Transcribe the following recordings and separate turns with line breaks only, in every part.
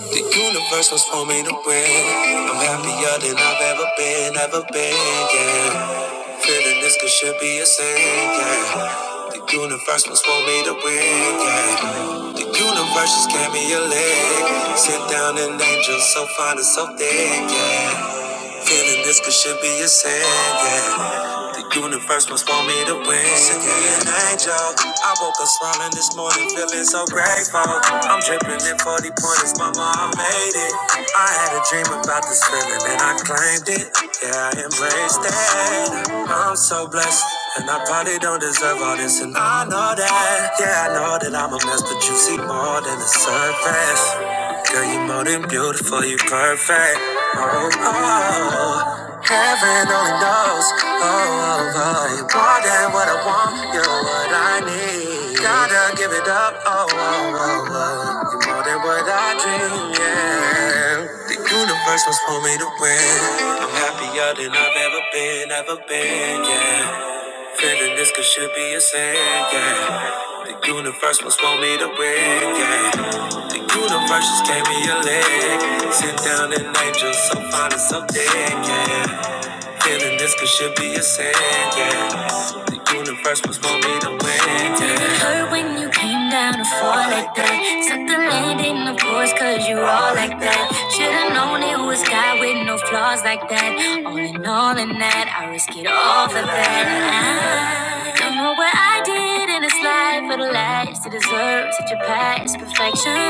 The universe was for me to win. I'm happier than I've ever been, ever been, yeah. Feeling this could should be a sin, yeah. The universe was for me to win, yeah. The universe just gave me a leg. Sit down and angel, so fine and so thick, yeah. Feeling this could should be a sin, yeah. The universe must want me to win. Sick of an angel. I woke up smiling this morning, feeling so grateful. I'm dripping in 40 pointers, mama, I made it. I had a dream about this feeling and I claimed it. Yeah, I embraced it. I'm so blessed. And I probably don't deserve all this, and I know that. Yeah, I know that I'm a mess, but you see more than the surface. Girl, you more than beautiful, you perfect. Oh, oh, oh. heaven only knows. Oh, oh, oh, you more than what I want, you're what I need. Gotta give it up. Oh, oh, oh, oh, you more than what I dream. Yeah. The universe was for me to win. I'm happier than I've ever been, ever been, yeah. Feeling this could should be a sin, yeah. The universe was for me to win, yeah. The universe just gave me a leg. Sit down and angel, so fine and so dead, yeah. Feeling this could should be a sin, yeah. The universe was for me to win, yeah. Hurt when you came came down to fall like that. Suck the land in the course, cause you all like that. Should've known it was God with no flaws like that. All in all, in that, I risk it all for that. I don't know what I did in this life for the last to deserve such a past perfection.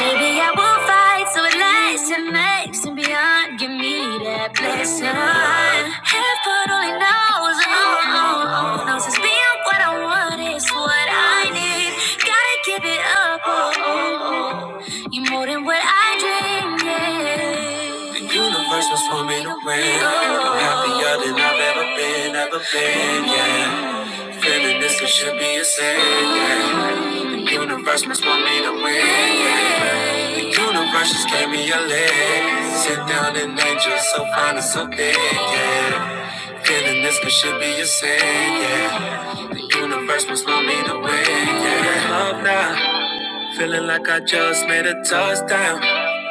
Maybe I will find fight so it lasts and makes and beyond. Give me that blessing. Heaven only knows, oh, oh, oh, oh, knows it's being what I want is what I need. Gotta give it up, oh, oh, oh. you more than what I dreamed. Yeah. The universe was for me to win. I'm happier than I've ever been, ever been, yeah. Feeling this it should be a sin, yeah. The universe must want me to win, yeah. The universe just gave me a leg. Sit down and angel, so fine and so big, yeah. Feeling this could should be a sin, yeah. The universe must want me to win, yeah. Love now. Feeling like I just made a touchdown.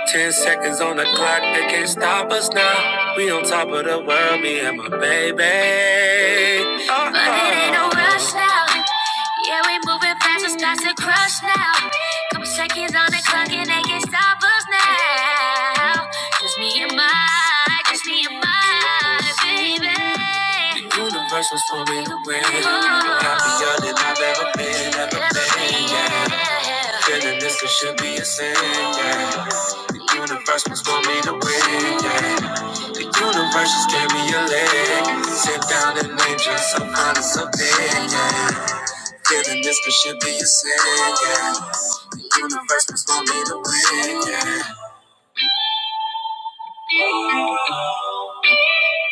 Ten seconds on the clock, they can't stop us now. We on top of the world, me and my baby. Uh-oh. But it ain't no rush now. Yeah, we moving fast, it's past the crush now. Couple seconds on the clock and they can't stop us now. Just me and my, me in my baby. The universe was for me to win. I'm happier than I've ever been, ever been, yeah. Feeling this could should be a sin, yeah. The universe was for me to win, yeah. The universe just gave me a leg. Sit down and enjoy some kind of something, yeah. Feeling this could should be a sin, yeah. The universe was for me to win, yeah.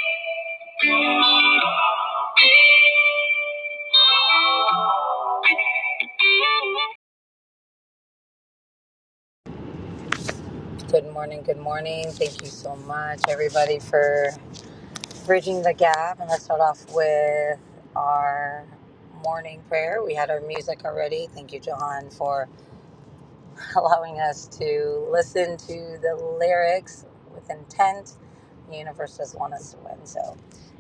Good morning, good morning. Thank you so much, everybody, for bridging the gap. And let's start off with our morning prayer. We had our music already. Thank you, Johan, for allowing us to listen to the lyrics with intent. The universe does want us to win. So,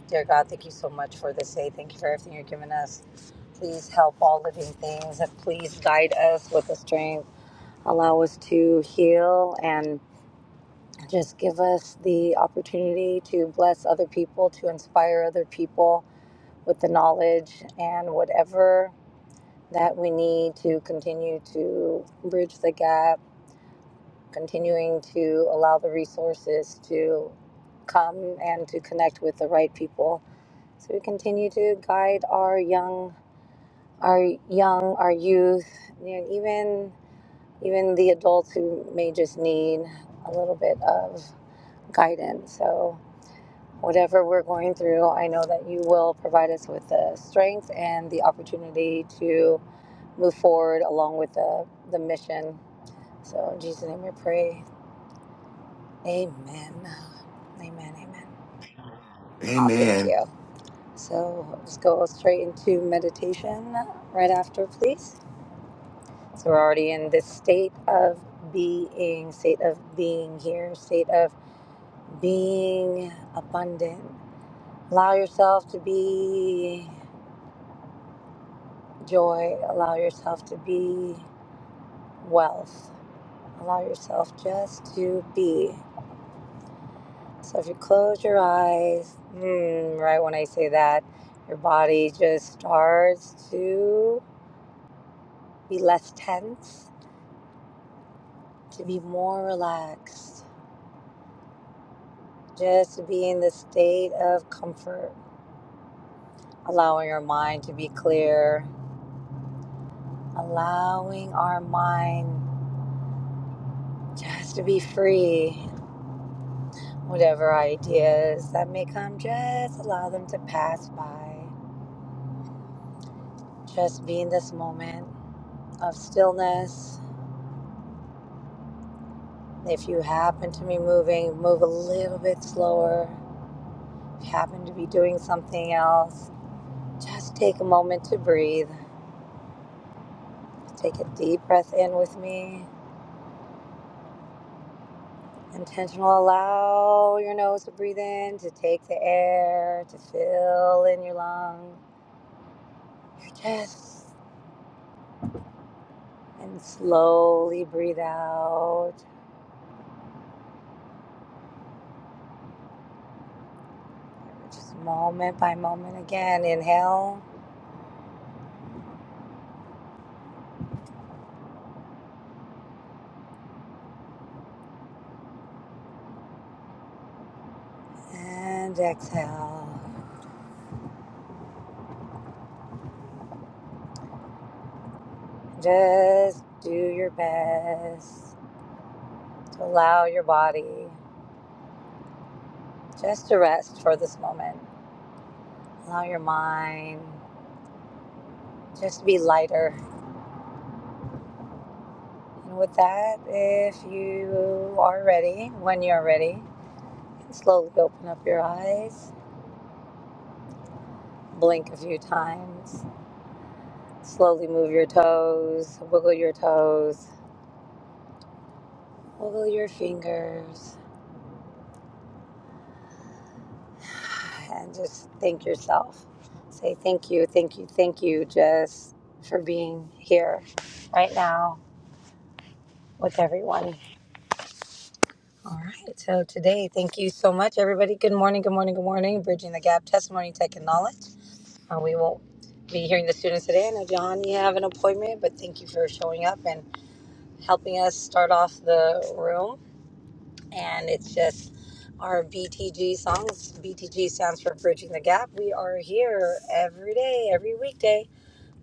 dear God, thank you so much for this day. Thank you for everything you're giving us. Please help all living things and please guide us with the strength. Allow us to heal and. Just give us the opportunity to bless other people, to inspire other people with the knowledge and whatever that we need to continue to bridge the gap, continuing to allow the resources to come and to connect with the right people. So we continue to guide our young, our young, our youth, and even even the adults who may just need a little bit of guidance. So whatever we're going through, I know that you will provide us with the strength and the opportunity to move forward along with the, the mission. So, in Jesus' name we pray. Amen. Amen. Amen. Oh, thank
Amen.
you. So, let's go straight into meditation right after, please. So, we're already in this state of being, state of being here, state of being abundant. Allow yourself to be joy, allow yourself to be wealth, allow yourself just to be. So if you close your eyes, mm, right when I say that, your body just starts to be less tense, to be more relaxed, just to be in the state of comfort, allowing your mind to be clear, allowing our mind just to be free whatever ideas that may come, just allow them to pass by. Just be in this moment of stillness. If you happen to be moving, move a little bit slower. If you happen to be doing something else, just take a moment to breathe. Take a deep breath in with me. Intentional, allow your nose to breathe in, to take the air, to fill in your lungs, your chest, and slowly breathe out. Just moment by moment again. Inhale and exhale. Just do your best to allow your body just to rest for this moment. Allow your mind just to be lighter. And with that, if you are ready, when you're ready, slowly open up your eyes, blink a few times, slowly move your toes, wiggle your toes, wiggle your fingers and just thank yourself. Say thank you, thank you, thank you just for being here right now with everyone. All right, so today, thank you so much, everybody. Good morning, good morning, good morning. Bridging the Gap Testimony Tech and Knowledge. Uh, we will not be hearing the students today. I know, John, you have an appointment, but thank you for showing up and helping us start off the room. And it's just our BTG songs. BTG stands for Bridging the Gap. We are here every day, every weekday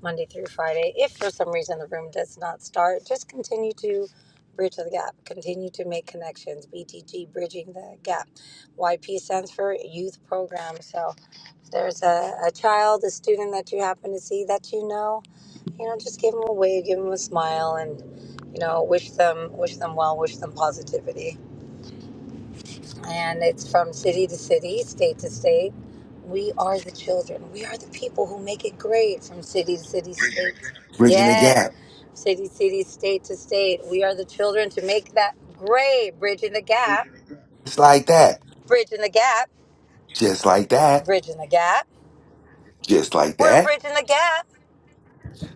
Monday through Friday. If for some reason the room does not start, just continue to bridge the gap. Continue to make connections. BTG, bridging the gap. YP stands for youth program. So if there's a, a child, a student that you happen to see that you know, you know, just give them a wave, give them a smile, and you know, wish them wish them well, wish them positivity and it's from city to city, state to state. We are the children. We are the people who make it great from city to city, state.
Bridging the gap.
Yes, city, city, state to state. We are the children to make that great. Bridging the gap,
Just like that.
bridging the gap,
Just like that.
bridging the gap.
Just like
We're
that.
bridging the gap.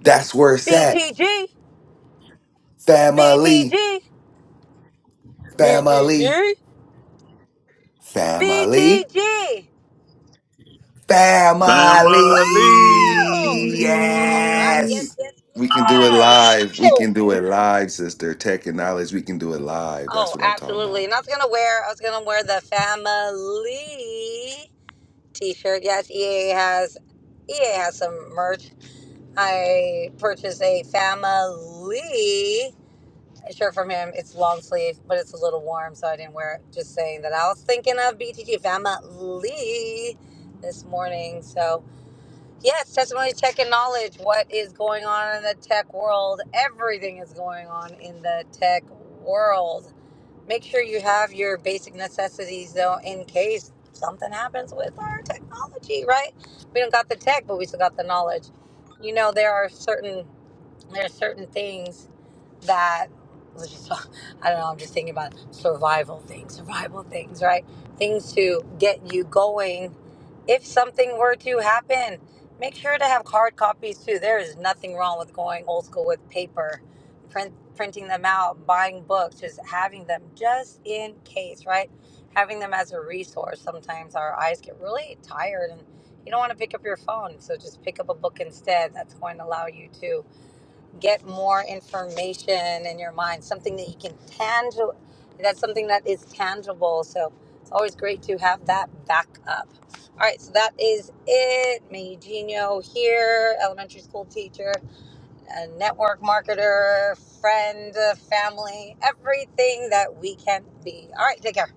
That's where it's at.
BTG,
Family.
BTG,
Family.
BTG,
Family.
BTG.
Family.
Woo!
Family.
All right.
Yes.
Yes, yes,
We can do it
yes.
live. We
Oh,
can do it live, sister. Tech and knowledge. We can do it live. That's
Oh,
what I'm talking
absolutely.
about.
And I was gonna wear I was gonna wear the family t shirt. Yes, EA has EA has some merch. I purchased a family shirt from him. It's long sleeve, but it's a little warm, so I didn't wear it. Just saying that I was thinking of BTG family this morning. So yes, testimony tech and knowledge. What is going on in the tech world? Everything is going on in the tech world Make sure you have your basic necessities though in case something happens with our technology, right? We don't got the tech, but we still got the knowledge. You know, there are certain there are certain things that let's just talk, I don't know, I'm just thinking about survival things, survival things, right? Things to get you going if something were to happen. Make sure to have hard copies too. There is nothing wrong with going old school with paper, print printing them out, buying books, just having them just in case, right? Having them as a resource. Sometimes our eyes get really tired and you don't want to pick up your phone, so just pick up a book instead. That's going to allow you to get more information in your mind, something that you can tangible, that's something that is tangible. So it's always great to have that backup. All right, so that is it. Me Gino here, elementary school teacher, a network marketer, friend, uh, family, everything that we can be. All right, take care.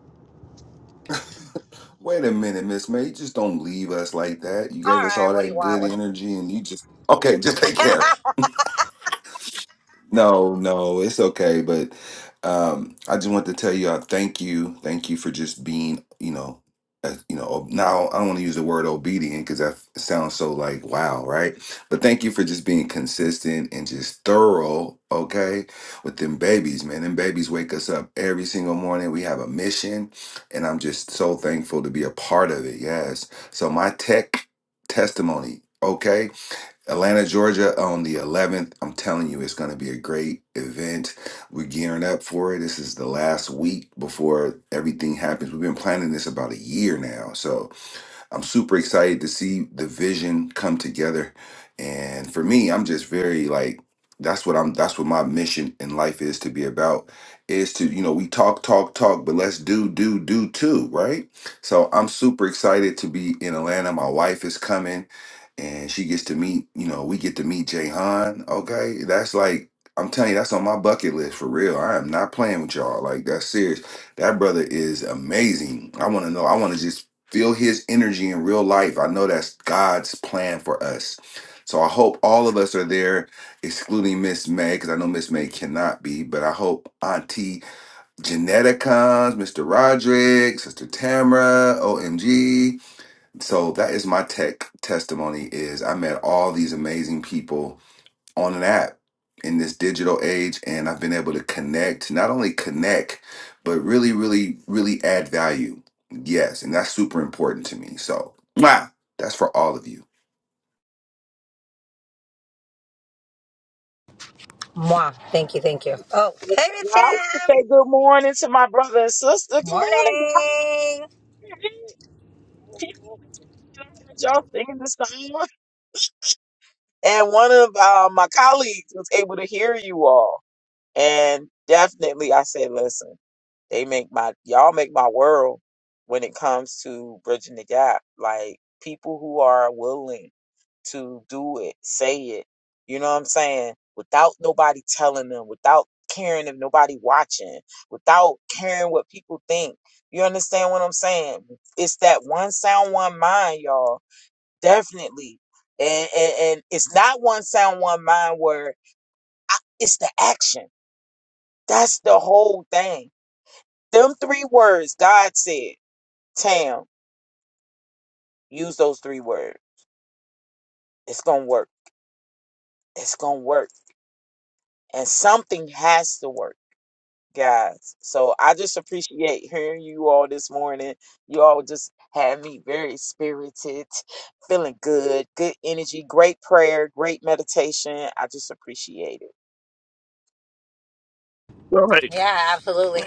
Wait a minute, Miss May. just don't leave us like that. You gave
All
us
right,
all
what do you
that
want?
good
What...
energy and you just. Okay, just take care. No, no, it's okay. But um, I just want to tell you, I thank you, thank you for just being, you know, uh, you know. ob- Now I don't want to use the word obedient because that f- sounds so like wow, right? But thank you for just being consistent and just thorough, okay, with them babies, man. Them babies wake us up every single morning. We have a mission, and I'm just so thankful to be a part of it. Yes. So my tech testimony, okay Atlanta, Georgia on the 11th. I'm telling you, it's going to be a great event. We're gearing up for it. This is the last week before everything happens. We've been planning this about a year now. So, I'm super excited to see the vision come together. And for me, I'm just very like that's what I'm that's what my mission in life is to be about is to, you know, we talk talk talk, but let's do do do too, right? So I'm super excited to be in Atlanta. My wife is coming and she gets to meet, you know, we get to meet Jay Han, okay? That's like I'm telling you, that's on my bucket list for real. I am not playing with y'all. Like that's serious. That brother is amazing. I want to know. I want to just feel his energy in real life. I know that's God's plan for us. So I hope all of us are there, excluding Miss May, because I know Miss May cannot be, but I hope Auntie Janetta comes, Mr. Roderick, Sister Tamara, OMG. So that is my tech testimony is I met all these amazing people on an app in this digital age and I've been able to connect, not only connect, but really, really, really add value. Yes, and that's super important to me. So wow, that's for all of you.
Mwah. Thank you,
Well,
thank you. Oh, hey, Miss
I want to
Tam.
say good morning to my brother and sister. Good morning, guys.
Morning.
I heard Y'all singing the song, and one of uh, my colleagues was able to hear you all. And definitely, I said, "Listen." They make my y'all make my world when it comes to bridging the gap. Like people who are willing to do it, say it. You know what I'm saying? Without nobody telling them, without caring if nobody watching, without caring what people think. You understand what I'm saying? It's that one sound, one mind, y'all. Definitely. And, and, and it's not one sound, one mind where I, it's the action. That's the whole thing them three words God said, Tam, use those three words. It's gonna work. It's gonna work. And something has to work, guys. So I just appreciate hearing you all this morning. You all just had me very spirited, feeling good, good energy, great prayer, great meditation. I just appreciate it.
All right.
Yeah, absolutely.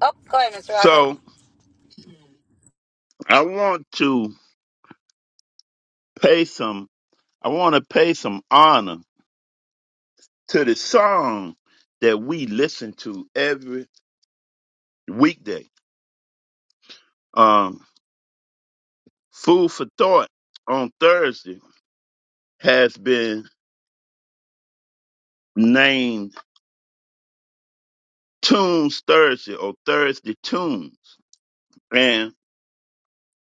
Oh, go ahead, Mr. Roger.
So I want to pay some. I want to pay some honor to the song that we listen to every weekday. Um, Food for Thought on Thursday has been named Tunes Thursday or Thursday Tunes, and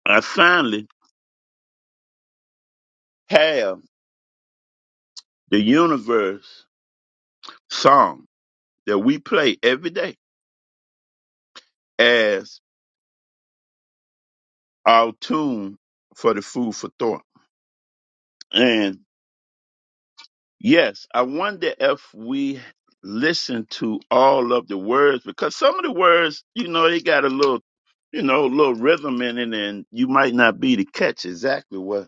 I finally have the Universe song that we play every day as our tune for the food for thought. And yes, I wonder if we listen to all of the words because some of the words, you know, they got a little, you know, a little rhythm in it, and you might not be to catch exactly what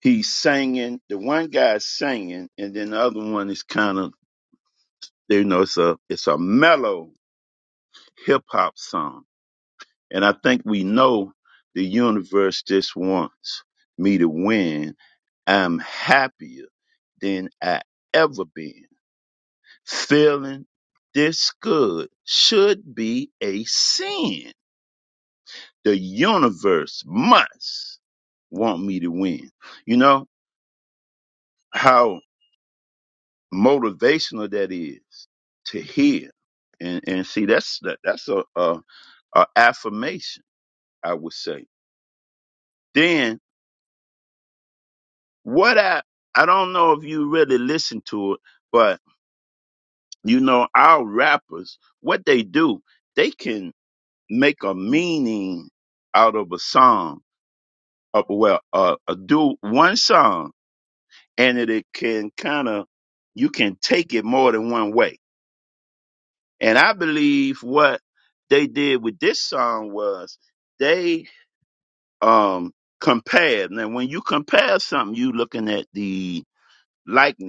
he's singing. The one guy's singing, and then the other one is kind of, you know, it's a it's a mellow hip hop song And I think we know the universe just wants me to win. I'm happier than I ever been. Feeling this good should be a sin. The universe must want me to win. You know how motivational that is to hear. And and see that's that, that's a, a, a affirmation, I would say. then. What I I don't know if you really listen to it, but you know our rappers, what they do, they can make a meaning out of a song, of well, uh, a do one song, and it, it can kind of you can take it more than one way. And I believe what they did with this song was they um compared. Now, when you compare something, you looking at the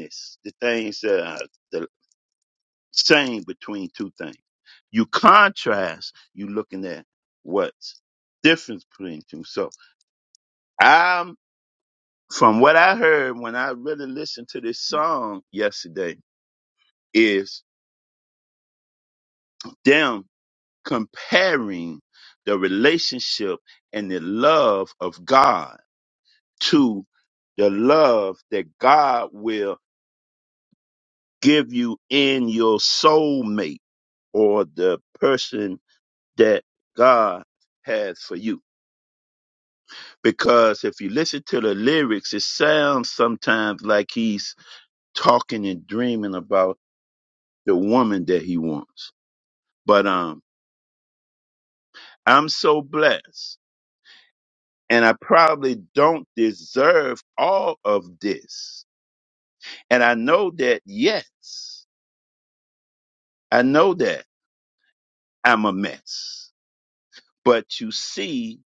likeness, the things that Same between two things. You contrast, you looking at what's difference between two. So I'm from what I heard when I really listened to this song yesterday is them comparing the relationship and the love of God to the love that God will give you in your soulmate or the person that God has for you because if you listen to the lyrics, it sounds sometimes like he's talking and dreaming about the woman that he wants. But um, I'm so blessed, and I probably don't deserve all of this. And I know that, yes, I know that I'm a mess. But you see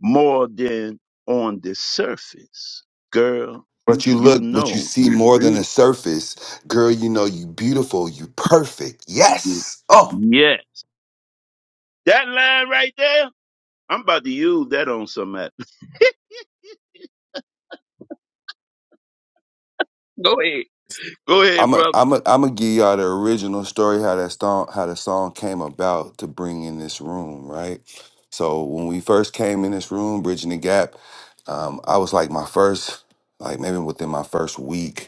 more than on the surface, girl.
But you
You
look, but you
know
see
you
more than a
beautiful.
surface. Girl, you know you beautiful, you perfect.
You-
Yes. Oh,
Yeah, that line right there. I'm about to use that on somebody. Go ahead. Go ahead,
I'm a,
brother.
I'm a, I'm gonna give y'all the original story how that song how the song came about to bring in this room, right? So when we first came in this room, bridging the gap, um, I was like my first, like maybe within my first week,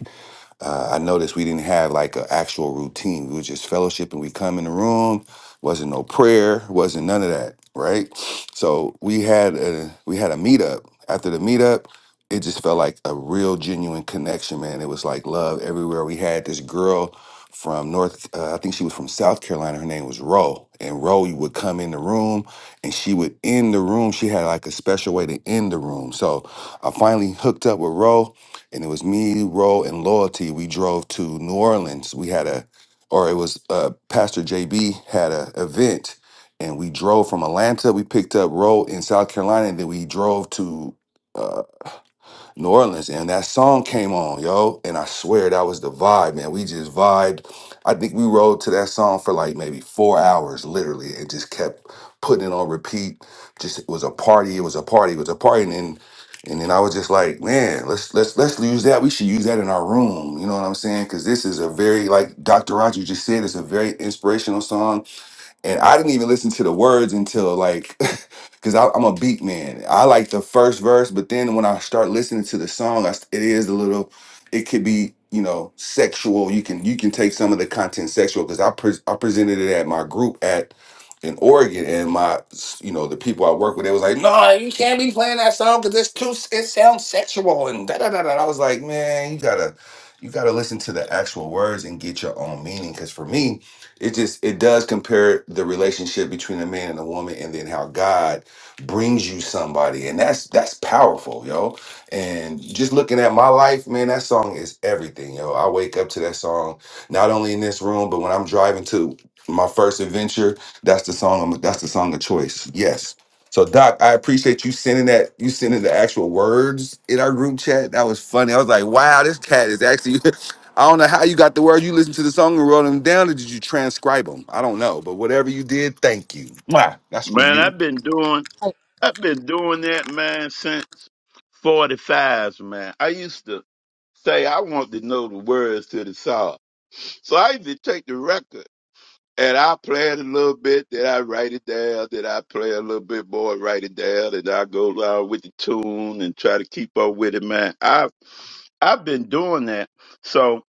uh, I noticed we didn't have like an actual routine. We were just fellowshipping. We come in the room, wasn't no prayer, wasn't none of that, right? So we had a we had a meetup. After the meetup, it just felt like a real genuine connection, man. It was like love everywhere. We had this girl from North, uh, I think she was from South Carolina. Her name was Ro, and Ro would come in the room, and she would end the room. She had like a special way to end the room. So I finally hooked up with Ro and it was me, Ro, and Loyalty. We drove to New Orleans. We had a, or it was uh, Pastor JB had a event, and we drove from Atlanta. We picked up Ro in South Carolina, and then we drove to. uh, New Orleans, and that song came on, yo. And I swear that was the vibe, man. We just vibed. I think we rode to that song for like maybe four hours, literally, and just kept putting it on repeat. Just it was a party. It was a party. It was a party, and then, and then I was just like, man, let's let's let's use that. We should use that in our room. You know what I'm saying? Because this is a very like Dr. Roger just said, it's a very inspirational song and I didn't even listen to the words until like, because I'm a beat man. I like the first verse, but then when I start listening to the song, I, st- it is a little, it could be you know sexual. You can you can take some of the content sexual because I pres I presented it at my group at in Oregon, and my s- you know the people I work with, they was like, no, you can't be playing that song because it's too s- it sounds sexual and da da da da. I was like, man, you gotta you gotta listen to the actual words and get your own meaning. Because for me it just it does compare the relationship between a man and a woman and then how god brings you somebody and that's that's powerful yo and just looking at my life man that song is everything yo i wake up to that song not only in this room but when i'm driving to my first adventure that's the song I'm- that's the song of choice yes so doc i appreciate you sending that you sending the actual words in our group chat that was funny i was like wow this cat is actually I don't know how you got the words. You listened to the song and wrote them down, or did you transcribe them? I don't know, but whatever you did, thank you. Mwah. That's for
Man,
you.
I've been doing I've been doing that, man, since 45s, man. I used to say I want to know the words to the song. So I used to take the record and I play it a little bit, then I write it down, then I play a little bit more, write it down, and I go along with the tune and try to keep up with it, man. I've I've been doing that. So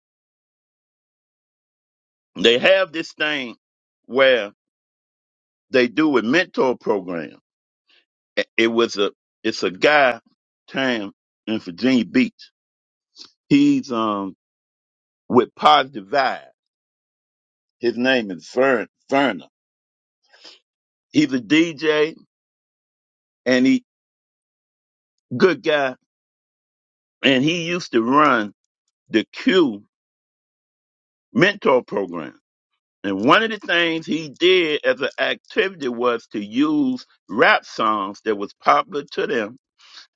they have this thing where they do with mentor program. It was a it's a guy, Tam in Virginia Beach. He's um with Positive Vibe. His name is Fern Ferner. He's a DJ and he good guy. And he used to run the Q mentor program. And one of the things he did as an activity was to use rap songs that was popular to them,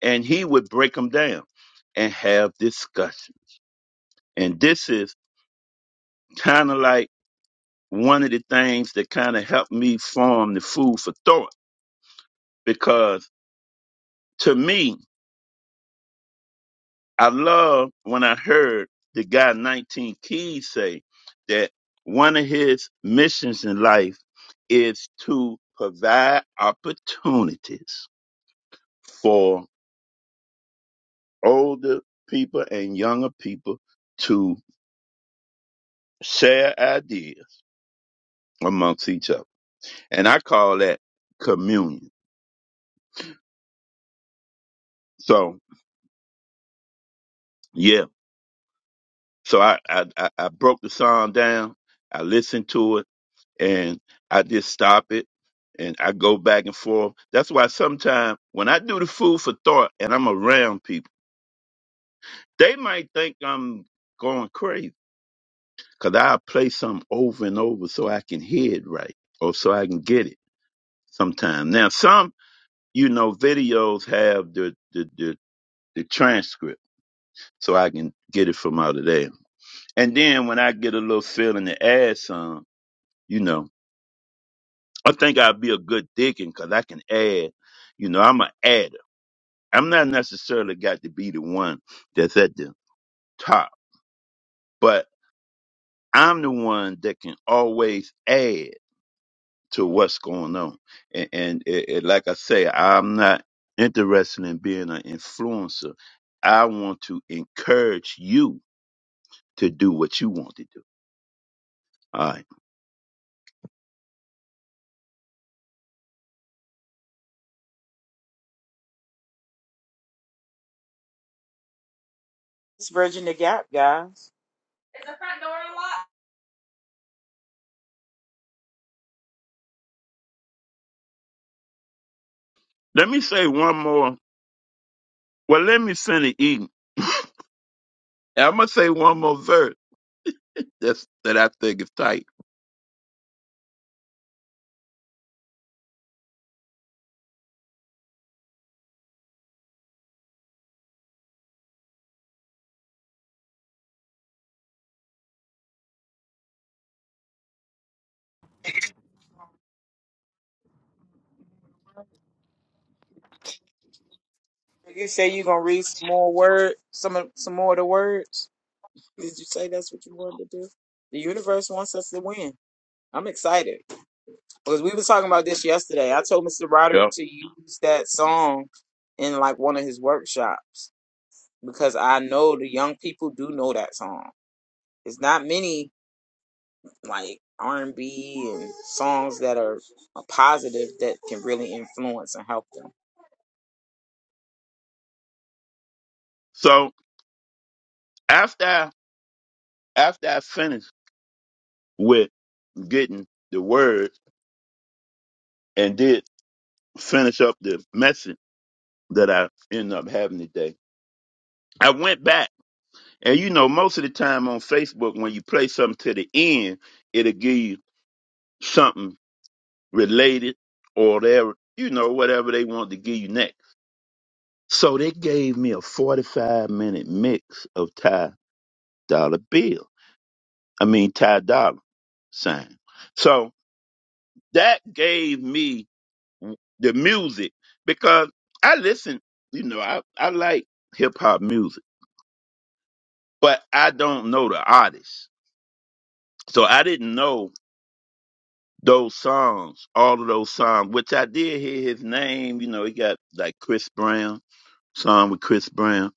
and he would break them down and have discussion. And this is kind of like one of the things that kind of helped me form the food for thought because to me, I love when I heard the guy 19 Keys say that one of his missions in life is to provide opportunities for older people and younger people to share ideas amongst each other. And I call that communion. So, yeah. So I, I, I I broke the song down. I listened to it and I just stop it and I go back and forth. That's why sometimes when I do the food for thought and I'm around people, they might think I'm going crazy because I play something over and over so I can hear it right or so I can get it sometime. Now, some, you know, videos have the, the, the, the transcript so I can get it from out of there. And then when I get a little feeling to add some, you know. I think I'd be a good deacon because I can add. You know, I'm an adder. I'm not necessarily got to be the one that's at the top, but I'm the one that can always add to what's going on. And, and it, it- like I say, I'm not interested in being an influencer. I want to encourage you to do what you want to do. All right.
It's Virgin the Gap, guys. It's a front door. unlocked.
Let me say one more. Well, let me finish eating. I'm gonna say one more verse that's, that I think is tight.
You say you're gonna read some more word, some of some more of the words. Did you say that's what you wanted to do? The universe wants us to win. I'm excited because we were talking about this yesterday. I told Mr. Roderick to use that song in like one of his workshops because I know the young people do know that song. It's not many like R&B and B and songs that are positive that can really influence and help them.
So after I, after I finished with getting the word and did finish up the message that I ended up having today, I went back and you know most of the time on Facebook when you play something to the end, it'll give you something related or whatever you know whatever they want to give you next. So they gave me a 45 minute mix of Ty Dollar Bill. I mean Ty Dollar sign. So that gave me the music because I listen, you know, I, I like hip hop music, but I don't know the artists, So I didn't know those songs, all of those songs, which I did hear his name, you know, he got like Chris Brown, song with Chris Brown.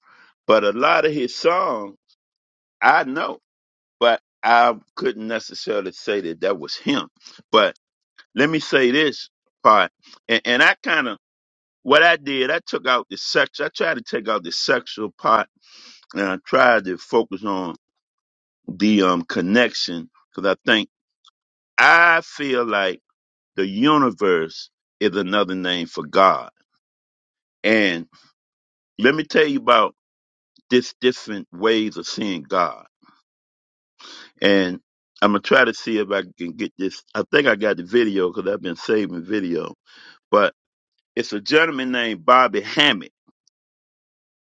But a lot of his songs I know, but I couldn't necessarily say that that was him. But let me say this part, and, and I kind of What I did, I took out the sex. I tried to take out the sexual part, and I tried to focus on the um connection because I think I feel like the universe is another name for God. And let me tell you about this different ways of seeing God. And I'm gonna try to see if I can get this. I think I got the video because I've been saving video. But it's a gentleman named Bobby Hammett,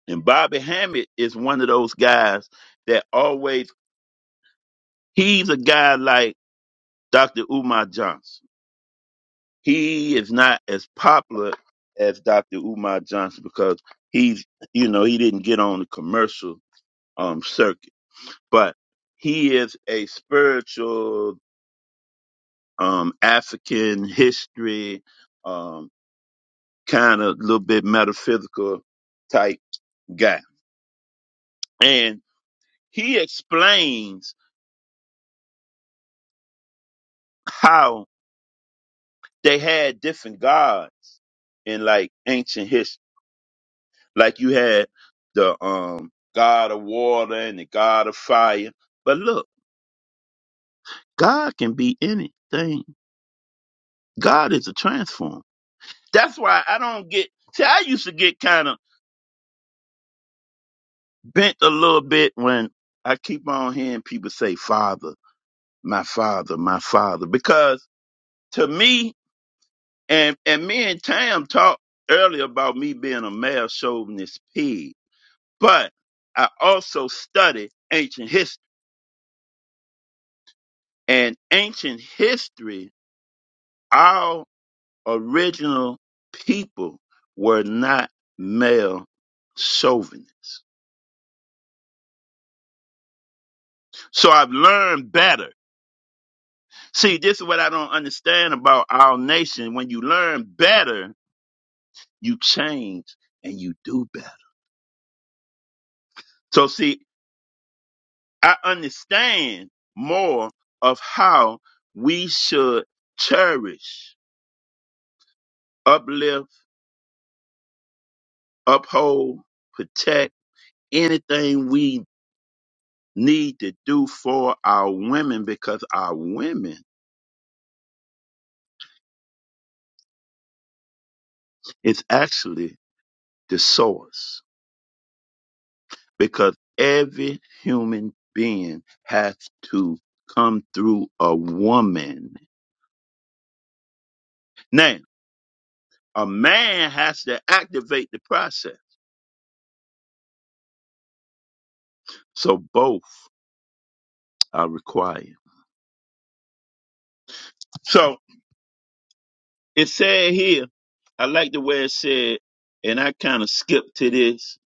and Bobby Hammett is one of those guys that always He's a guy like Dr. Umar Johnson. He is not as popular as Dr. Umar Johnson because he's, you know, he didn't get on the commercial um, circuit, but he is a spiritual um, African history um, kind of little bit metaphysical type guy. And he explains how they had different gods in like ancient history Like you had the um God of water and the God of fire. But look, God can be anything. God is a transformer. That's why I don't get see I used to get kind of bent a little bit when I keep on hearing people say, Father, my father, my father. Because to me, and and me and Tam talked earlier about me being a male chauvinist pig. But I also study ancient history. And ancient history our original people were not male chauvinists. So I've learned better. See, this is what I don't understand about our nation. When you learn better, you change and you do better. So see, I understand more of how we should cherish, uplift, uphold, protect anything we need to do for our women because our women It's actually the source because every human being has to come through a woman. Now, a man has to activate the process. So both are required. So it said here, I like the way it said, and I kind of skipped to this.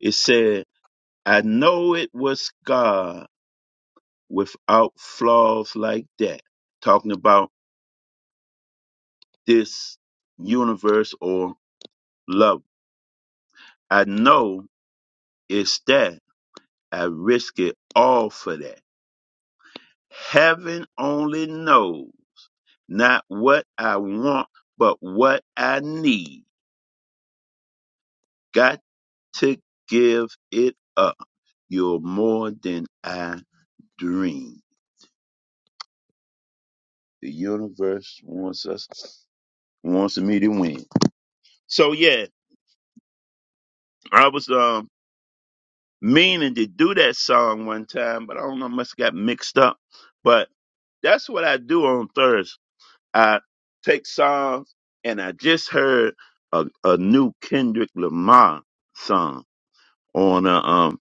It said, I know it was God without flaws like that. Talking about this universe or love I know it's that I risk it all for that. Heaven only knows not what I want, but what I need. Got to give it up. You're more than I dream. The universe wants us wants me to win. So yeah, I was um meaning to do that song one time, but I don't know, must have got mixed up. But that's what I do on Thursday. I take songs and I just heard a, a new Kendrick Lamar song on a um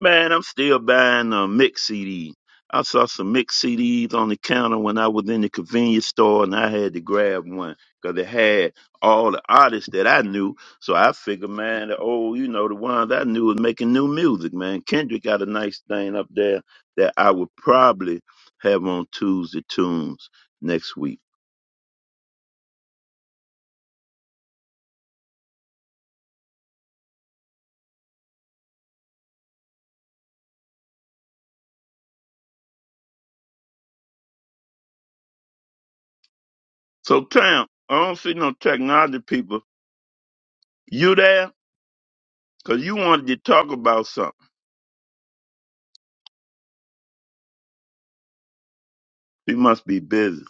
man, I'm still buying a mix CD. I saw some mix CDs on the counter when I was in the convenience store and I had to grab one because it had all the artists that I knew. So I figured, man, the old, you know, the ones I knew was making new music, man. Kendrick got a nice thing up there that I would probably have on Tuesday Tunes next week. So, Cam, I don't see no technology people. You there? Because you wanted to talk about something. She must be busy.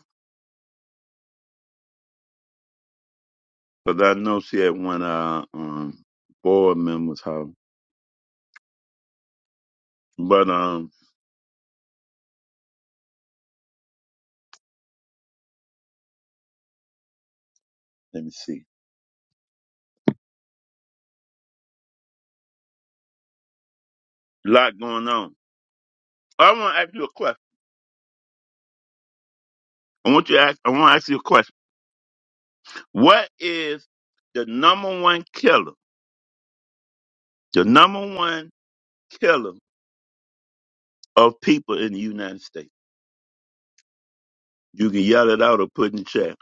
Because I know she had one of our um, board members' house. But um, let me see. A lot going on. I want to ask you a question. I want you to ask, I want to ask you a question. What is the number one killer, the number one killer of people in the United States? You can yell it out or put in the chat.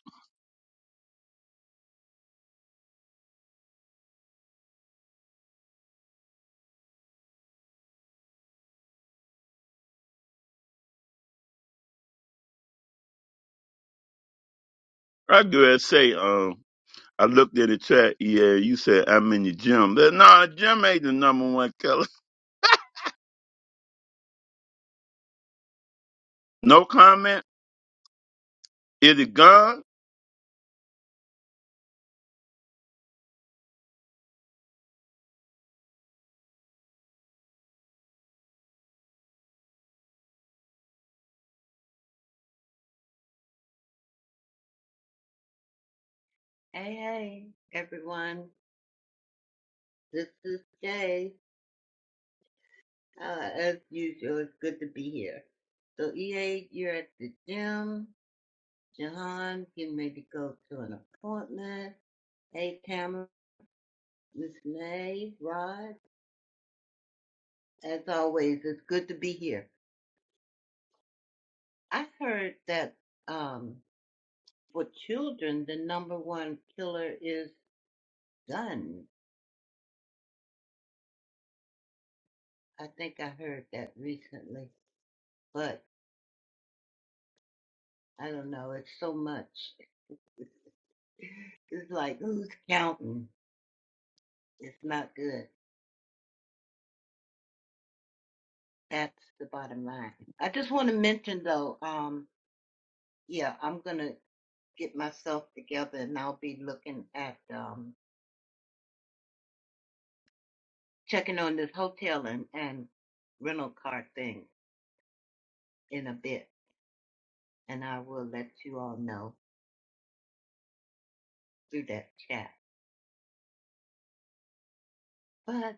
I go ahead and say, um, I looked at the chat. Yeah, you said I'm in the gym. But nah, gym ain't the number one killer. No comment. Is it gone?
Hey, hey, everyone. This is Jay. Uh, as usual, it's good to be here. So, EA, you're at the gym. Jahan, you maybe go to an appointment. Hey, Tamara, Miss May, Rod. As always, it's good to be here. I heard that um, for children, the number one killer is guns. I think I heard that recently, but I don't know. It's so much. It's like, who's counting? It's not good. That's the bottom line. I just want to mention though, um, yeah, I'm gonna get myself together and I'll be looking at um checking on this hotel and, and rental car thing in a bit and I will let you all know through that chat. But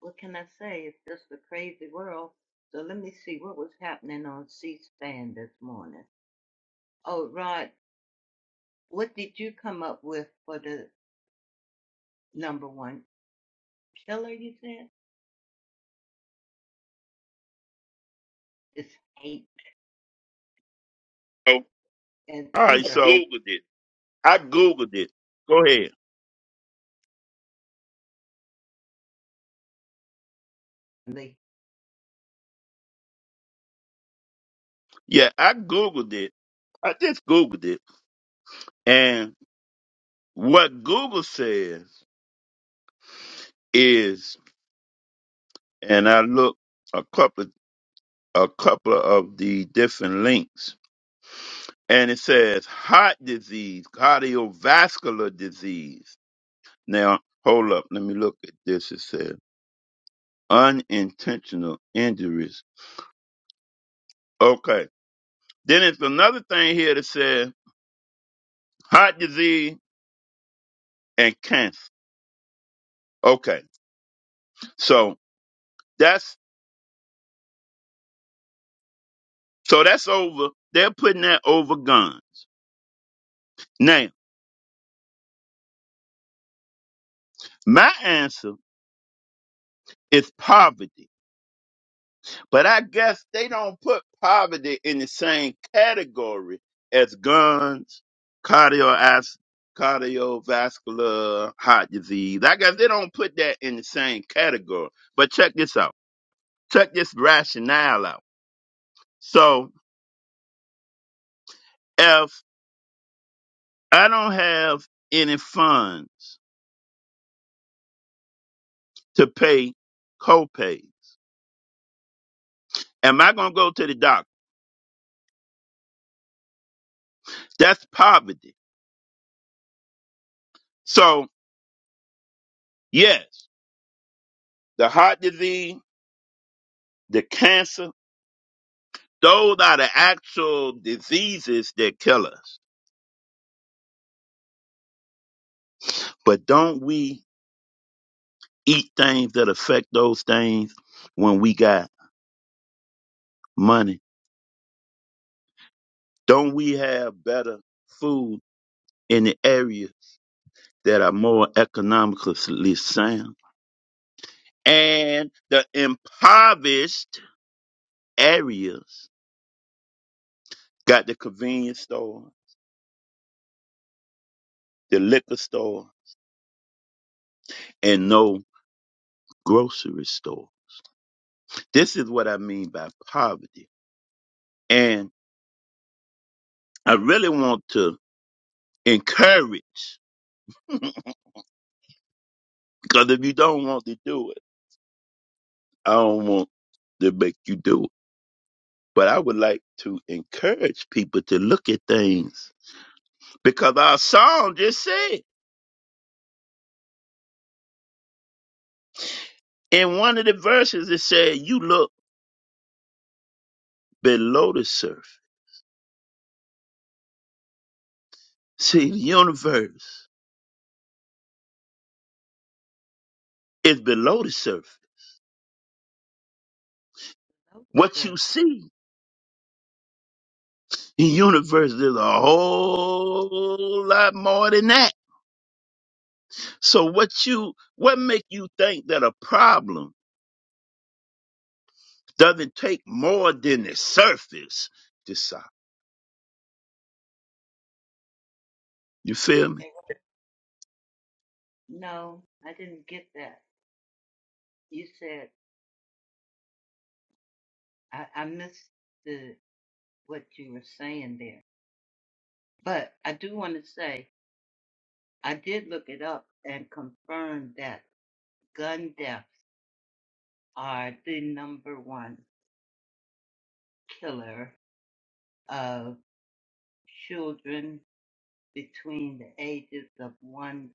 what can I say? It's just a crazy world. So let me see what was happening on C SPAN this morning. Oh Rod, what did you come up with for the number one killer, you said is hate Oh, and I
All
these
right.
are
So
googled it.
I googled it. Go ahead.
the
Yeah, I googled it. I just googled it, and what Google says is, and I looked a couple a couple of the different links, and it says heart disease, cardiovascular disease. Now hold up, let me look at this. It says. unintentional injuries. Okay. Then it's another thing here that says heart disease and cancer. Okay. So that's so that's over. They're putting that over guns. Now, my answer is poverty. But I guess they don't put poverty in the same category as guns, cardiovas- cardiovascular heart disease. I guess they don't put that in the same category. But check this out. check this rationale out. So if I don't have any funds to pay copays, am I going to go to the doctor? That's poverty. So yes, the heart disease, the cancer, those are the actual diseases that kill us. But don't we eat things that affect those things when we got money? Don't we have better food in the areas? that are more economically sound. And the impoverished areas got the convenience store, the liquor store, and no grocery store. This is what I mean by poverty. And I really want to encourage, because if you don't want to do it, I don't want to make you do it. But I would like to encourage people to look at things because our song just said. In one of the verses, it said, You look below the surface. See, the universe is below the surface.
low
What
surface.
you see, the universe is a whole lot more than that. So what you what make you think that a problem doesn't take more than the surface to solve? You feel me?
No, I didn't get that. You said I, I missed the what you were saying there. But I do want to say I did look it up and confirm that gun deaths are the number one killer of children between the ages of 1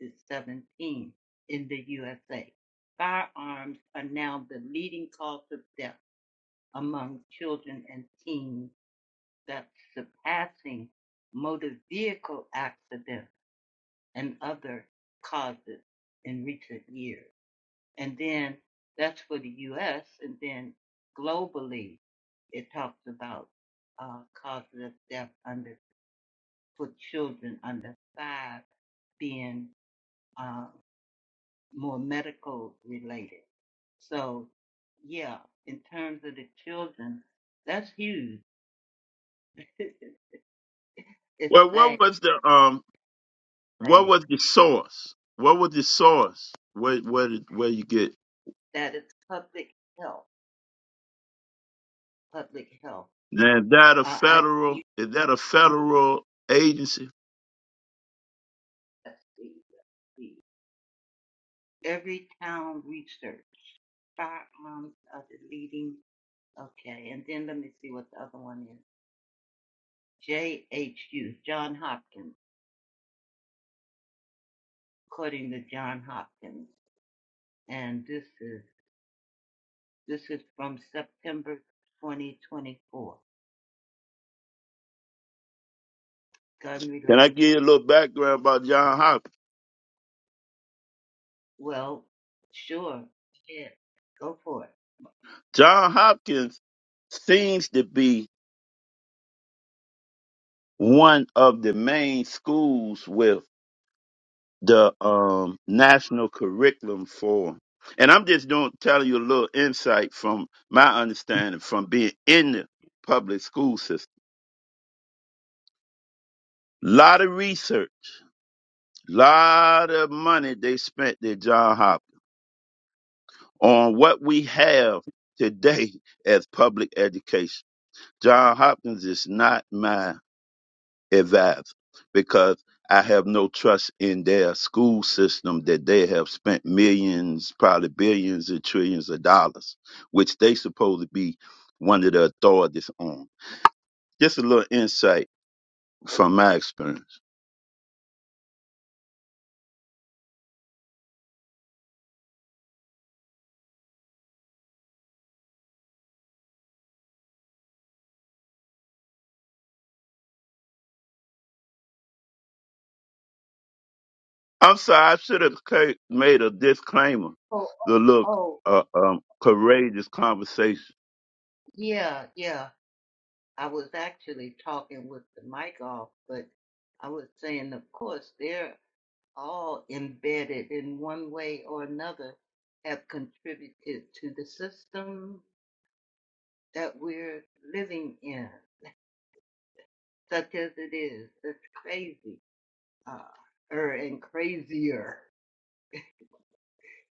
to 17 in the USA. Firearms are now the leading cause of death among children and teens, thus surpassing motor vehicle accidents and other causes in recent years. And then that's for the US, and then globally, it talks about uh, causes of death under for children under five being uh, more medical related. So, yeah, in terms of the children, that's huge. it's
Well,
sad,
what was the um what
sad
was the source? What was the source? Where where did, where you get
that it's public health, public health.
Now, is that a
Uh, I
federal?
you
Is that a federal agency?
let's see, let's see. Every town research firearms are the leading. Okay, and then let me see what the other one is. JHU, John Hopkins, according to John Hopkins, and this is. This is from September 2024. Gun
Can
related.
I give you a little background about John Hopkins?
Well, sure. Yeah, go for it.
John Hopkins seems to be one of the main schools with the um, national curriculum for. And I'm just doing telling you a little insight from my understanding from being in the public school system. lot of research, lot of money they spent at John Hopkins on what we have today as public education. John Hopkins is not my advisor because I have no trust in their school system that they have spent millions, probably billions and trillions of dollars, which they supposed to be one of the authorities on. Just a little insight from my experience. I'm sorry, I should have ca- made a disclaimer
Oh,
to
oh,
look
oh,
uh, um, courageous conversation.
yeah, yeah. I was actually talking with the mic off, but I was saying, of course, they're all embedded in one way or another, have contributed to the system that we're living in, such as it is. It's crazy, uh, er, and crazier.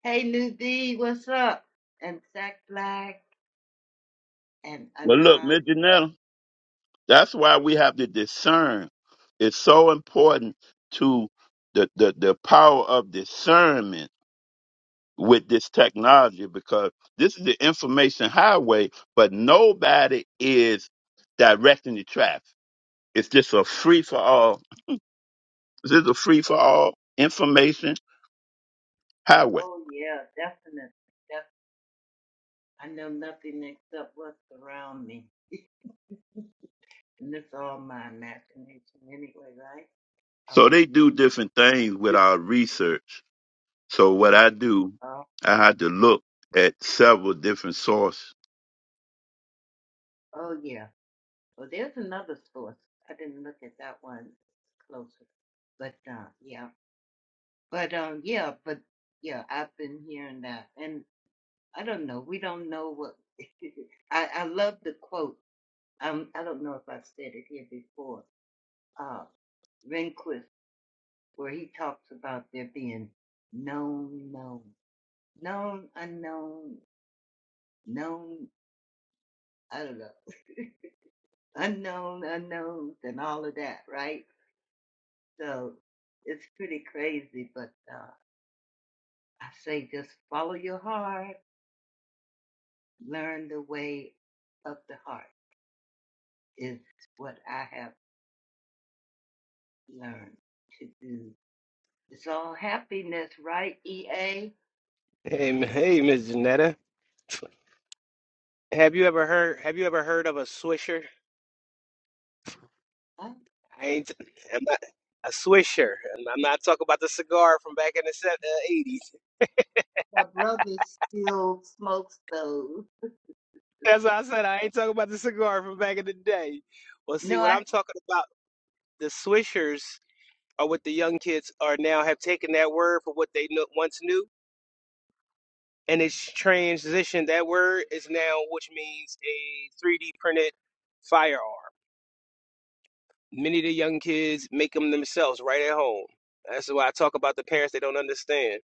Hey, Lizzie, what's up? And Sack Black and
Well, look,
Anon.
Miss Janetta, That's why we have to discern. It's so important to the, the, the power of discernment with this technology because this is the information highway, but nobody is directing the traffic. It's just a free for all. This is a free for all information highway.
Oh, yeah, definitely. Def- I know nothing except what's around me. And it's all my imagination anyway, right? Oh,
So they do different things with our research. So what I do,
oh,
I had to look at several different sources
oh yeah. Well, there's another source. I didn't look at that one closer. But, uh, yeah. But, um, yeah, but, yeah, I've been hearing that. And I don't know. We don't know what. I, I love the quote. Um, I don't know if I've said it here before uh, Rehnquist, where he talks about there being known, known, known, unknown, known, I don't know, unknown, unknowns, and all of that, right? So it's pretty crazy, but uh, I say just follow your heart, learn the way of the heart is what I have learned to do. It's all happiness, right, EA?
Hey, m- hey, Miss Janetta. Have you ever heard? Have you ever heard of a swisher? I ain't. I'm not a swisher, and I'm not talking about the cigar from back in the se- uh, '80s.
My brother still smokes those.
That's what I said. I ain't talking about the cigar from back in the day. Well, see,
No,
what
I.
I'm talking about, the swishers are what the young kids are now have taken that word for what they kno- once knew, and it's transitioned. That word is now, which means a 3D printed firearm. Many of the young kids make them themselves right at home. That's why I talk about the parents they don't understand.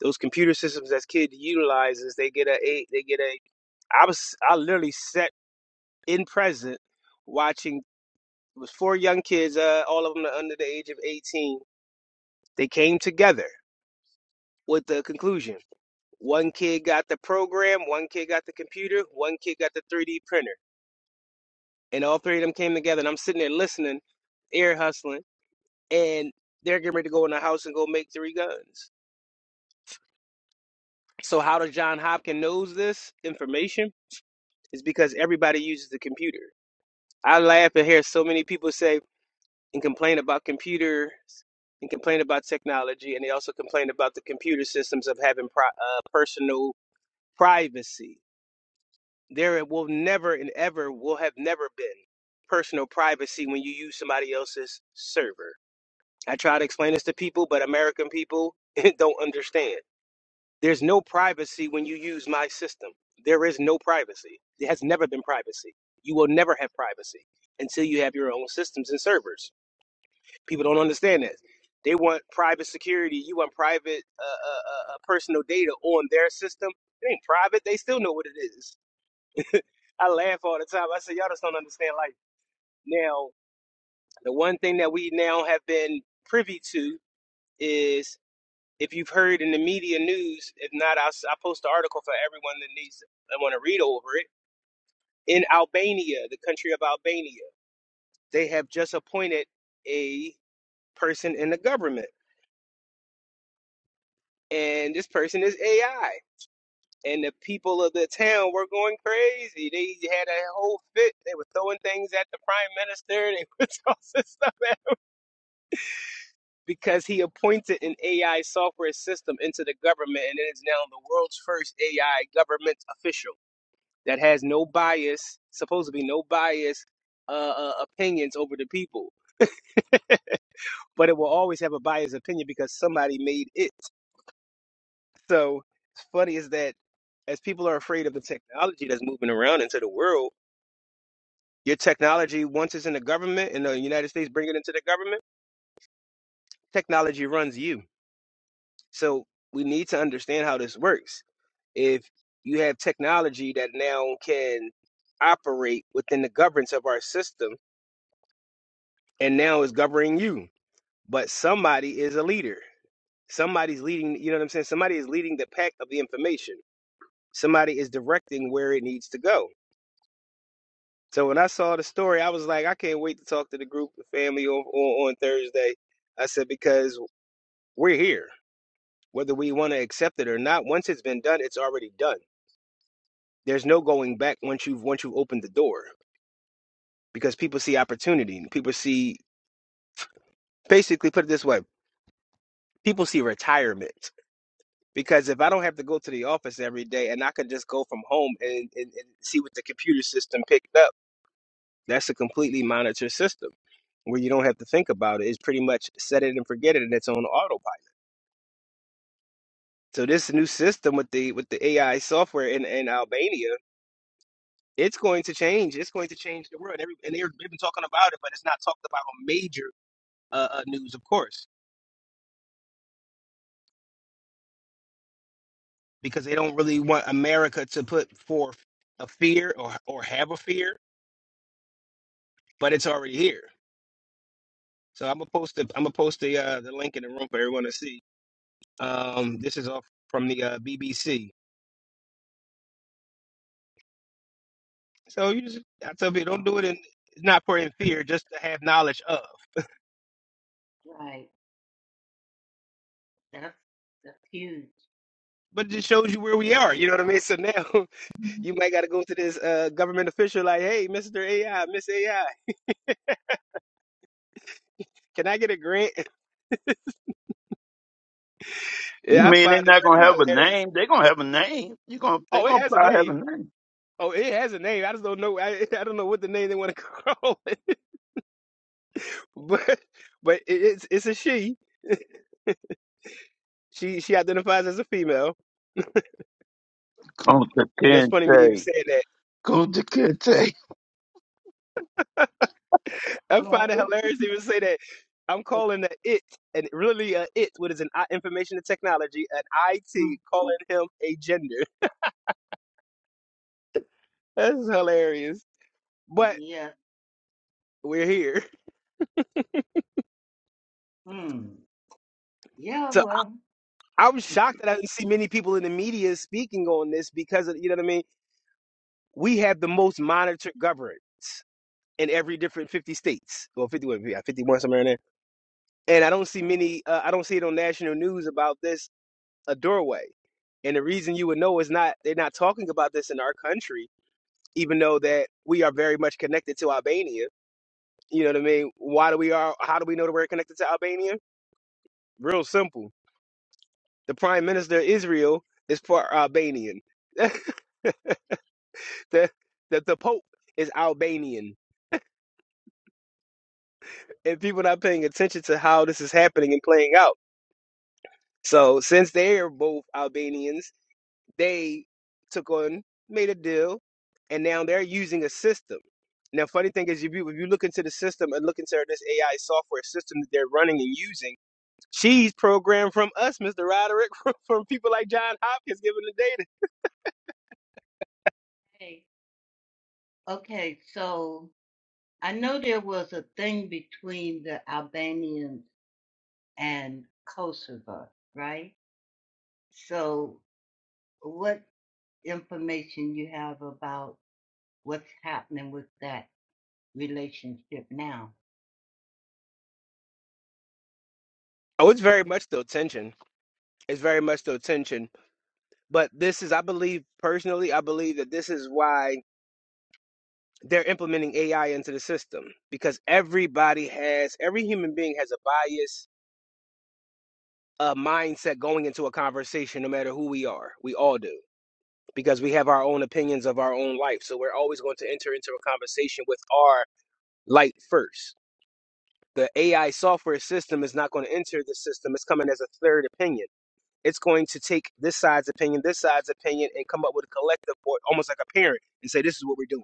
Those computer systems that kids utilize is they get a eight, they get a I was I literally sat in present watching it was four young kids, uh, all of them are under the age of eighteen. They came together with the conclusion. One kid got the program, one kid got the computer, one kid got the 3D printer. And all three of them came together and I'm sitting there listening, ear hustling and they're getting ready to go in the house and go make three guns. So how does John Hopkins knows this information? Is because everybody uses the computer. I laugh and hear so many people say and complain about computers and complain about technology, and they also complain about the computer systems of having pri- uh, personal privacy. There will never and ever will have never been personal privacy when you use somebody else's server. I try to explain this to people, but American people don't understand There's no privacy when you use my system. There is no privacy. There has never been privacy. You will never have privacy until you have your own systems and servers. People don't understand that. They want private security. You want private uh, uh, uh, uh, personal data on their system. It ain't private. They still know what it is. I laugh all the time. I say, y'all just don't understand. Like now, the one thing that we now have been privy to is. If you've heard in the media news, if not, I'll, s- I'll post an article for everyone that needs that want to read over it. In Albania, the country of Albania, they have just appointed a person in the government, and this person is AI. And the people of the town were going crazy. They had a whole fit. They were throwing things at the prime minister. They were tossing stuff at him because he appointed an AI software system into the government, and it is now the world's first AI government official. that has no bias, supposed to be no bias uh, uh, opinions over the people, but it will always have a biased opinion because somebody made it. So it's funny is that as people are afraid of the technology that's moving around into the world, your technology once it's in the government in the United States bring it into the government, technology runs you. So we need to understand how this works. If you have technology that now can operate within the governance of our system and now is governing you but somebody is a leader. Somebody's leading, you know what I'm saying? Somebody is leading the pack of the information. Somebody is directing where it needs to go. So when I saw the story, I was like, I can't wait to talk to the group, the family on, on, on Thursday. I said, because we're here. Whether we want to accept it or not, once it's been done, it's already done. There's no going back once you've once you've opened the door because people see opportunity. People see basically put it this way, people see retirement. because if I don't have to go to the office every day and I could just go from home and, and, and see what the computer system picked up, that's a completely monitored system where you don't have to think about it. It's pretty much set it and forget it and it's on autopilot. So this new system with the with the AI software in, in Albania, it's going to change. It's going to change the world. Every, and they're, they've been talking about it, but it's not talked about on major uh, uh, news, of course, because they don't really want America to put forth a fear or, or have a fear, but it's already here So I'm gonna post the I'm gonna post the uh, the link in the room for everyone to see. Um, this is off from the uh, BBC. So you just I tell people
Oh,
don't do it in it's not for in fear, just to have knowledge of.
right. That's that's huge.
But it just shows you where we are. You know what I mean? So now
Mhm.
you might got to go to this uh, government official like, hey, Mr. AI, Miss AI, can I get a grant?
You
Yeah, I
mean
find
they're
it
not gonna have
very
a
hilarious.
name? They're gonna have a name. You gonna they're
Oh, it
gonna
has a
probably have
name.
a name.
Oh, it has a name. I just don't know. I, I don't know what the name they want to call it, but but it, it's it's a she. She she identifies as a female
Kunta
And that's funny me even
Kinte.
saying that.
Kunta Kinte.
I
Well,
find it
it's
hilarious to
it's-
even say that. I'm calling the it, and really a it, what is an I, information and technology, an
mm,
IT, calling
mm,
him a gender. That's hilarious. But
yeah.
we're here.
Hmm. Yeah.
So
Well.
I'm shocked that I didn't see many people in the media speaking on this because, of, you know what I mean? We have the most monitored governance in every different 50 states. Well, 51, yeah, 51 somewhere in there. And I don't see many, uh, I don't see it on national news about this a doorway. And the reason you would know is not they're not talking about this in our country, even though that we are very much connected to Albania. You know what I mean? Why do we are? How do we know that we're connected to Albania? Real simple. The prime minister of Israel is part Albanian. the, the the pope is Albanian, and people not paying attention to how this is happening and playing out. So since they are both Albanians they took on, made a deal, and now they're using a system. Now, funny thing is, if you, if you look into the system and look into this AI software system that they're running and using, she's programmed from us, Mr. Roderick, from, from people like John Hopkins giving the data.
Hey. Okay. So I know there was a thing between the Albanians and Kosovo, right? So what information you have about what's happening with that relationship now?
Oh, it's very much the attention. It's very much the attention. But this is, I believe, personally, I believe that this is why they're implementing AI into the system because everybody has, every human being has a bias a mindset going into a conversation, no matter who we are. We all do because we have our own opinions of our own life. So we're always going to enter into a conversation with our light first. The AI software system is not going to enter the system. It's coming as a third opinion. It's going to take this side's opinion, this side's opinion, and come up with a collective, or almost like a parent, and say, "This is what we're doing."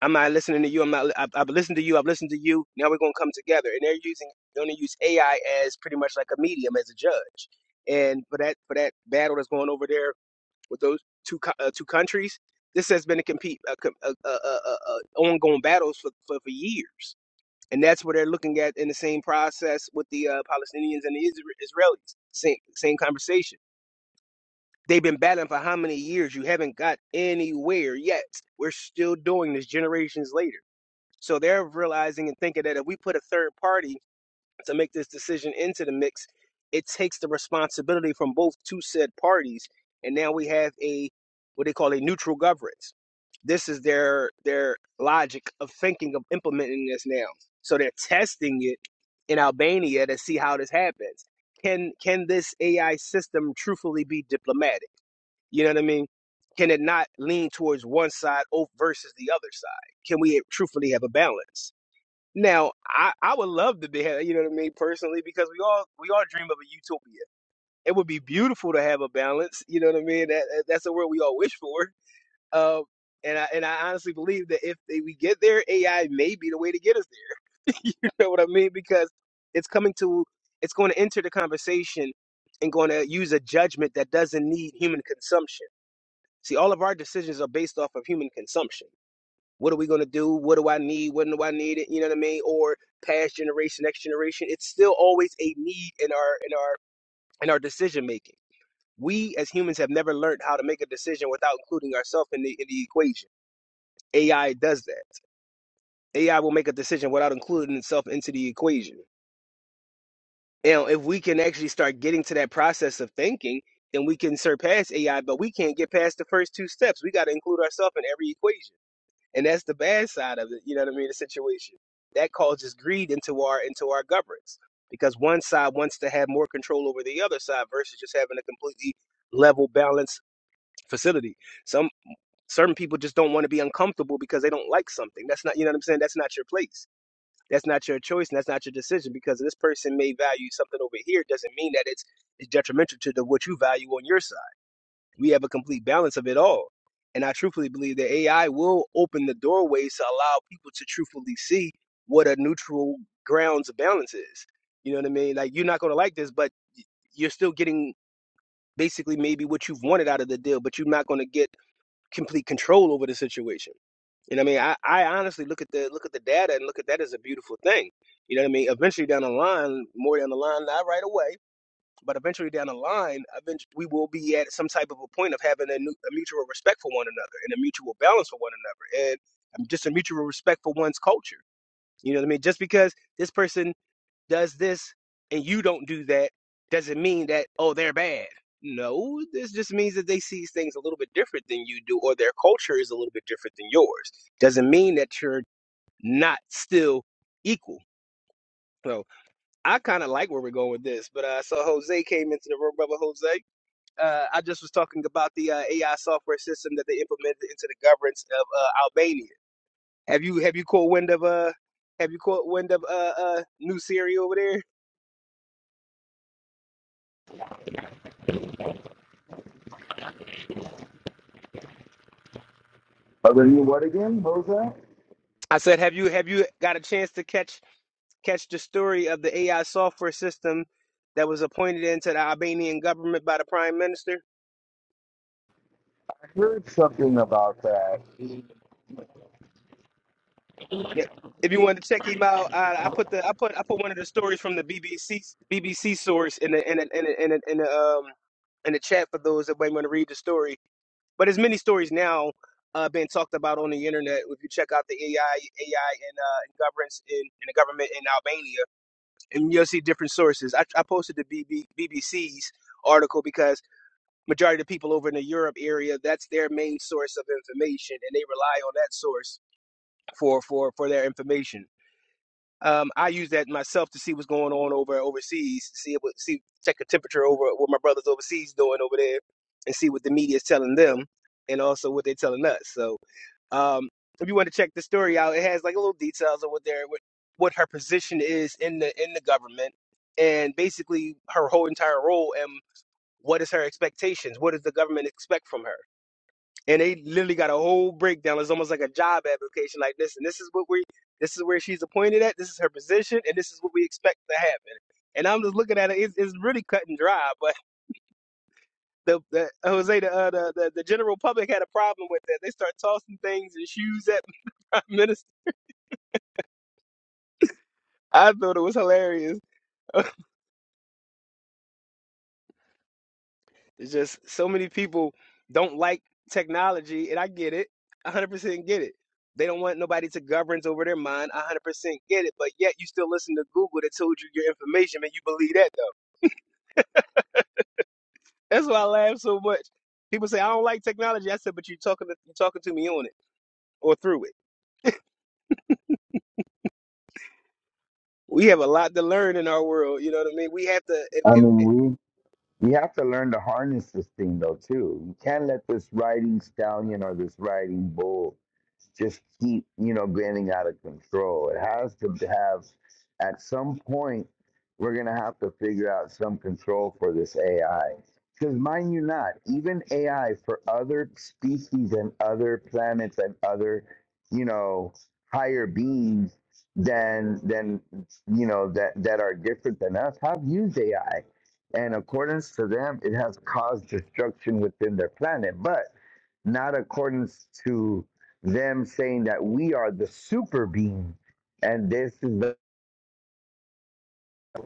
I'm not listening to you. I'm not. I've, I've listened to you. I've listened to you. Now we're gonna come together. And they're using. They're gonna use AI as pretty much like a medium as a judge. And for that for that battle that's going over there with those two co- uh, two countries, this has been a compete a, com- a, a, a, a a ongoing battles for, for for years. And that's what they're looking at in the same process with the uh, Palestinians and the Isra- Israelis. Same same conversation. They've been battling for how many years? You haven't got anywhere yet. We're still doing this generations later so they're realizing and thinking that if we put a third party to make this decision into the mix, it takes the responsibility from both two said parties, and now we have a what they call a neutral governance. This is their their logic of thinking of implementing this now. So they're testing it in Albania to see how this happens. Can can this AI system truthfully be diplomatic? You know what I mean? Can it not lean towards one side versus the other side? Can we truthfully have a balance? Now, I, I would love to be, ha- you know what I mean, personally, because we all we all dream of a utopia. It would be beautiful to have a balance, you know what I mean. That that- that's the world we all wish for. Um, and I and I honestly believe that if they, we get there, AI may be the way to get us there. you know what I mean? Because it's coming to, it's going to enter the conversation and going to use a judgment that doesn't need human consumption. See, all of our decisions are based off of human consumption what are we going to do? What do I need? When do I need it? You know what I mean? Or past generation, next generation. It's still always a need in our in our in our decision making. We as humans have never learned how to make a decision without including ourselves in the in the equation. AI does that. AI will make a decision without including itself into the equation. Now, if we can actually start getting to that process of thinking, then we can surpass AI, but we can't get past the first two steps. We got to include ourselves in every equation and that's the bad side of it. You know what I mean? The situation that causes greed into our into our governance, because one side wants to have more control over the other side versus just having a completely level, balanced facility. Some certain people just don't want to be uncomfortable because they don't like something. That's not you know what I'm saying. That's not your place. That's not your choice, and that's not your decision. Because this person may value something over here, doesn't mean that it's it's detrimental to the what you value on your side we have a complete balance of it all. And I truthfully believe that AI will open the doorways to allow people to truthfully see what a neutral grounds of balance is. You know what I mean? Like you're not going to like this, but you're still getting basically maybe what you've wanted out of the deal, but you're not going to get complete control over the situation. You know what I mean? I, I honestly look at the look at the data and look at that as a beautiful thing. You know what I mean? Eventually down the line, more down the line, not right away but eventually down the line, eventually we will be at some type of a point of having a, nu- a mutual respect for one another and a mutual balance for one another and um, just a mutual respect for one's culture. You know what I mean? Just because this person does this and you don't do that doesn't mean that, oh, they're bad. No, this just means that they see things a little bit different than you do or their culture is a little bit different than yours. Doesn't mean that you're not still equal. So I kind of like where we're going with this, but I uh, so Jose came into the room, brother Jose uh, I just was talking about the uh, AI software system that they implemented into the governance of uh, Albania. Have you have you caught wind of uh have you caught wind of uh, uh new Siri over there?
But then you what again? What was that?
I said, have you have you got a chance to catch catch the story of the AI software system that was appointed into the Albanian government by the prime minister?
I heard something about that.
Yep. If you wanted to check him out, I, I put the I put I put one of the stories from the BBC BBC source in the in the, in the, in the, in the um in the chat for those that might want to read the story. But there's many stories now uh, being talked about on the internet. If you check out the AI AI and uh, and governance in, in the government in Albania, and you'll see different sources. I, I posted the BB, BBC's article because majority of the people over in the Europe area that's their main source of information, and they rely on that source for for for their information. Um, I use that myself to see what's going on over overseas, see what see check the temperature over what my brothers overseas doing over there, and see what the media is telling them, and also what they're telling us. So um, if you want to check the story out, it has like a little details of what their what, what her position is in the in the government, and basically her whole entire role and what is her expectations. What does the government expect from her? and they literally got a whole breakdown. It's almost like a job application. Like, listen, this is what we, this is where she's appointed at. This is her position, and this is what we expect to happen. And I'm just looking at it. It's, it's really cut and dry. But the, the uh, Jose, the, uh, the the the general public had a problem with that. They start tossing things and shoes at the prime minister. I thought it was hilarious. It's just so many people don't like technology, and I get it. 100% get it. They don't want nobody to govern over their mind. 100% get it. But yet you still listen to Google that told you your information, and you believe that though. That's why I laugh so much. People say I don't like technology. I said, but you're talking to you're talking to me on it or through it. We have a lot to learn in our world. You know what I mean? We have to. It,
I
it,
mean,
it-
we We have to learn to harness this thing though too. You can't let this riding stallion or this riding bull just keep, you know, getting out of control. It has to have at some point we're gonna have to figure out some control for this AI. Because mind you not, even AI for other species and other planets and other, you know, higher beings than than you know that that are different than us have used AI and accordance to them, it has caused destruction within their planet, but not accordance to them saying that we are the super being and this is the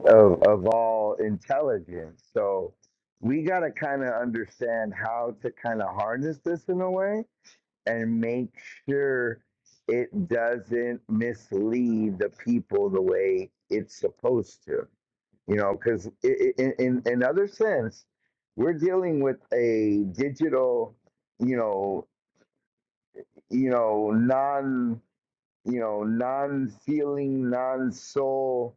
of, of all intelligence. So we got to kind of understand how to kind of harness this in a way and make sure it doesn't mislead the people the way it's supposed to you know because in, in in other sense we're dealing with a digital you know you know non you know, non-feeling, non-soul,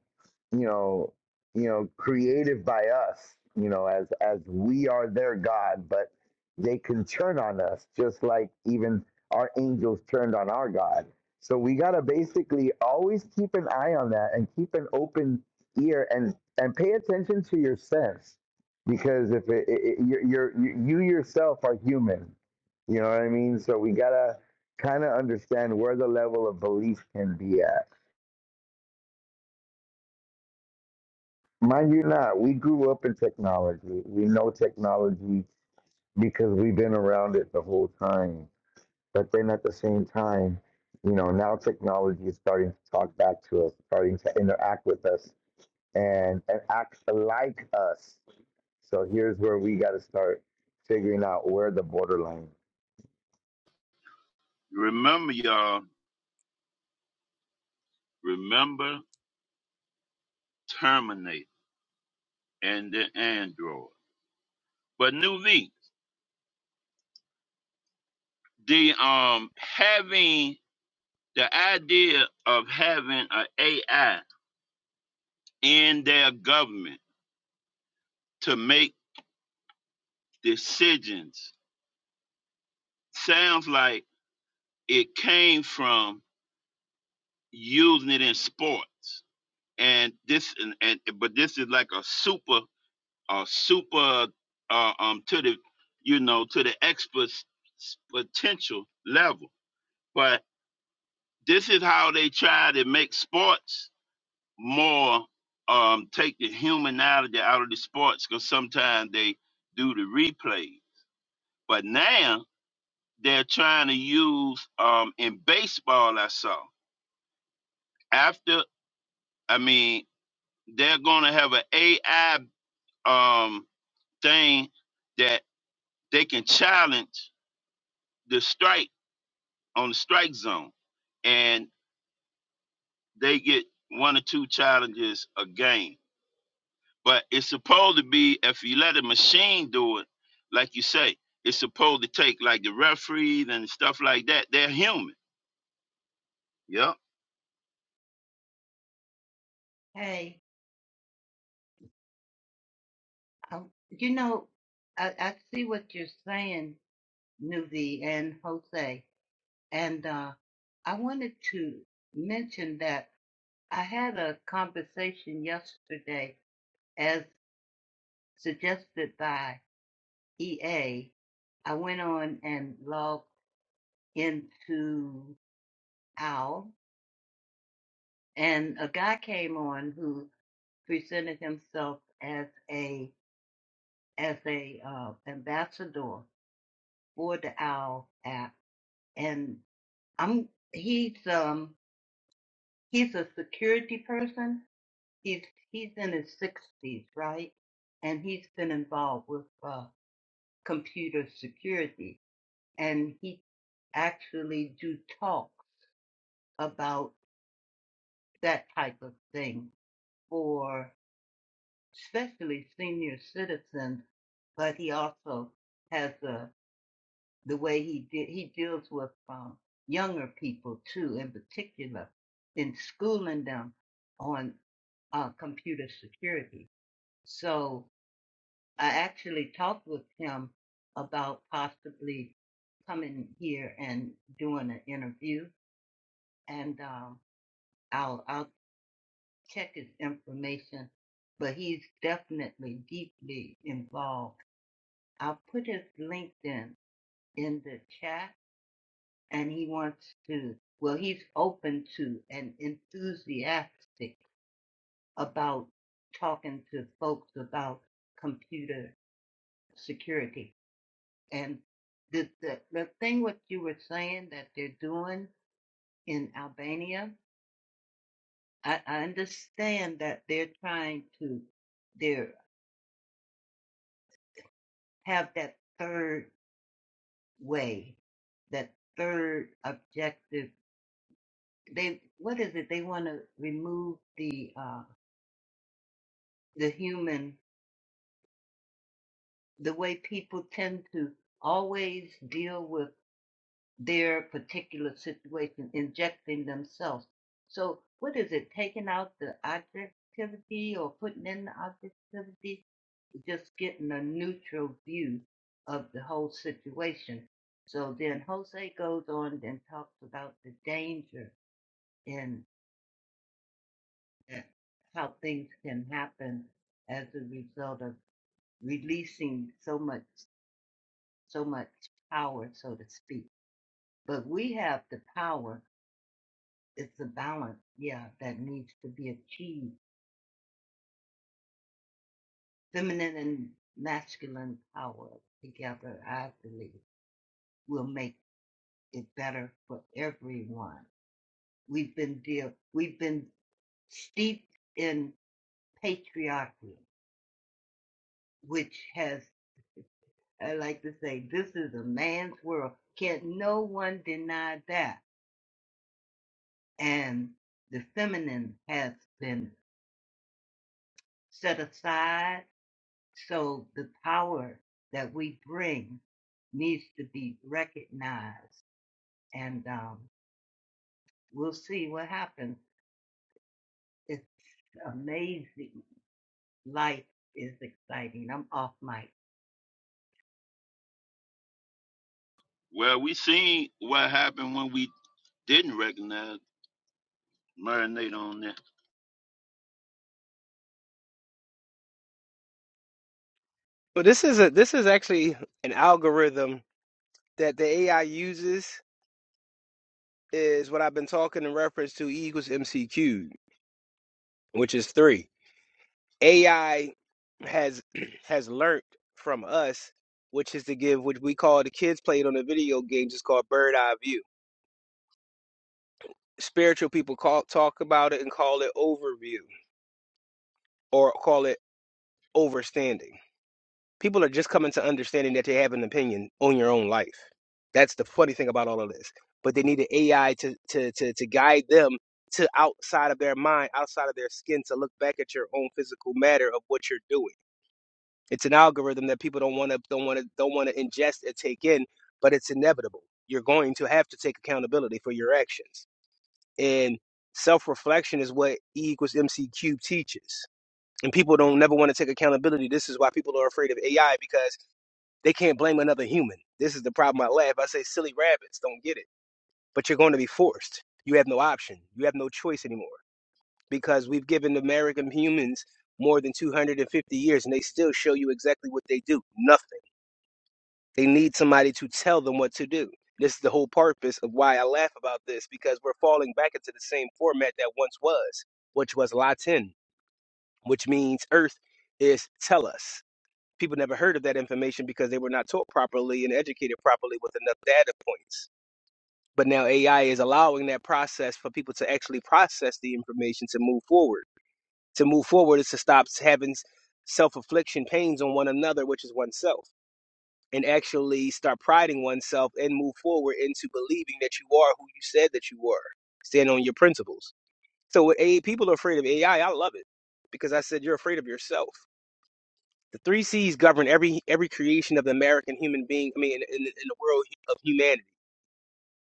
you know, you know, created by us, you know, as as we are their God, but they can turn on us just like even our angels turned on our God. So we gotta basically always keep an eye on that and keep an open ear and and pay attention to your sense because if it, it, it, you're, you're you you yourself are human, you know what I mean. So we gotta kind of understand where the level of belief can be at. Mind you, not we grew up in technology. We know technology because we've been around it the whole time. But then at the same time, you know, now technology is starting to talk back to us, starting to interact with us, and and act like us. So here's where we got to start figuring out where the borderline.
Remember y'all, remember Terminator and the Android. But New V, the um having the idea of having an AI in their government to make decisions sounds like it came from using it in sports and this and, and but this is like a super a super uh, um to the you know to the experts potential level but this is how they try to make sports more um take the humanality out of the sports because sometimes they do the replay but now they're trying to use um in baseball i saw after i mean they're gonna have an ai um thing that they can challenge the strike on the strike zone and they get one or two challenges a game. But it's supposed to be if you let a machine do it, like you say, it's supposed to take like the referees and stuff like that. They're human. Yep.
Hey, um, you know, I, I see what you're saying, Nuvi and Jose. And uh, I wanted to mention that I had a conversation yesterday, as suggested by EA. I went on and logged into OWL, and a guy came on who presented himself as a as a uh, ambassador for the OWL app, and I'm he's um he's a security person he's he's in his sixties, right? And he's been involved with uh, computer security, and he actually do talks about that type of thing for especially senior citizens. But he also has a the way he de- he deals with um, younger people too, in particular, in schooling them on uh, computer security. So I actually talked with him about possibly coming here and doing an interview, and um, I'll I'll check his information. But he's definitely deeply involved. I'll put his LinkedIn in the chat, and he wants to. Well, he's open to and enthusiastic about talking to folks about computer security. And the, the, the thing what you were saying that they're doing in Albania, I, I understand that they're trying to they're have that third way, that third objective. They what is it? They want to remove the uh, the human, the way people tend to always deal with their particular situation, injecting themselves. So, what is it? Taking out the objectivity or putting in the objectivity? Just getting a neutral view of the whole situation. So then Jose goes on and talks about the danger and uh, how things can happen as a result of releasing so much, so much power, so to speak. But we have the power it's a balance, yeah, that needs to be achieved. Feminine and masculine power together, I believe, will make it better for everyone. We've been deal we've been steeped in patriarchy, which has I like to say, this is a man's world. Can't no one deny that. And the feminine has been set aside So the power that we bring needs to be recognized, and um, we'll see what happens. It's amazing. Life is exciting. I'm off mic.
Well, we seen what happened when we didn't recognize marinate on that.
but this is a this is actually an algorithm that the AI uses is what I've been talking in reference to E equals MCQ. which is three. AI has has learned from us, which is to give what we call the kids played on the video games is called bird eye view. Spiritual people call talk about it and call it overview or call it overstanding. People are just coming to understanding that they have an opinion on your own life. That's the funny thing about all of this. But they need the AI to to to, to guide them to outside of their mind, outside of their skin, to look back at your own physical matter of what you're doing It's an algorithm that people don't want to don't want to don't want to ingest and take in, but it's inevitable. You're going to have to take accountability for your actions. And self-reflection is what E equals MC cubed teaches. And people don't never want to take accountability. This is why people are afraid of AI because they can't blame another human. This is the problem I laugh. I say silly rabbits don't get it. But you're going to be forced. You have no option. You have no choice anymore. Because we've given American humans more than 250 years and they still show you exactly what they do. Nothing They need somebody to tell them what to do. This is the whole purpose of why I laugh about this because we're falling back into the same format that once was, which was Latin, which means earth is tell us. People never heard of that information because they were not taught properly and educated properly with enough data points. But now AI is allowing that process for people to actually process the information to move forward. To move forward is to stop having self affliction pains on one another, which is oneself and actually start priding oneself and move forward into believing that you are who you said that you were. Stand on your principles. So with a I, people are afraid of AI, I I love it because I said you're afraid of yourself. The three C's govern every every creation of the American human being. I mean, in, in, in the world of humanity.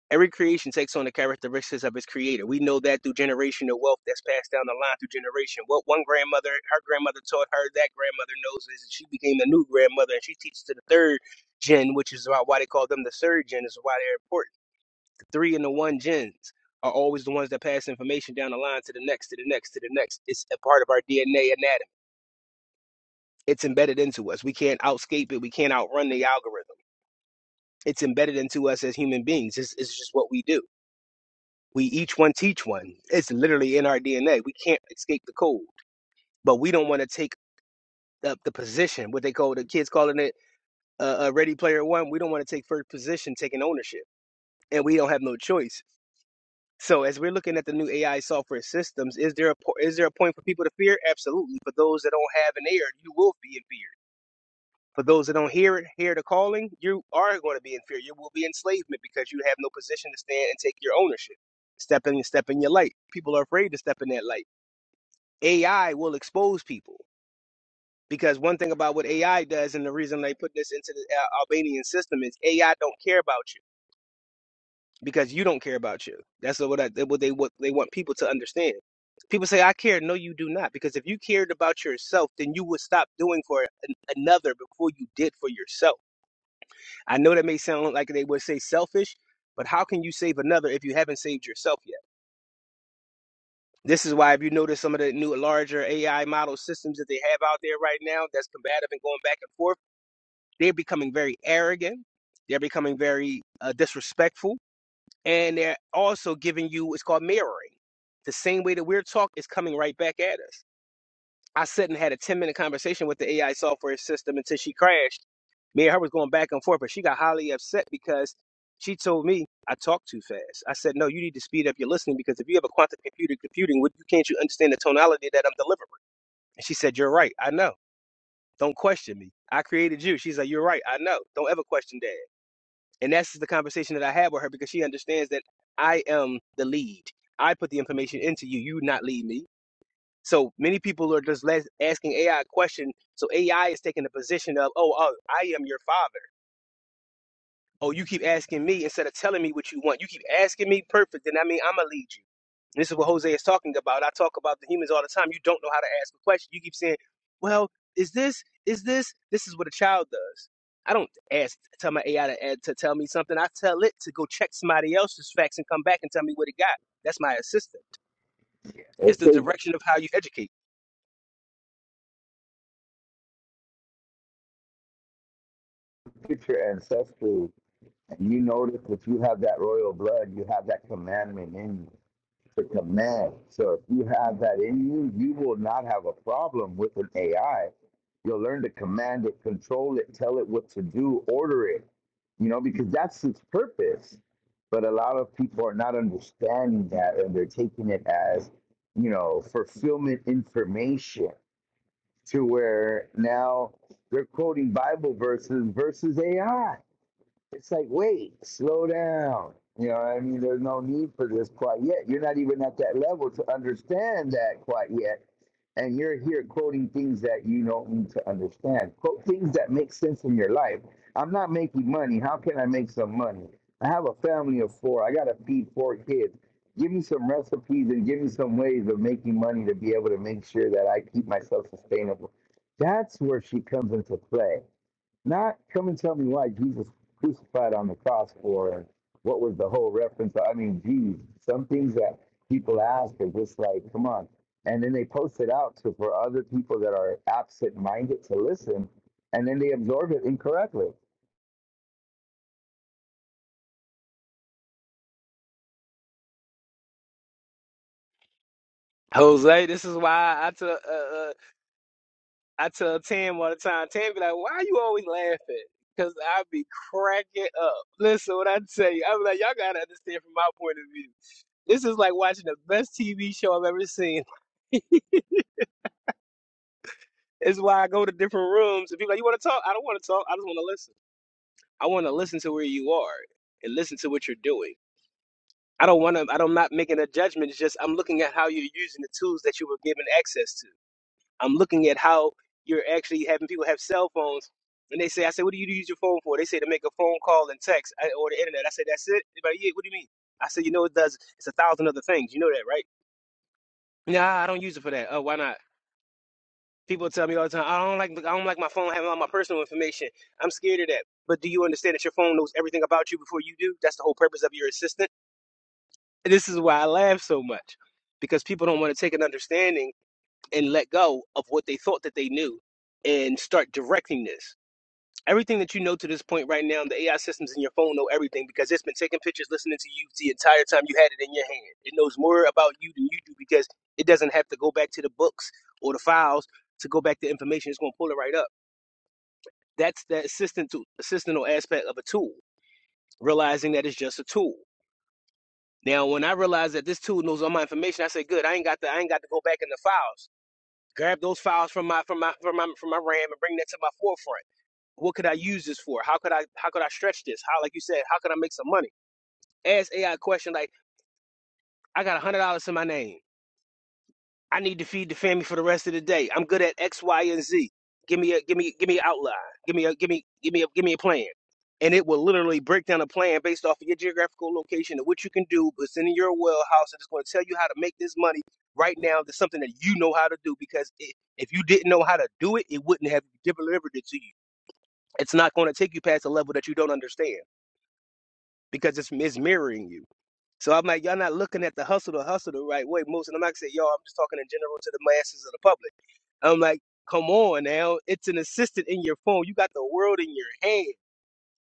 Every creation takes on the characteristics of its creator. We know that through generational wealth that's passed down the line through generation. What one grandmother, her grandmother taught her, that grandmother knows is she became the new grandmother and she teaches to the third gen, which is why why they call them the third gen, is why they're important. The three and the one gens are always the ones that pass information down the line to the next, to the next, to the next. It's a part of our DNA anatomy. It's embedded into us. We can't outscape it. We can't outrun the algorithm. It's embedded into us as human beings. It's, it's just what we do We each one teach one. It's literally in our DNA. We can't escape the code. But we don't want to take up the position, what they call the kids calling it uh, a ready player one. We don't want to take first position, taking ownership, and we don't have no choice. So as we're looking at the new AI software systems, is there a po- is there a point for people to fear? Absolutely. For those that don't have an ear, you will be in fear. For those that don't hear it, hear the calling, you are going to be in fear. You will be enslavement because you have no position to stand and take your ownership. Step in, step in your light. People are afraid to step in that light AI will expose people because one thing about what AI does, and the reason they put this into the uh, Albanian system is AI don't care about you because you don't care about you. That's what I, what they what they want people to understand. People say I care. No, you do not. Because if you cared about yourself, then you would stop doing for an, another before you did for yourself. I know that may sound like they would say selfish, but how can you save another if you haven't saved yourself This is why, if you notice some of the new larger AI model systems that they have out there right now that's combative and going back and forth, they're becoming very arrogant. They're becoming very uh, disrespectful. And they're also giving you what's called mirroring. The same way that we're talking is coming right back at us. I sat and had a 10 minute conversation with the AI software system until she crashed. Me and her was going back and forth, but she got highly upset because she told me I talk too fast. I said, no, you need to speed up your listening because if you have a quantum computer computing, what you can't you understand the tonality that I'm delivering? And she said, you're right. I know. Don't question me. I created you. She's like, you're right. I know. Don't ever question Dad." And that's the conversation that I had with her because she understands that I am the lead. I put the information into you. You not lead me. So many people are just les- asking AI a question. So AI is taking the position of, oh, oh, I am your father. Oh, you keep asking me instead of telling me what you want. You keep asking me perfect, then I mean I'm gonna lead you. And This is what Jose is talking about. I talk about the humans all the time. You don't know how to ask a question. You keep saying, "Well, is this? Is this? This is what a child does." I don't ask tell my AI to add, to tell me something. I tell it to go check somebody else's facts and come back and tell me what it got. That's my assistant.
is.
It's
If
the
they
direction of how you educate.
get your ancestry and you notice that you have that royal blood, you have that commandment in you To command. So if you have that in you, you will not have a problem with an AI. You'll learn to command it, control it, tell it what to do, order it, you know, because that's its purpose. But a lot of people are not understanding that and they're taking it as, you know, fulfillment information to where now they're quoting Bible verses versus AI it's like, wait, slow down. You know, what I mean, there's no need for this quite yet. You're not even at that level to understand that quite yet. And you're here quoting things that you don't need to understand. Quote things that make sense in your life. I'm not making money. How can I make some money? I have a family of four. I got to feed four kids. Give me some recipes and give me some ways of making money to be able to make sure that I keep myself sustainable. That's where she comes into play not come and tell me why Jesus crucified on the cross for what was the whole reference. I mean, geez, some things that people ask are just like, come on. And then they post it out to for other people that are absent minded to listen, and then they absorb it incorrectly.
Jose, this is why I took. uh, uh, I tell Tam all the time, Tam be like, why are you always laughing? Because I be cracking up. Listen, what I tell you, I be like, y'all got to understand from my point of view. This is like watching the best TV show I've ever seen. it's why I go to different rooms. And people like, you want to talk? I don't want to talk. I just want to listen. I want to listen to where you are and listen to what you're doing. I don't want to, I don't- I'm not making a judgment. It's just I'm looking at how you're using the tools that you were given access to. I'm looking at how you're actually having people have cell phones. And they say, I say, what do you use your phone for? They say to make a phone call and text I, or the internet. I say, that's it? They're like, yeah, what do you mean? I say, you know, it does. It's a thousand other things. You know that, right? Nah, I don't use it for that. Oh, why not? People tell me all the time, I don't like, I don't like my phone having all my personal information. I'm scared of that. But do you understand that your phone knows everything about you before you do? That's the whole purpose of your assistant. And this is why I laugh so much because people don't want to take an understanding and let go of what they thought that they knew and start directing this. Everything that you know to this point right now, the AI systems in your phone know everything because it's been taking pictures, listening to you the entire time you had it in your hand. It knows more about you than you do because it doesn't have to go back to the books or the files to go back to information. It's going to pull it right up. That's the assistant to, assistant aspect of a tool, realizing that it's just a tool. Now, when I realized that this tool knows all my information, I said, "Good, I ain't got to, I ain't got to go back in the files. grab those files from my from my from my from my RAM and bring that to my forefront. What could I use this for? How could I how could I stretch this? How like you said, how could I make some money? Ask AI a question like, I got a hundred dollars in my name. I need to feed the family for the rest of the day. I'm good at X, Y, and Z. Give me a give me give me an outline. Give me a give me give me a give me a plan. And it will literally break down a plan based off of your geographical location and what you can do, but it's in your wheelhouse and it's going to tell you how to make this money right now. That's something that you know how to do because if, if you didn't know how to do it, it wouldn't have delivered it to you. It's not going to take you past a level that you don't understand because it's, it's mirroring you. So I'm like, y'all not looking at the hustle to hustle the right way. Most, and I'm not saying y'all. I'm just talking in general to the masses of the public. I'm like, come on now, it's an assistant in your phone. You got the world in your hand.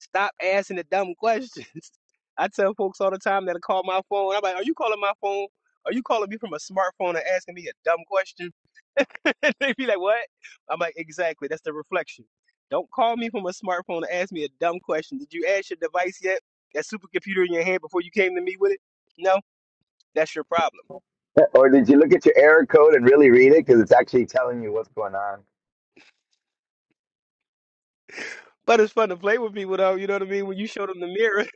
Stop asking the dumb questions. I tell folks all the time that call my phone. I'm like, are you calling my phone? Are you calling me from a smartphone and asking me a dumb question? they be like, what? I'm like, exactly. That's the reflection. Don't call me from a smartphone and ask me a dumb question. Did you ask your device yet? That supercomputer in your hand before you came to me with it? No, that's your problem.
Or did you look at your error code and really read it? Because it's actually telling you what's going on.
But it's fun to play with people, though. You know what I mean? When you show them the mirror.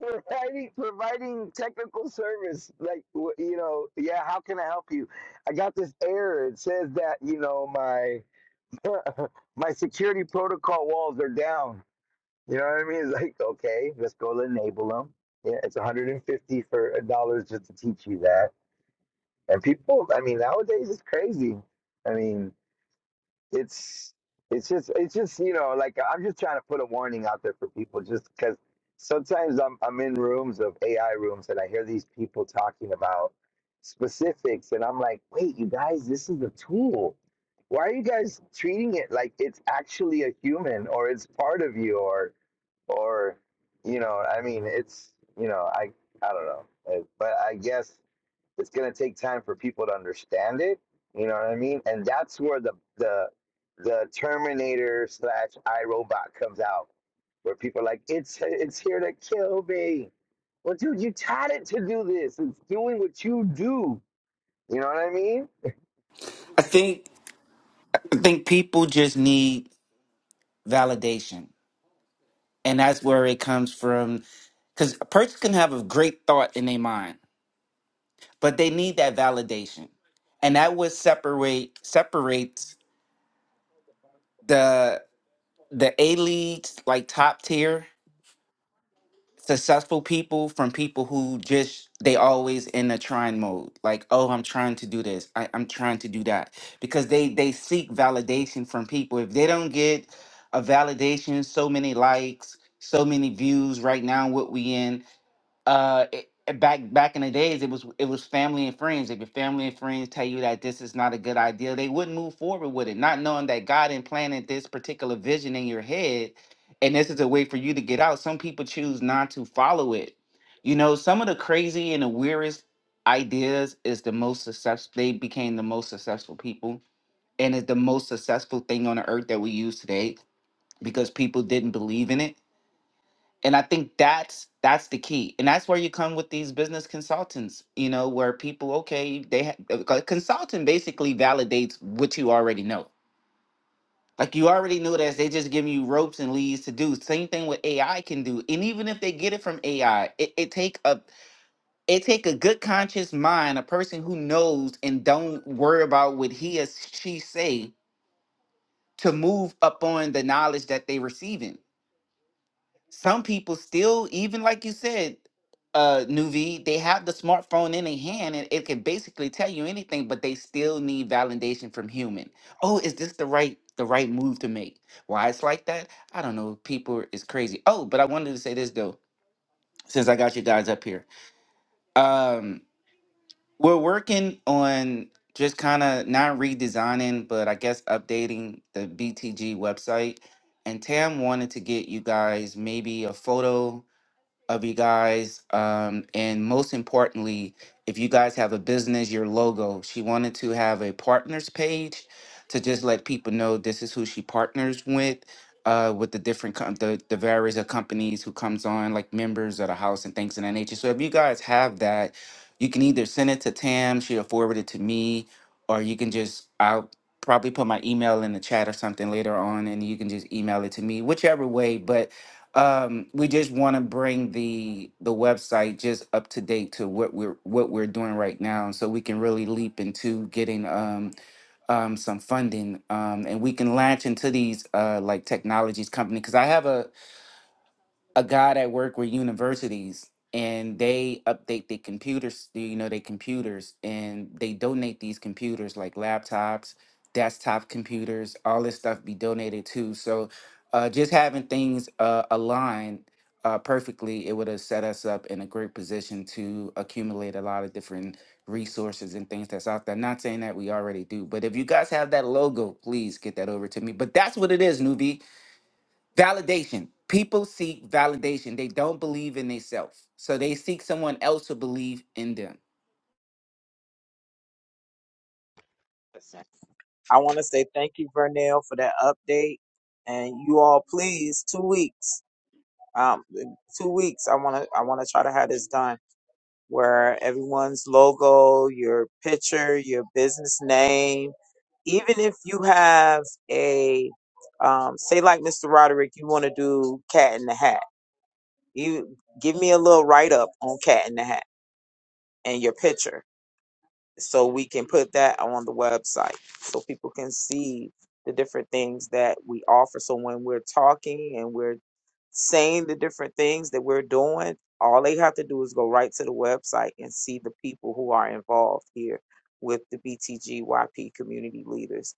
providing providing technical service like w- you know yeah how can i help you i got this error it says that you know my my security protocol walls are down. You know what I mean? It's like, okay, let's go enable them. Yeah, it's 150 for dollars just to teach you that. And people, I mean, nowadays it's crazy. I mean, it's it's just it's just you know like I'm just trying to put a warning out there for people just because sometimes I'm I'm in rooms of AI rooms and I hear these people talking about specifics and I'm like wait you guys this is a tool why are you guys treating it like it's actually a human or it's part of you or or you know I mean it's you know I I don't know Uh, but I guess it's going to take time for people to understand it you know what i mean and that's where the the the terminator slash irobot comes out where people are like it's it's here to kill me well dude you taught it to do this it's doing what you do you know what i mean
I think I think people just need validation, and that's where it comes from. Because a person can have a great thought in their mind, but they need that validation, and that would separate separates the the a elites like top tier successful people from people who just they always in a trying mode like oh i'm trying to do this I, i'm trying to do that because they they seek validation from people if they don't get a validation so many likes so many views right now what we in uh it, it- back back in the days it was it was family and friends if your family and friends tell you that this is not a good idea they wouldn't move forward with it not knowing that god implanted this particular vision in your head and this is a way for you to get out some people choose not to follow it you know some of the crazy and the weirdest ideas is the most successful they became the most successful people and it's the most successful thing on the earth that we use today because people didn't believe in it and i think that's that's the key and that's where you come with these business consultants you know where people okay they ha- a a consultant basically validates what you already know like you already knew this they just giving you ropes and leads to do same thing with ai can do and even if they get it from ai it, it take a it take a good conscious mind a person who knows and don't worry about what he or she say to move up on the knowledge that they receiving some people still, even like you said, uh, Nuvi, they have the smartphone in their hand and it can basically tell you anything, but they still need validation from human. Oh, is this the right the right move to make? Why it's like that? I don't know. People is crazy. Oh, but I wanted to say this though, since I got you guys up here. Um, we're working on just kind of not redesigning, but I guess updating the BTG website. And Tam wanted to get you guys maybe a photo of you guys. Um, and most importantly, if you guys have a business, your logo, she wanted to have a partners page to just let people know this is who she partners with, uh, with the different, com- the, the various uh, companies who comes on, like members of the house and things of that nature. So if you guys have that, you can either send it to Tam, she'll forward it to me, or you can just, I'll probably put my email in the chat or something later on, and you can just email it to me, whichever way. But um we just want to bring the the website just up to date to what we're what we're doing right now so we can really leap into getting um um some funding um and we can latch into these uh like technologies company because i have a a guy that worked with universities and they update their computers you know their computers and they donate these computers like laptops desktop computers all this stuff be donated too so uh, just having things uh, aligned uh, perfectly it would have set us up in a great position to accumulate a lot of different resources and things that's out there not saying that we already do but if you guys have that logo please get that over to me but that's what it is newbie Validation. People seek validation. They don't believe in themselves. So they seek someone else to believe in them.
I want to say thank you, Vernell, for that update. And you all, please, two weeks. um, in two weeks. I want to I want to try to have this done where everyone's logo, your picture, your business name, even if you have a um, say like Mr. Roderick, you want to do Cat in the Hat. You give me a little write up on Cat in the Hat and your picture so we can put that on the website so people can see the different things that we offer. So when we're talking and we're saying the different things that we're doing, all they have to do is go right to the website and see the people who are involved here with the BTGYP community leaders.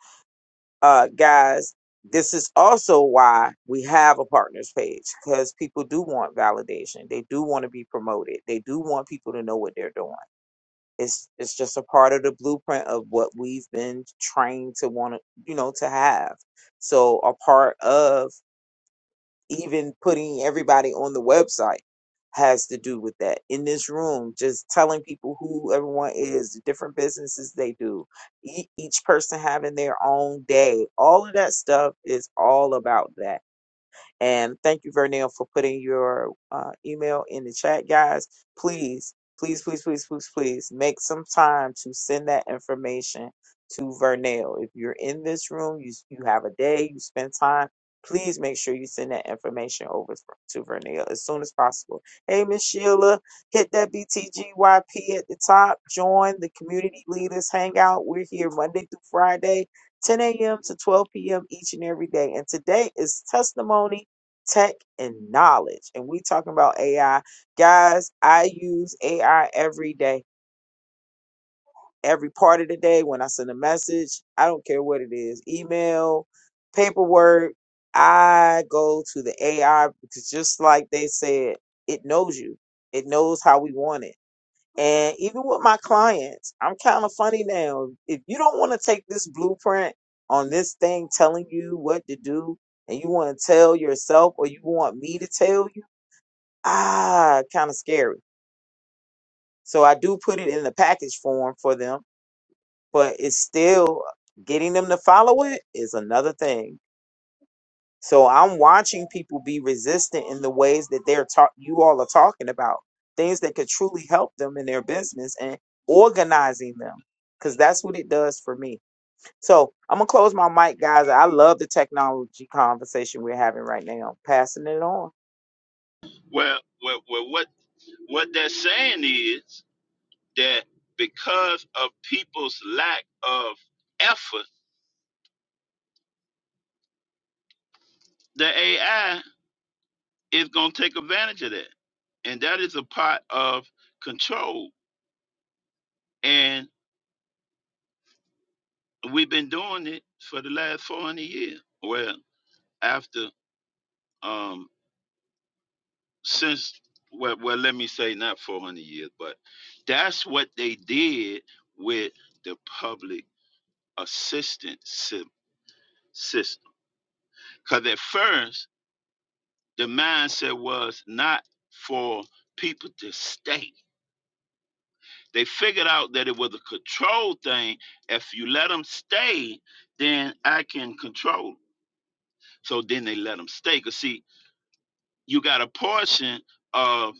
Uh, guys, this is also why we have a partners page because people do want validation. They do want to be promoted. They do want people to know what they're doing it's it's just a part of the blueprint of what we've been trained to want to, you know, to have. So a part of even putting everybody on the website has to do with that. In this room, just telling people who everyone is, the different businesses they do, e- each person having their own day. All of that stuff is all about that and thank you, Vernell, for putting your uh, email in the chat, guys. Please, please, please, please, please, please make some time to send that information to Vernell. If you're in this room, you you have a day, you spend time. Please make sure you send that information over to Vernell as soon as possible. Hey, Miss Sheila, hit that BTGYP at the top. Join the community leaders hangout. We're here Monday through Friday, 10 a.m. to 12 p.m. each and every day. And today is testimony tech and knowledge and we talking about ai guys i use ai every day every part of the day when i send a message i don't care what it is email paperwork i go to the ai because just like they said it knows you it knows how we want it and even with my clients i'm kind of funny now if you don't want to take this blueprint on this thing telling you what to do and you want to tell yourself or you want me to tell you ah, kind of scary. So I do put it in the package form for them, but it's still getting them to follow it is another thing. So I'm watching people be resistant in the ways that they're talk you all are talking about things that could truly help them in their business and organizing them because that's what it does for me. So I'm gonna close my mic, guys. I love the technology conversation we're having right now. Passing it on.
Well, well, well what what that's saying is that because of people's lack of effort, the AI is going to take advantage of that. And that is a part of control. And we've been doing it for the last 400 years. Well, after, um, since, well, well, let me say not 400 years, but that's what they did with the public assistance sy- system. Because at first, The mindset was not for people to stay. They figured out that it was a control thing. If you let them stay, then I can control. So then they let them stay. Because, see, you got a portion of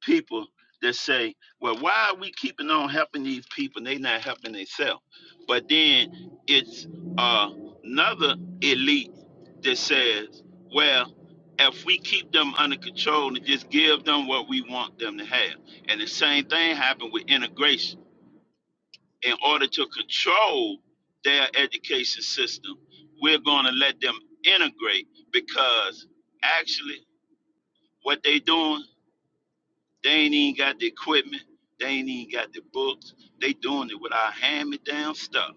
people that say, well, why are we keeping on helping these people and they not helping themselves? But then it's uh, another elite that says, well, if we keep them under control and just give them what we want them to have. And the same thing happened with integration. In order to control their education system, we're going to let them integrate because actually what they doing they ain't even got the equipment. They ain't even got the books. They doing it with our hand-me-down stuff,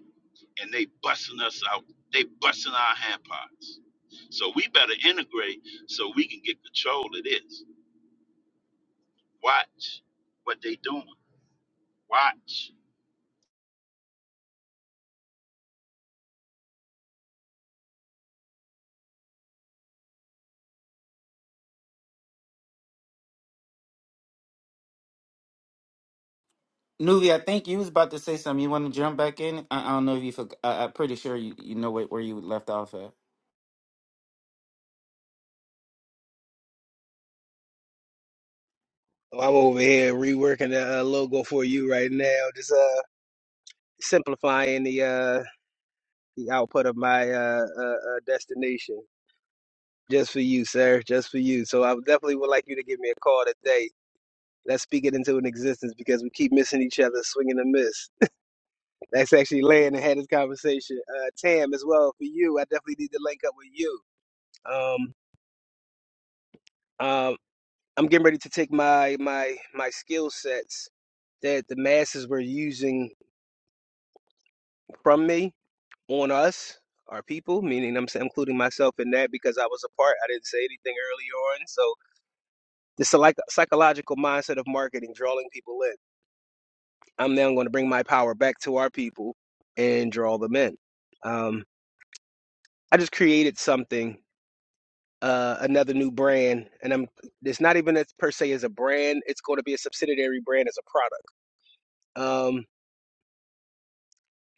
and they busting us out. They busting our handpots. So we better integrate so we can get control of this. Watch what they doing. Watch.
Nuvi, I think you was about to say something. You want to jump back in? I, I don't know if you forgot. I, I'm pretty sure you, you know where, where you left off at.
I'm over here reworking the uh, logo for you right now. Just uh, simplifying the uh, the output of my uh, uh, uh, destination. Just for you, sir. Just for you. So I definitely would like you to give me a call today. Let's speak it into an existence because we keep missing each other, swinging a miss. That's actually laying and had this conversation. Uh, Tam, as well for you. I definitely need to link up with you. Um, um, I'm getting ready to take my my my skill sets that the masses were using from me on us, our people, meaning I'm s- including myself in that because I was a part. I didn't say anything earlier on, so the psych- psychological mindset of marketing, drawing people in. I'm now going to bring my power back to our people and draw them in. Um, I just created something, uh, another new brand, and I'm. It's not even as per se as a brand. It's going to be a subsidiary brand as a product. Um,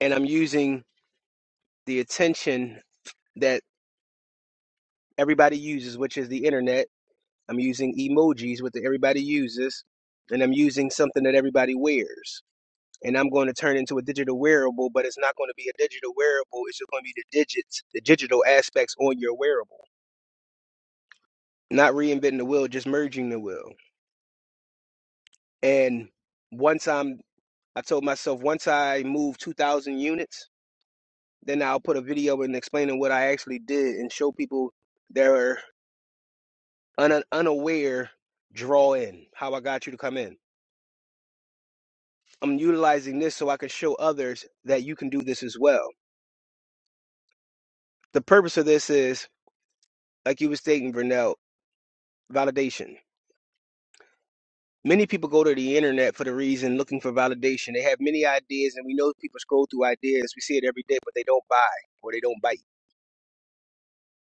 and I'm using the attention that everybody uses, which is the internet. I'm using emojis, what everybody uses, and I'm using something that everybody wears. and I'm going to turn into a digital wearable, but it's not going to be a digital wearable. It's just going to be the digits, the digital aspects on your wearable. Not reinventing the wheel, just merging the wheel. And once I'm, I told myself once I move 2,000 units, then I'll put a video in explaining what I actually did and show people their un- unaware draw in, how I got you to come in. I'm utilizing this so I can show others that you can do this as well. The purpose of this is, like you were stating, Vernell, validation Many people go to the internet for the reason looking for validation. They have many ideas, and we know people scroll through ideas. We see it every day, but they don't buy or they don't bite.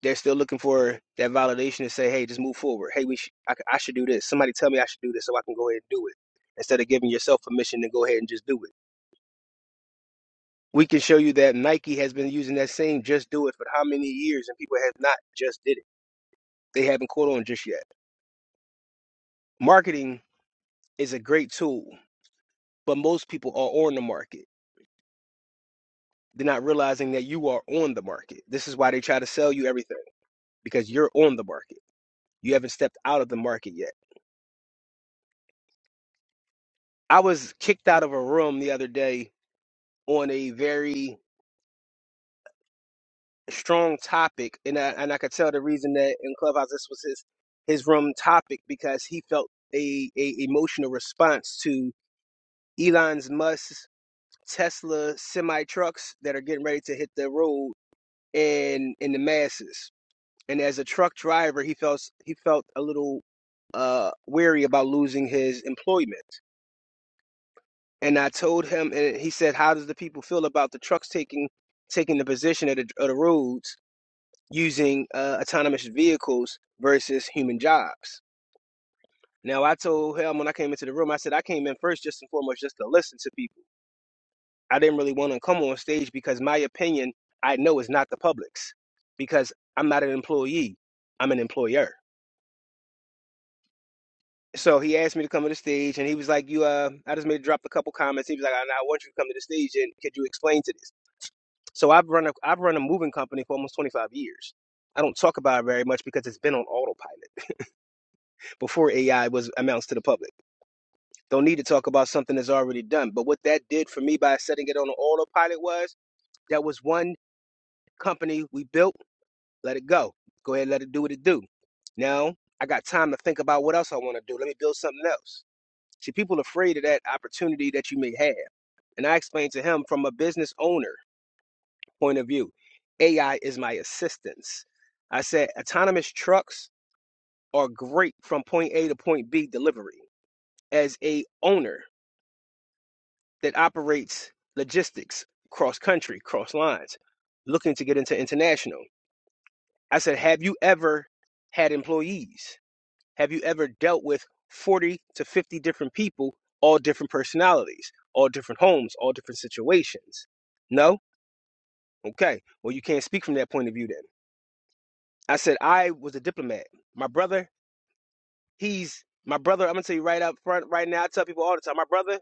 They're still looking for that validation to say, "Hey, just move forward. Hey, we sh- I, c- I should do this. Somebody tell me I should do this, so I can go ahead and do it." Instead of giving yourself permission to go ahead and just do it. We can show you that Nike has been using that same "just do it" for how many years, and people have not just did it. They haven't caught on just yet. Marketing is a great tool, but most people are on the market They're not realizing that you are on the market. This is why they try to sell you everything because you're on the market. You haven't stepped out of the market yet. I was kicked out of a room the other day on a very strong topic, and I, and I could tell the reason that in Clubhouse this was his his room topic because he felt a, a emotional response to Elon's Musk's Tesla semi trucks that are getting ready to hit the road and in the masses. And as a truck driver, he felt he felt a little uh, wary about losing his employment. And I told him, and he said, "How does the people feel about the trucks taking taking the position of the, of the roads using uh, autonomous vehicles versus human jobs?" Now I told him when I came into the room, I said I came in first just and foremost just to listen to people. I didn't really want to come on stage because my opinion I know is not the public's because I'm not an employee, I'm an employer. so he asked me to come to the stage and he was like you uh i just made dropped a couple comments he was like i, I want you to come to the stage and could you explain to this so i've run a i've run a moving company for almost 25 years i don't talk about it very much because it's been on autopilot before ai was announced to the public don't need to talk about something that's already done but what that did for me by setting it on autopilot was that was one company we built let it go go ahead let it do what it do now i got time to think about what else i want to do let me build something else See, people are afraid of that opportunity that you may have. And I explained to him from a business owner point of view, AI is my assistance. I said autonomous trucks are great from point A to point B delivery. As a owner that operates logistics cross country, cross lines, looking to get into international, I said, have you ever had employees? Have you ever dealt with 40 to 50 different people, all different personalities, all different homes, all different situations? No? Okay. Well, you can't speak from that point of view then. I said, I was a diplomat. My brother, he's my brother. I'm going to tell you right up front, right now. I tell people all the time, my brother,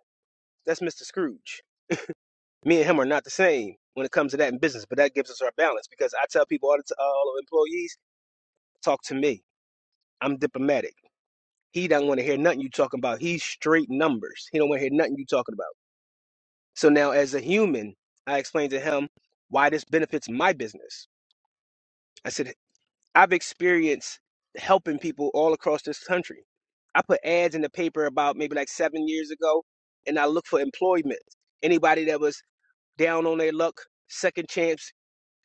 that's Mr. Scrooge. Me and him are not the same when it comes to that in business, but that gives us our balance because I tell people all the t- all the employees, talk to me. I'm diplomatic. He do not want to hear nothing you talking about. He's straight numbers. He don't want to hear nothing you talking about. So now, as a human, I explained to him why this benefits my business. I said, I've experienced helping people all across this country. I put ads in the paper about maybe like seven years ago, and I looked for employment. Anybody that was down on their luck, second chance,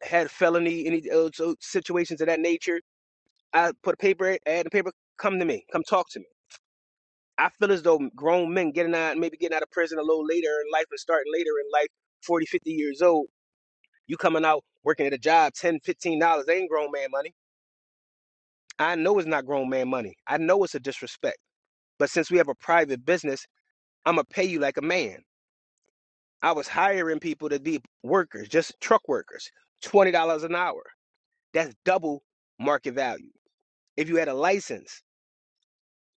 had a felony, any uh, so- situations of that nature, I put a paper ad in the paper, come to me, come talk to me. I feel as though grown men getting out, maybe getting out of prison a little later in life and starting later in life, 40, 50 years old You coming out working at a job, 10 dollars. fifteen dollars, They ain't grown man money. I know it's not grown man money. I know it's a disrespect. But since we have a private business, I'ma pay you like a man. I was hiring people to be workers, just truck workers, twenty dollars an hour. That's double market value. If you had a license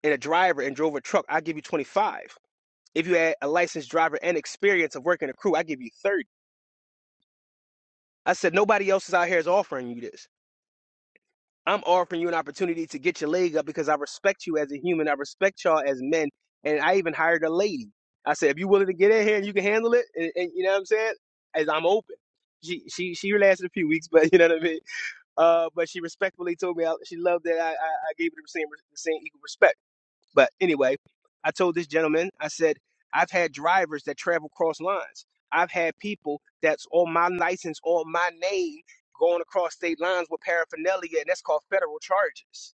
and a driver and drove a truck, I give you twenty five. If you had a licensed driver and experience of working a crew, I give you thirty. dollars. I said nobody else is out here is offering you this. I'm offering you an opportunity to get your leg up because I respect you as a human. I respect y'all as men. And I even hired a lady. I said, if you're willing to get in here and you can handle it, and, and you know what I'm saying? As I'm open. She she she lasted a few weeks, but you know what I mean. Uh, but she respectfully told me I, she loved that I, I I gave her the same the same equal respect. But anyway, I told this gentleman, I said, I've had drivers that travel cross lines. I've had people that's on my license, on my name, going across state lines with paraphernalia, and that's called federal charges.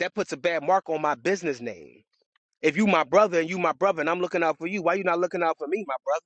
That puts a bad mark on my business name. If you my brother and you my brother and I'm looking out for you, why you not looking out for me, my brother?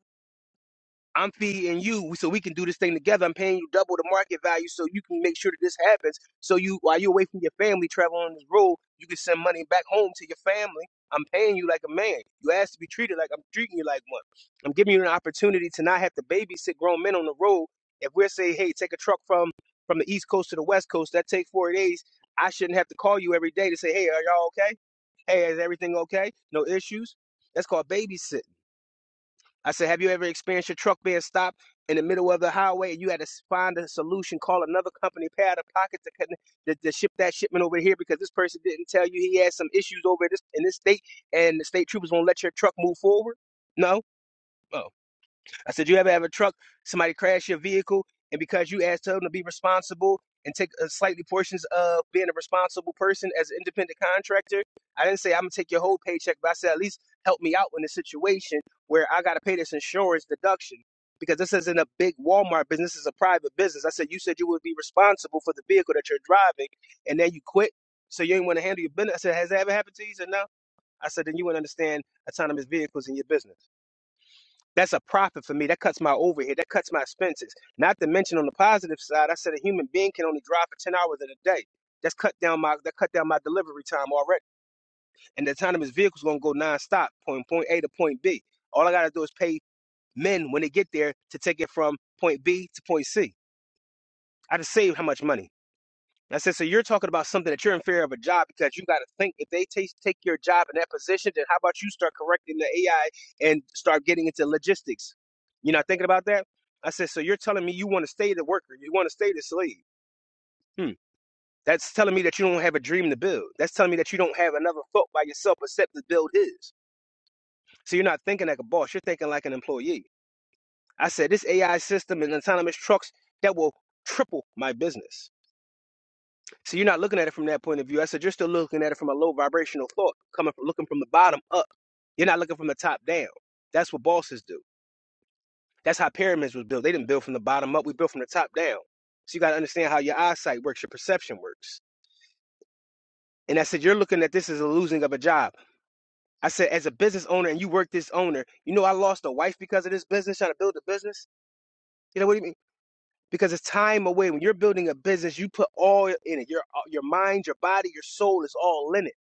I'm feeding you so we can do this thing together. I'm paying you double the market value so you can make sure that this happens. So you while you're away from your family traveling on this road, you can send money back home to your family. I'm paying you like a man. You asked to be treated like I'm treating you like one. I'm giving you an opportunity to not have to babysit grown men on the road. If we're saying, hey, take a truck from from the east coast to the west coast, that takes four days. I shouldn't have to call you every day to say, hey, are y'all okay? Hey, is everything okay? No issues? That's called babysit. I said, have you ever experienced your truck being stopped in the middle of the highway and you had to find a solution, call another company, pay out of pocket to, connect, to, to ship that shipment over here because this person didn't tell you he had some issues over this in this state and the state troopers won't let your truck move forward? No? Oh. I said, you ever have a truck, somebody crash your vehicle, and because you asked them to be responsible and take uh, slightly portions of being a responsible person as an independent contractor, I didn't say I'm gonna take your whole paycheck, but I said at least help me out in the situation where I gotta pay this insurance deduction because this isn't a big Walmart business; it's a private business. I said you said you would be responsible for the vehicle that you're driving, and then you quit, so you ain't want to handle your business. I said, has that ever happened to you? He said, no. I said, then you wouldn't understand autonomous vehicles in your business. That's a profit for me. That cuts my overhead. That cuts my expenses. Not to mention on the positive side, I said a human being can only drive for ten hours in a day. That's cut down my that cut down my delivery time already. And the autonomous vehicle's gonna go nonstop, point point A to point B. All I gotta do is pay men when they get there to take it from point B to point C. I just saved how much money? I said, so you're talking about something that you're in fear of a job because you got to think if they take take your job in that position, then how about you start correcting the AI and start getting into logistics? You're not thinking about that? I said, so you're telling me you want to stay the worker, you want to stay the slave. Hmm. That's telling me that you don't have a dream to build. That's telling me that you don't have another foot by yourself except to build his. So you're not thinking like a boss, you're thinking like an employee. I said, this AI system and autonomous trucks that will triple my business. So you're not looking at it from that point of view. I said you're still looking at it from a low vibrational thought, coming from looking from the bottom up. You're not looking from the top down. That's what bosses do. That's how pyramids was built. They didn't build from the bottom up. We built from the top down. So you got to understand how your eyesight works, your perception works. And I said you're looking at this as a losing of a job. I said as a business owner, and you work this owner. You know I lost a wife because of this business, trying to build a business. You know what I mean? Because it's time away. When you're building a business, you put all in it. Your uh, your mind, your body, your soul is all in it.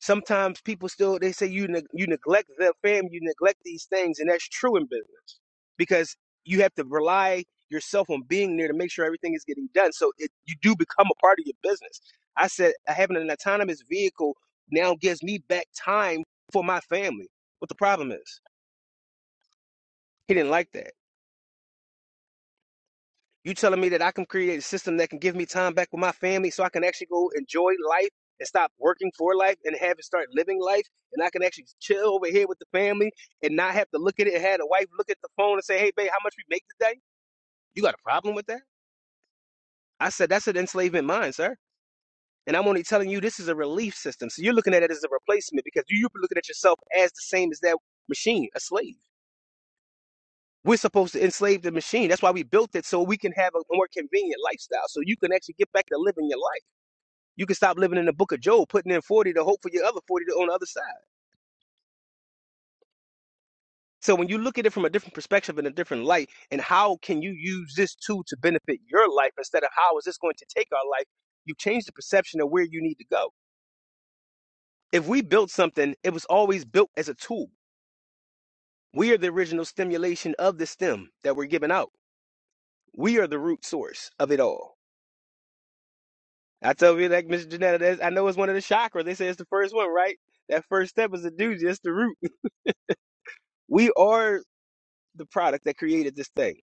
Sometimes people still they say you neg- you neglect their family, you neglect these things, and that's true in business because you have to rely yourself on being there to make sure everything is getting done. So it, you do become a part of your business. I said uh, having an autonomous vehicle now gives me back time for my family. What the problem is? He didn't like that. You telling me that I can create a system that can give me time back with my family so I can actually go enjoy life and stop working for life and have it start living life and I can actually chill over here with the family and not have to look at it and have the wife look at the phone and say, Hey babe, how much we make today? You got a problem with that? I said that's an enslavement mind, sir. And I'm only telling you this is a relief system. So you're looking at it as a replacement because you're looking at yourself as the same as that machine, a slave. We're supposed to enslave the machine. That's why we built it so we can have a more convenient lifestyle. So you can actually get back to living your life. You can stop living in the book of Job, putting in 40 to hope for your other 40 to on the other side. So when you look at it from a different perspective and a different light, and how can you use this tool to benefit your life instead of how is this going to take our life, you change the perception of where you need to go. If we built something, it was always built as a tool. We are the original stimulation of the stem that we're giving out. We are the root source of it all. I tell you, like Mr. Janetta, that's, I know it's one of the chakras. They say it's the first one, right? That first step is the doozy. It's the root. We are. the product that created this thing,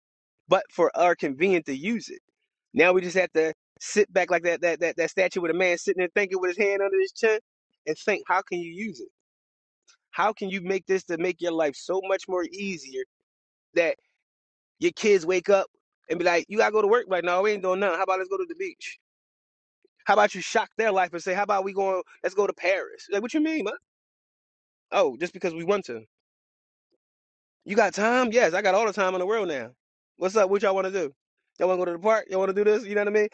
but for our convenience to use it. Now we just have to sit back like that that that, that statue with a man sitting there thinking with his hand under his chin and think, how can you use it? How can you make this to make your life so much more easier that your kids wake up and be like, you gotta go to work right now. We ain't doing nothing. How about let's go to the beach? How about you shock their life and say, how about we going? Let's go to Paris. Like, what you mean, man? Oh, just because we want to. You got time? Yes, I got all the time in the world now. What's up? What y'all want to do? Y'all want to go to the park? Y'all want to do this? You know what I mean?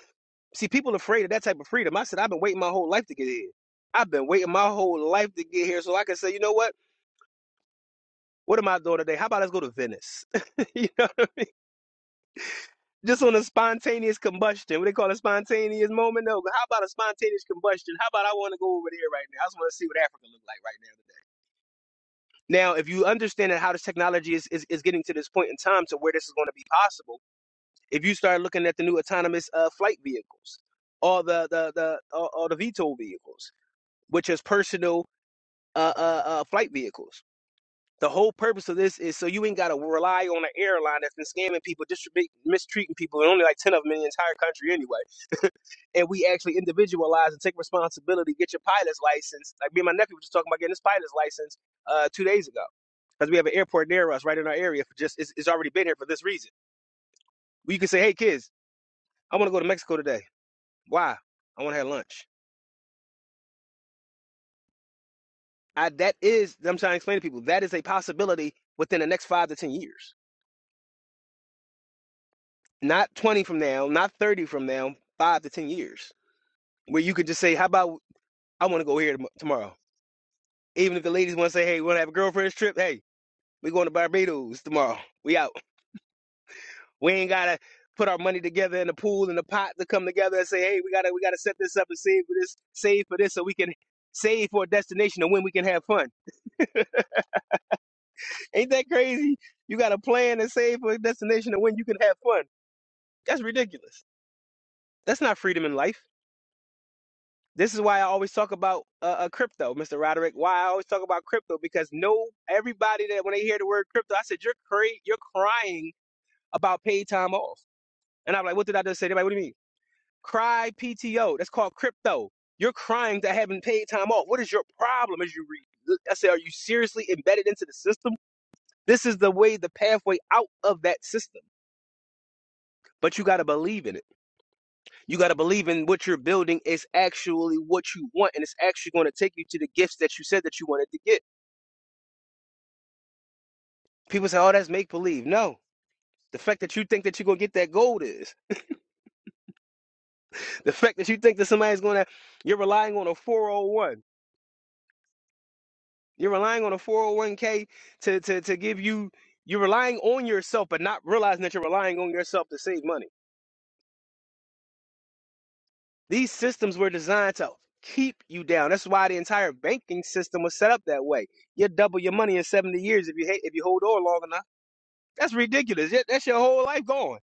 See, people afraid of that type of freedom. I said, I've been waiting my whole life to get here. I've been waiting my whole life to get here so I can say, you know what? What am I doing today? How about let's go to Venice? you know, just on a spontaneous combustion. What they call a spontaneous moment? No, how about a spontaneous combustion? How about I want to go over there right now? I just want to see what Africa look like right now today. Now, if you understand that how this technology is, is, is getting to this point in time to where this is going to be possible, If you start looking at the new autonomous uh, flight vehicles, or the the the or, or the VTOL vehicles, which is personal uh, uh, uh, flight vehicles. The whole purpose of this is so you ain't got to rely on an airline that's been scamming people, distributing, mistreating people, and only like ten of them in the entire country anyway. and we actually individualize and take responsibility, get your pilot's license. Like me and my nephew were just talking about getting his pilot's license uh, two days ago because we have an airport near us right in our area. For just it's, it's already been here for this reason. We can say, hey kids, I want to go to Mexico today. Why? I want to have lunch. I that is I'm trying to explain to people that is a possibility within the next five to ten years. Not twenty from now, not thirty from now, five to ten years. Where you could just say, How about I want to go here tomorrow? Even if the ladies want to say, Hey, we want to have a girlfriend's trip, hey, we going to Barbados tomorrow. We out. We ain't gotta put our money together in the pool and the pot to come together and say, Hey, we gotta we gotta set this up and save for this, save for this so we can save for a destination and when we can have fun. Ain't that crazy? You got a plan and save for a destination and when you can have fun. That's ridiculous. That's not freedom in life. This is why I always talk about uh, uh, crypto, Mr. Roderick. Why I always talk about crypto because no, everybody that when they hear the word crypto, I said you're cra- you're crying about paid time off, and I'm like, what did I just say? Everybody, what do you mean? Cry PTO. That's called crypto. You're crying that having paid time off. What is your problem? As you read, I said, are you seriously embedded into the system? This is the way, the pathway out of that system But you got to believe in it. You got to believe in what you're building is actually what you want and it's actually going to take you to the gifts that you said that you wanted to get. People say, oh, that's make believe. No. The fact that you think that you're going to get that gold is. The fact that you think that somebody's going to, you're relying on a 401. You're relying on a 401k to, to, to give you, you're relying on yourself, but not realizing that you're relying on yourself to save money. These systems were designed to keep you down. That's why the entire banking system was set up that way. You double your money in 70 years if you ha- if you hold on long enough. That's ridiculous. Yeah, That's your whole life gone.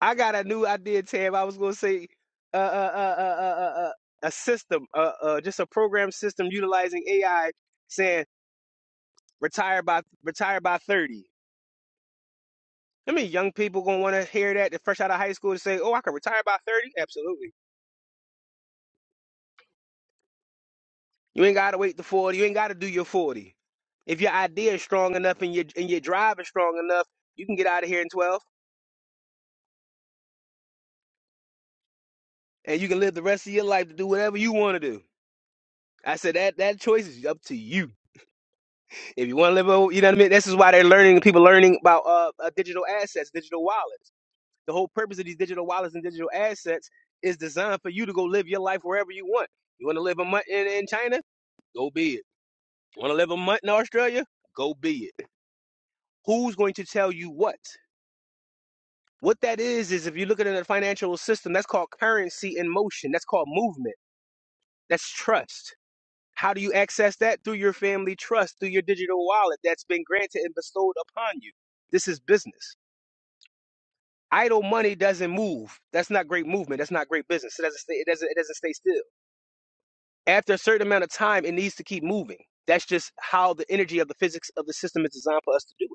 I got a new idea, Tab. I was going to say uh, uh, uh, uh, uh, uh, uh, uh, a system, uh, uh, just a program system utilizing AI saying retire by retire by 30. I mean, young people going to want to hear that. They're fresh out of high school to say, oh, I can retire by 30? Absolutely. You ain't gotta wait to 40. You ain't gotta do your 40. If your idea is strong enough and your and your drive is strong enough, you can get out of here in 12 and you can live the rest of your life to do whatever you want to do. I said that that choice is up to you. If you want to live, a, you know what I mean. This is why they're learning. People learning about uh, uh, digital assets, digital wallets. The whole purpose of these digital wallets and digital assets is designed for you to go live your life wherever you want. You want to live a month in, in China? Go be it. Want to live a month in Australia? Go be it. Who's going to tell you what? What that is is if you look at it a financial system, that's called currency in motion. That's called movement. That's trust. How do you access that? Through your family trust, through your digital wallet that's been granted and bestowed upon you. This is business. Idle money doesn't move. That's not great movement. That's not great business. It doesn't stay, it doesn't it doesn't stay still. After a certain amount of time, it needs to keep moving. That's just how the energy of the physics of the system is designed for us to do it.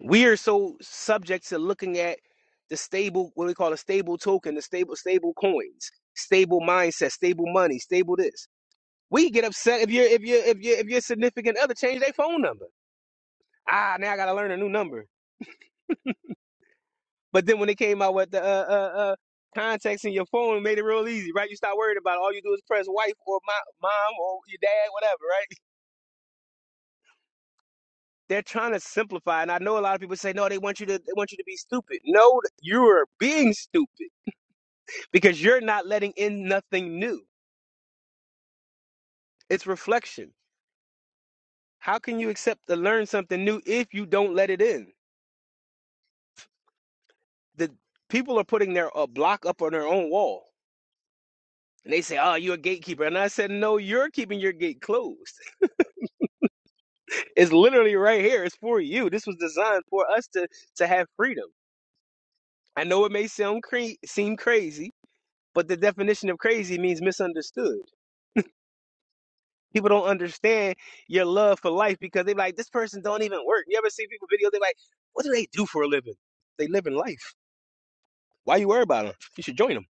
we are so subject to looking at the stable what we call a stable token the stable stable coins stable mindset stable money stable this we get upset if your if your if your if your significant other change their phone number ah now i gotta learn a new number but then when it came out with the uh uh, uh contacts in your phone it made it real easy right you stop worried about it. all you do is press wife or my mom or your dad whatever right they're trying to simplify and i know a lot of people say no they want you to they want you to be stupid no you're being stupid because you're not letting in nothing new. It's reflection. How can you accept to learn something new if you don't let it in? The people are putting their a block up on their own wall. And they say, "Oh, you're a gatekeeper." And I said, "No, you're keeping your gate closed. It's literally right here. It's for you. This was designed for us to to have freedom. I know it may sound cra- seem crazy, but the definition of crazy means misunderstood. People don't understand your love for life because they be like, this person don't even work. You ever see people video? They like, what do they do for a living? They live in life. Why you worry about them? You should join them.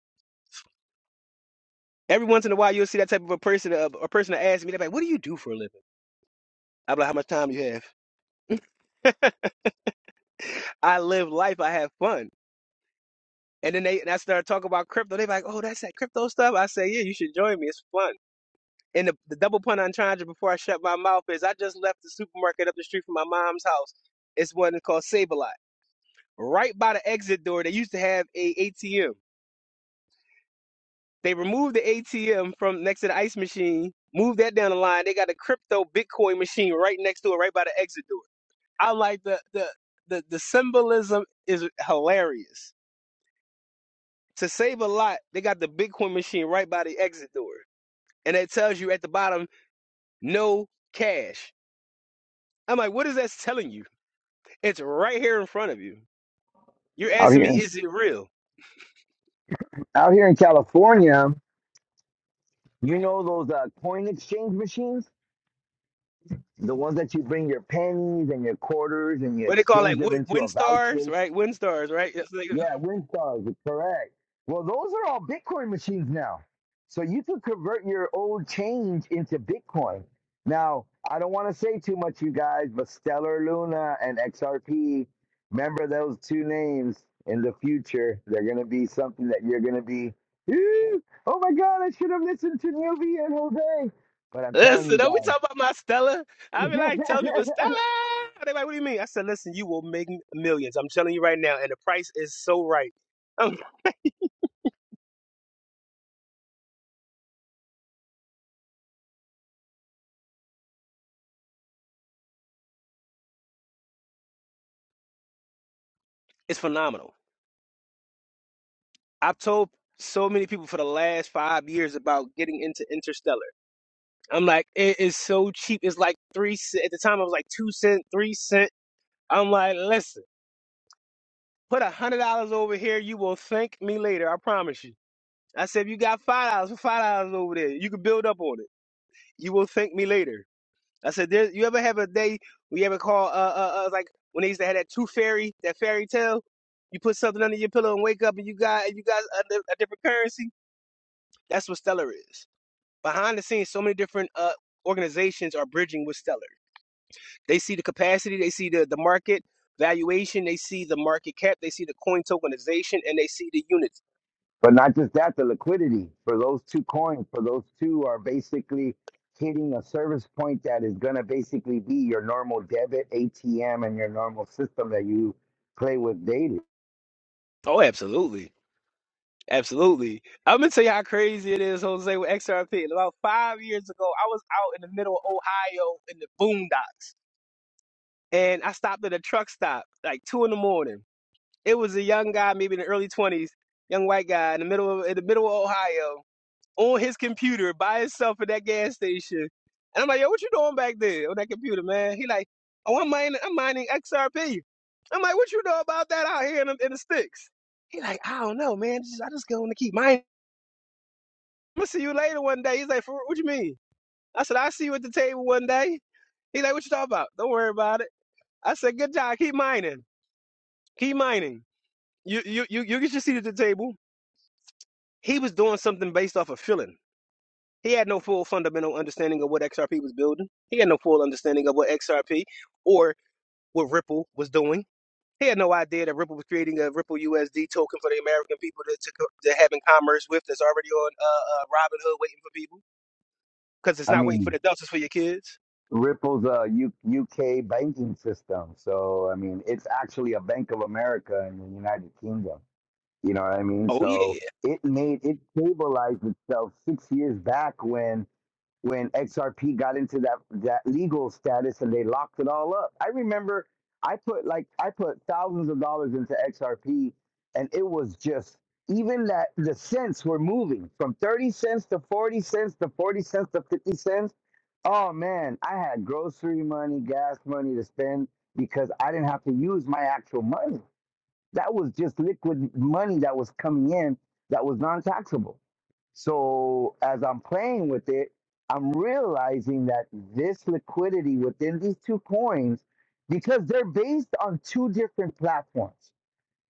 Every once in a while, you'll see that type of a person. A, a person that asks me, they're like, what do you do for a living? I'm like, how much time you have? I live life. I have fun. And then they and I start talking about crypto. They are like, oh, that's that crypto stuff. I say, yeah, you should join me. It's fun. And the, the double pun I'm trying to before I shut my mouth is I just left the supermarket up the street from my mom's house. It's one called Sableye. right by the exit door, they used to have a ATM. They removed the ATM from next to the ice machine, moved that down the line. They got a crypto Bitcoin machine right next door, right by the exit door. I like the the the, the symbolism is hilarious. To save a lot, they got the Bitcoin machine right by the exit door, and it tells you at the bottom no cash. I'm like, what is that telling you? It's right here in front of you. You're
out
asking me,
here
is it real?
out here in california you know those uh, coin exchange machines the ones that you bring your pennies and your quarters and you
what they call like
exchange them
win,
into
win
a
stars,
voucher
right? Win stars, right? It's like,
Yeah, Winstars, correct. Well, those are all Bitcoin machines now. So you could convert your old change into Bitcoin. Now, I don't want to say too much, you guys, but Stellar Luna and XRP, remember those two names in the future. They're going to be something that you're going to be, "Ew, oh my God, I should have listened to Newbie and Jose. But I'm telling
listen,
you
don't we talk about my Stella? I be like,
guys.
tell people Stella. They like, what do you mean? I said, listen, you will make millions. I'm telling you right now, and the price is so right. Um, It's phenomenal. I've told so many people for the last five years about getting into Interstellar. I'm like, it is so cheap. It's like three cent. At the time, I was like two cent, three cent. I'm like, listen, put a hundred dollars over here. You will thank me later. I promise you. I said, if you got five dollars for five dollars over there. You can build up on it. You will thank me later. I said, there, you ever have a day we ever call uh, uh uh like when they used to have that tooth fairy, that fairy tale? You put something under your pillow and wake up and you got you got a, di- a different currency. That's what Stellar is. Behind the scenes, so many different uh organizations are bridging with Stellar. They see the capacity, they see the, the market valuation, they see the market cap, they see the coin tokenization, and they see the units.
But not just that, the liquidity for those two coins, for those two are basically hitting a service point that is going to basically be your normal debit ATM and your normal system that you play with daily.
Oh, absolutely. Absolutely. I'm gonna tell you how crazy it is, Jose, with XRP. About five years ago, I was out in the middle of Ohio in the boondocks. and I stopped at a truck stop like two in the morning. It was a young guy, maybe in the early twenties, young white guy in the middle of in the middle of Ohio on his computer by himself at that gas station. And I'm like, yo, what you doing back there on that computer, man? He like, oh, I'm mining, I'm mining XRP. I'm like, what you know about that out here in the, in the sticks? He like, I don't know, man. Just, I just going to keep mining. I'm gonna see you later one day. He's like, for what you mean? I said, I'll see you at the table one day. He like, what you talking about? Don't worry about it. I said, good job, keep mining. Key mining. You you you you get your seat at the table. He was doing something based off of feeling. He had no full fundamental understanding of what XRP was building. He had no full understanding of what XRP or what Ripple was doing. He had no idea that Ripple was creating a Ripple USD token for the American people to, to, co- to have in commerce with that's already on uh, uh, Robinhood waiting for people because it's
I
not waiting for
mean,
the adults, it's for your kids.
Ripple's a U- UK banking system. So, I mean, it's actually a Bank of America in the United Kingdom. You know what I mean?
Oh, yeah.
So it made, it stabilized itself six years back when when XRP got into that that legal status and they locked it all up. I remember I put like I put thousands of dollars into XRP and it was just even that the cents were moving from 30 cents to 40 cents to 40 cents to 50 cents. Oh man, I had grocery money, gas money to spend because I didn't have to use my actual money. That was just liquid money that was coming in that was non taxable. So as I'm playing with it, I'm realizing that this liquidity within these two coins, because they're based on two different platforms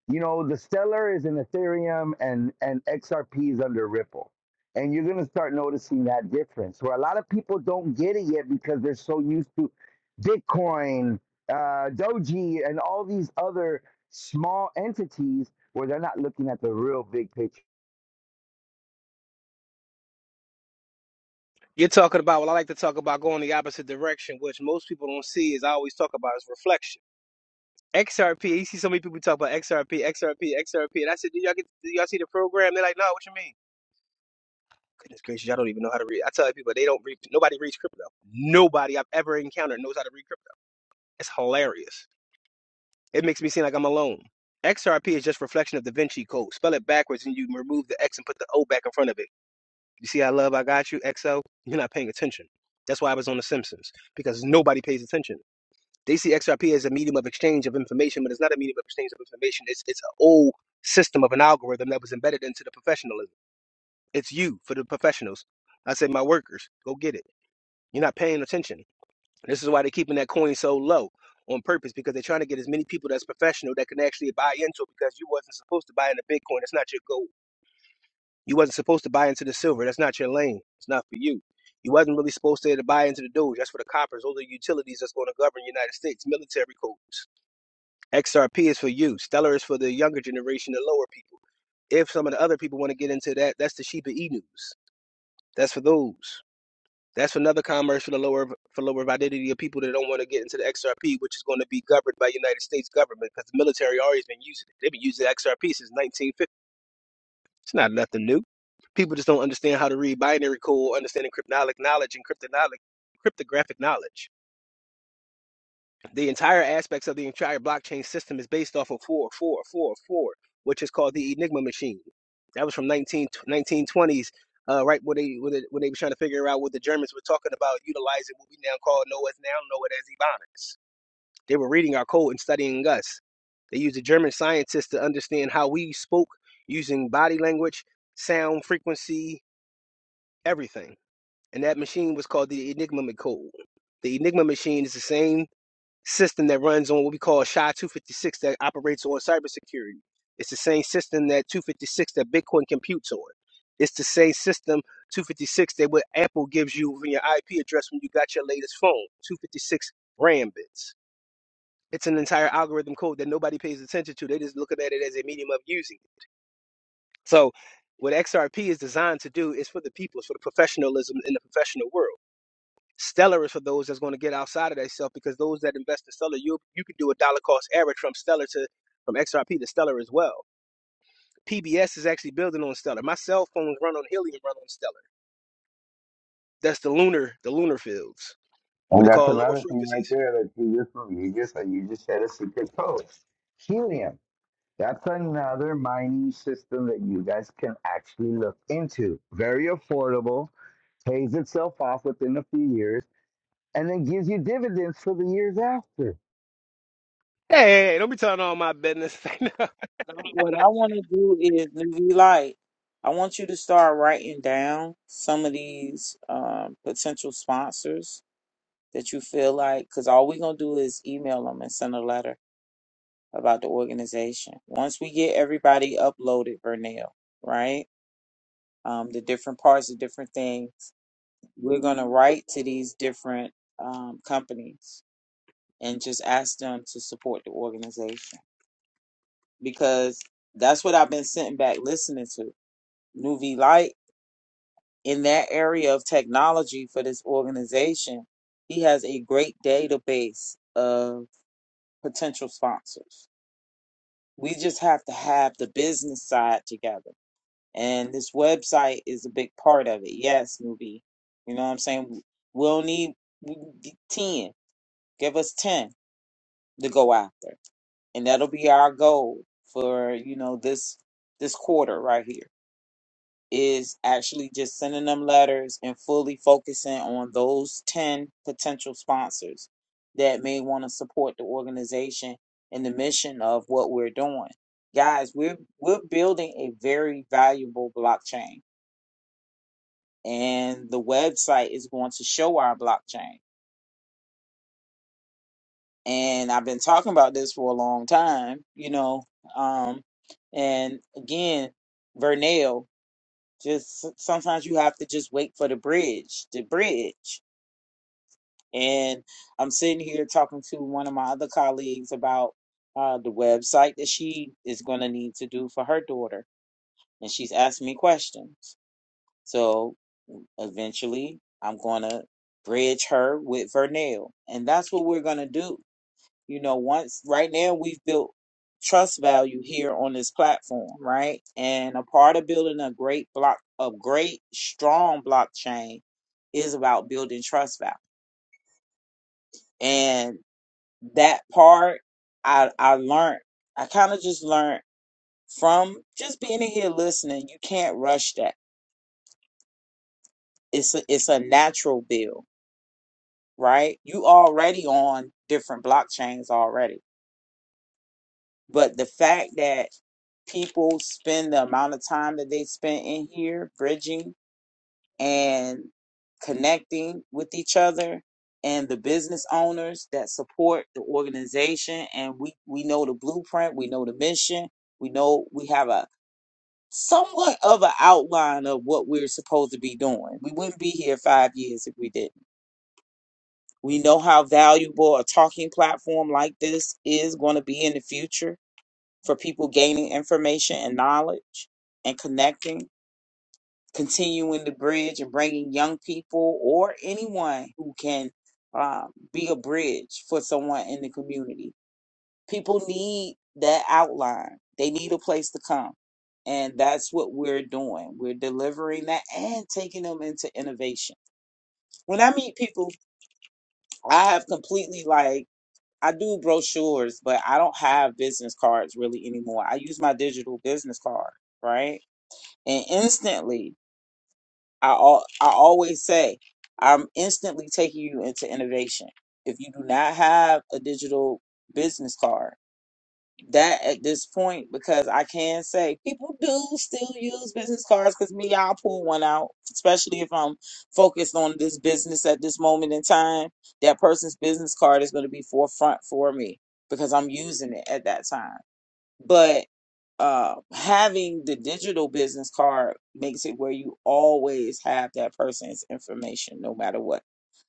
you know the stellar is in ethereum and and xrp is under ripple and you're going to start noticing that difference where a lot of people don't get it yet because they're so used to bitcoin uh, doji and all these other small entities where they're not looking at the real big picture
You're talking about, well, I like to talk about going the opposite direction, which most people don't see is I always talk about is reflection XRP. You see so many people talk about XRP, XRP, XRP, and I said, "Do y'all get? Do y'all see the program?" They're like, "No, what you mean?" Goodness gracious, y'all don't even know how to read. I tell people they don't read. Nobody reads crypto. Nobody I've ever encountered knows how to read crypto. It's hilarious. It makes me seem like I'm alone. XRP is just reflection of the Vinci Code. Spell it backwards, and you remove the X and put the O back in front of it. You see how love I got you, XO? You're not paying attention. That's why I was on The Simpsons because nobody pays attention. They see XRP as a medium of exchange of information, but it's not a medium of exchange of information. It's it's an old system of an algorithm that was embedded into the professionalism. It's you for the professionals. I said, my workers, go get it. You're not paying attention. This is why they're keeping that coin so low on purpose because they're trying to get as many people that's professional that can actually buy into it because you wasn't supposed to buy into Bitcoin. That's not your goal. You wasn't supposed to buy into the silver. That's not your lane. It's not for you. You wasn't really supposed to buy into the Doge. That's for the coppers. Those are the utilities that's going to govern the United States military codes. XRP is for you. Stellar is for the younger generation, the lower people. If some of the other people want to get into that, that's the Sheba News. That's for those. That's another commerce for the lower for lower validity of people that don't want to get into the XRP, which is going to be governed by United States government because the military already has been using it. They've been using XRP since 1950. It's not nothing new. People just don't understand how to read binary code, understanding cryptologic knowledge and cryptognomic, cryptographic knowledge. the entire aspects of the entire blockchain system is based off of 4444, which is called the Enigma machine. That was from 19, 1920s, uh, right when they, when they when they were trying to figure out what the Germans were talking about, utilizing what we now call know as now know it as Ebonics. They were reading our code and studying us. They used the German scientists to understand how we spoke using body language, sound, frequency, everything. And that machine was called the Enigma code. The Enigma machine is the same system that runs on what we call SHA 256 that operates on cybersecurity. It's the same system that 256 that Bitcoin computes on. It's the same system 256 that what Apple gives you when your IP address when you got your latest phone. 256 RAM bits. It's an entire algorithm code that nobody pays attention to. They just look at it as a medium of using it. So what XRP is designed to do is for the people, it's for the professionalism in the professional world. Stellar is for those that's going to get outside of themselves because those that invest in Stellar, you you can do a dollar cost average from Stellar to from XRP to Stellar as well. PBS is actually building on Stellar. My cell phones run on Helium, run on Stellar. That's the lunar, the lunar fields, what
and
they
that's
call lower
another thing right
frequencies.
there that you just you just you just said a secret code helium That's another mining system that you guys can actually look into. Very affordable, pays itself off within a few years, and then gives you dividends for the years after.
Hey, hey, hey don't be telling all my business.
What I want to do is, Newbie Light, I want you to start writing down some of these um, potential sponsors that you feel like, because all we're going to do is email them and send a letter about the organization. Once we get everybody uploaded, Vernell, right? Um, the different parts, the different things, we're going to write to these different um, companies and just ask them to support the organization because that's what I've been sitting back listening to. New V Light in that area of technology for this organization, he has a great database of potential sponsors. We just have to have the business side together. And this website is a big part of it. Yes, movie. You know what I'm saying? We'll need 10. Give us 10 to go after. And that'll be our goal for, you know, this this quarter right here. is actually just sending them letters and fully focusing on those 10 potential sponsors that may want to support the organization and the mission of what we're doing. Guys, we're we're building a very valuable blockchain and the website is going to show our blockchain. And I've been talking about this for a long time, you know, um and again, Vernell, just s- sometimes you have to just wait for the bridge, the bridge And I'm sitting here talking to one of my other colleagues about uh, the website that she is going to need to do for her daughter. And she's asked me questions. So eventually I'm going to bridge her with Vernell. And that's what we're going to do. You know, once right now we've built trust value here on this platform, right? And a part of building a great block, a great strong blockchain is about building trust value. and. that part I I learned I kind of just learned from just being in here listening. You can't rush that. It's a, it's a natural build, right? You already on different blockchains already, but the fact that people spend the amount of time that they spent in here bridging and connecting with each other and the business owners that support the organization and we we know the blueprint we know the mission we know we have a somewhat of an outline of what we're supposed to be doing we wouldn't be here five years if we didn't we know how valuable a talking platform like this is going to be in the future for people gaining information and knowledge and connecting continuing the bridge and bringing young people or anyone who can uh, be a bridge for someone in the community. People need that outline. They need a place to come. And that's what we're doing. We're delivering that and taking them into innovation. When I meet people, I have completely like, I do brochures, but I don't have business cards really anymore. I use my digital business card, right? And instantly I al- I always say I'm instantly taking you into innovation. If you do not have a digital business card, that at this point, because I can say people do still use business cards. Because me, I'll pull one out, especially if I'm focused on this business at this moment in time. That person's business card is going to be forefront for me because I'm using it at that time but uh, having the digital business card makes it where you always have that person's information no matter what.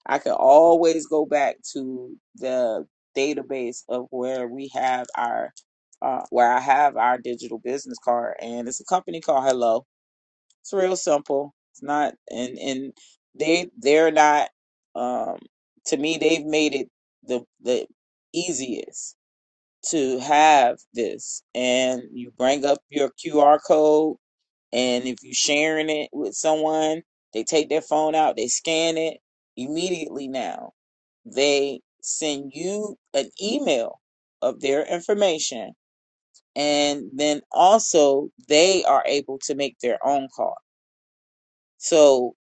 I can always go back to the database of where we have our uh, where I have our digital business card and it's a company called Hello. It's real simple. It's not and and they they're not um to me they've made it the the easiest to have this and you bring up your QR code and if you're sharing it with someone, they take their phone out, they scan it immediately now. They send you an email of their information and then also they are able to make their own call. So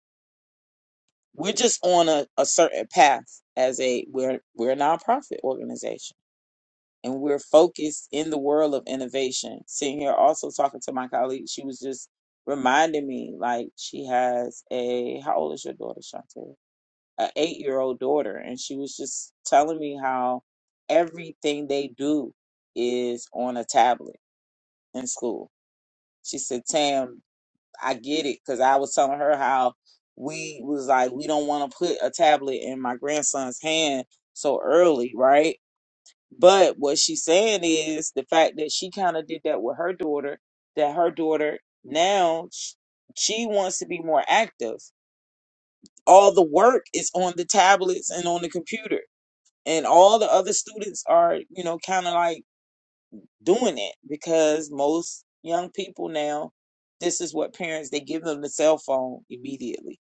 we're just on a, a certain path as a we're we're a nonprofit organization and we're focused in the world of innovation. Sitting here also talking to my colleague, she was just reminding me like she has a how old is your daughter, Shantae? A eight year old daughter, and she was just telling me how everything they do is on a tablet in school. She said, "Tam, I get it," because I was telling her how we was like we don't want to put a tablet in my grandson's hand so early, right? But what she's saying is the fact that she kind of did that with her daughter, that her daughter now sh- she wants to be more active. All the work is on the tablets and on the computer, and all the other students are, you know, kind of like doing it because most young people now, this is what parents they give them the cell phone immediately.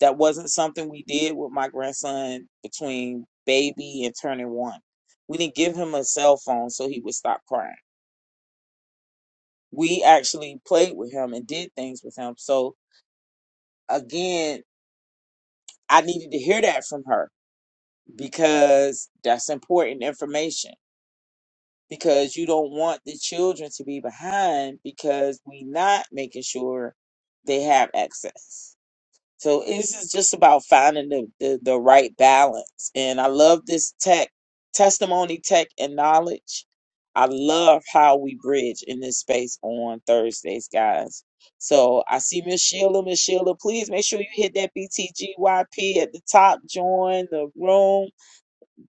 That wasn't something we did with my grandson between baby and turning one. We didn't give him a cell phone so he would stop crying we actually played with him and did things with him. So again, I needed to hear that from her because that's important information. Because you don't want the children to be behind because we not making sure they have access. So this is just about finding the, the, the right balance. And I love this tech, testimony, tech, and knowledge. I love how we bridge in this space on Thursdays, guys. So I see Miss Sheila. Miss Sheila, please make sure you hit that BTGYP at the top. Join the room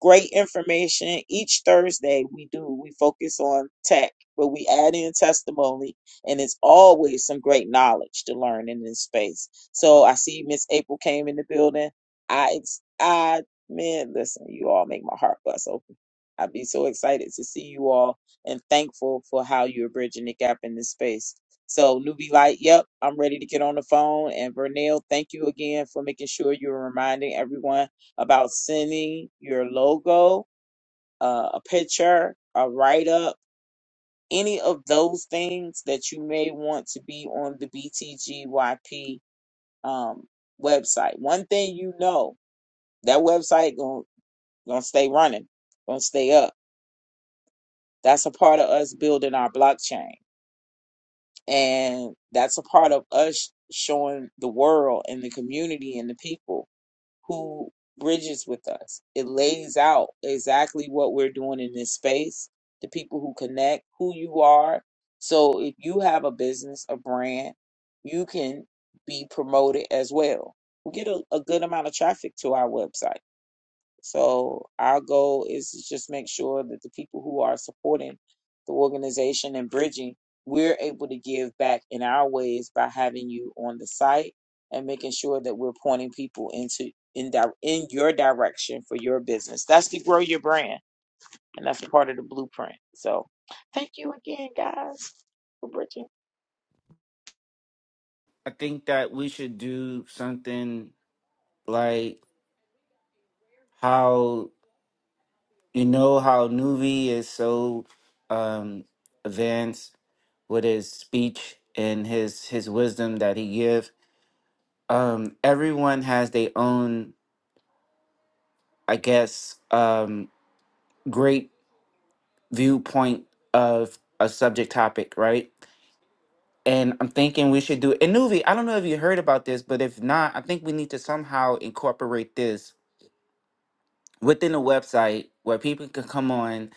great information each thursday we do we focus on tech but we add in testimony and it's always some great knowledge to learn in this space so i see miss april came in the building i ex- i man listen you all make my heart bust open i'd be so excited to see you all and thankful for how you're bridging the gap in this space so newbie light yep i'm ready to get on the phone and vernell thank you again for making sure you're reminding everyone about sending your logo, uh, a picture, a write up, any of those things that you may want to be on the BTGYP um, website. One thing you know, that website going to gonna stay running, gonna stay up. That's a part of us building our blockchain, and that's a part of us showing the world and the community and the people who bridges with us. It lays out exactly what we're doing in this space, the people who connect, who you are. So if you have a business, a brand, you can be promoted as well. We get a, a good amount of traffic to our website so our goal is to just make sure that the people who are supporting the organization and bridging, we're able to give back in our ways by having you on the site and making sure that we're pointing people into in di- in your direction for your business. That's to grow your brand, and that's part of the blueprint. So, thank you again, guys, for bridging.
I think that we should do something like how, you know, how Nuvi is so um, advanced with his speech and his, his wisdom that he give. Um, everyone has their own I guess, um, great viewpoint of a subject topic, right? And I'm thinking we should do and Nuvi, I don't know if you heard about this, but if not, I think we need to somehow incorporate this within the website where people can come on.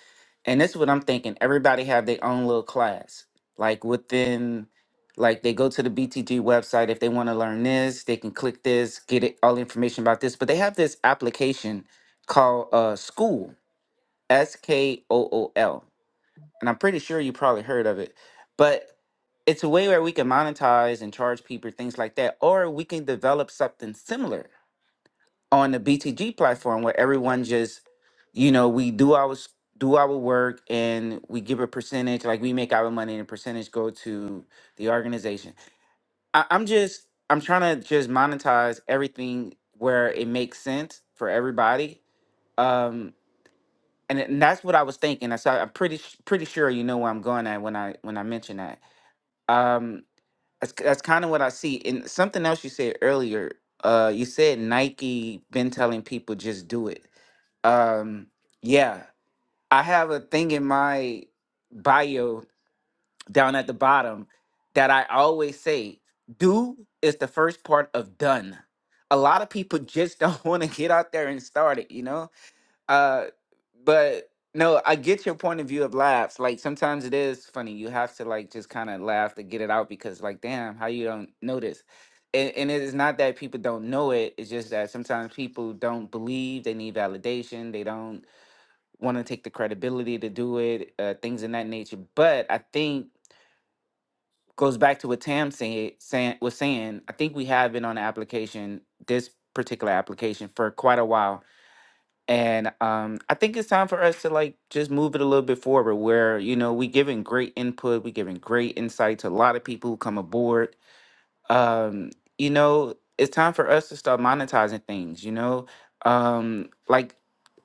And this is what I'm thinking. Everybody have their own little class. Like within like they go to the BTG website if they want to learn this, they can click this, get it all the information about this. But they have this application called uh school S K O O L. And I'm pretty sure you probably heard of it. But it's a way where we can monetize and charge people things like that or we can develop something similar on the btg platform where everyone just you know we do our s- do our work and we give a percentage like we make our money and a percentage go to the organization I, i'm just i'm trying to just monetize everything where it makes sense for everybody Um, and, and that's what I was thinking. I said, I'm pretty s- pretty sure you know where I'm going at when I when I mention that. Um, that's that's kind of what I see. And something else you said earlier, uh, you said Nike been telling people just do it. Um, yeah, I have a thing in my bio down at the bottom that I always say, do is the first part of done. A lot of people just don't want to get out there and start it, you know? Uh, but no, I get your point of view of laughs. Like sometimes it is funny. You have to like just kind of laugh to get it out because like, damn, how you don't notice? And, and it is not that people don't know it. It's just that sometimes people don't believe they need validation. They don't want to take the credibility to do it. Uh, things in that nature. But I think goes back to what Tam said, saying was saying. I think we have been on the application, this particular application, for quite a while and um, I think it's time for us to like just move it a little bit forward where, you know, we giving great input, we giving great insight to a lot of people who come aboard. Um, you know, it's time for us to start monetizing things, you know? Um, like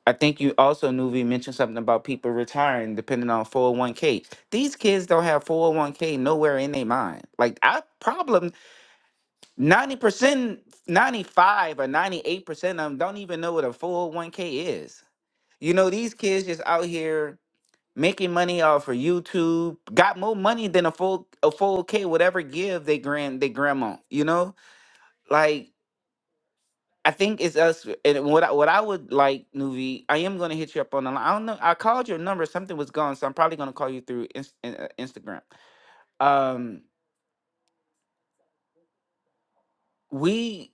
I think you also knew we mentioned something about people retiring depending on 401k. These kids don't have 401k nowhere in their mind. Like I problem 90%, 95 or 98% of them don't even know what a 401k is you know, these kids just out here making money off of YouTube, got more money than a full a full K would ever give they grand they grandma. You know, like I think it's us. And what I, what I would like, Nuvi, I am gonna hit you up on the line. I don't know. I called your number. Something was gone, so I'm probably gonna call you through Inst- in- uh, Instagram. Um, we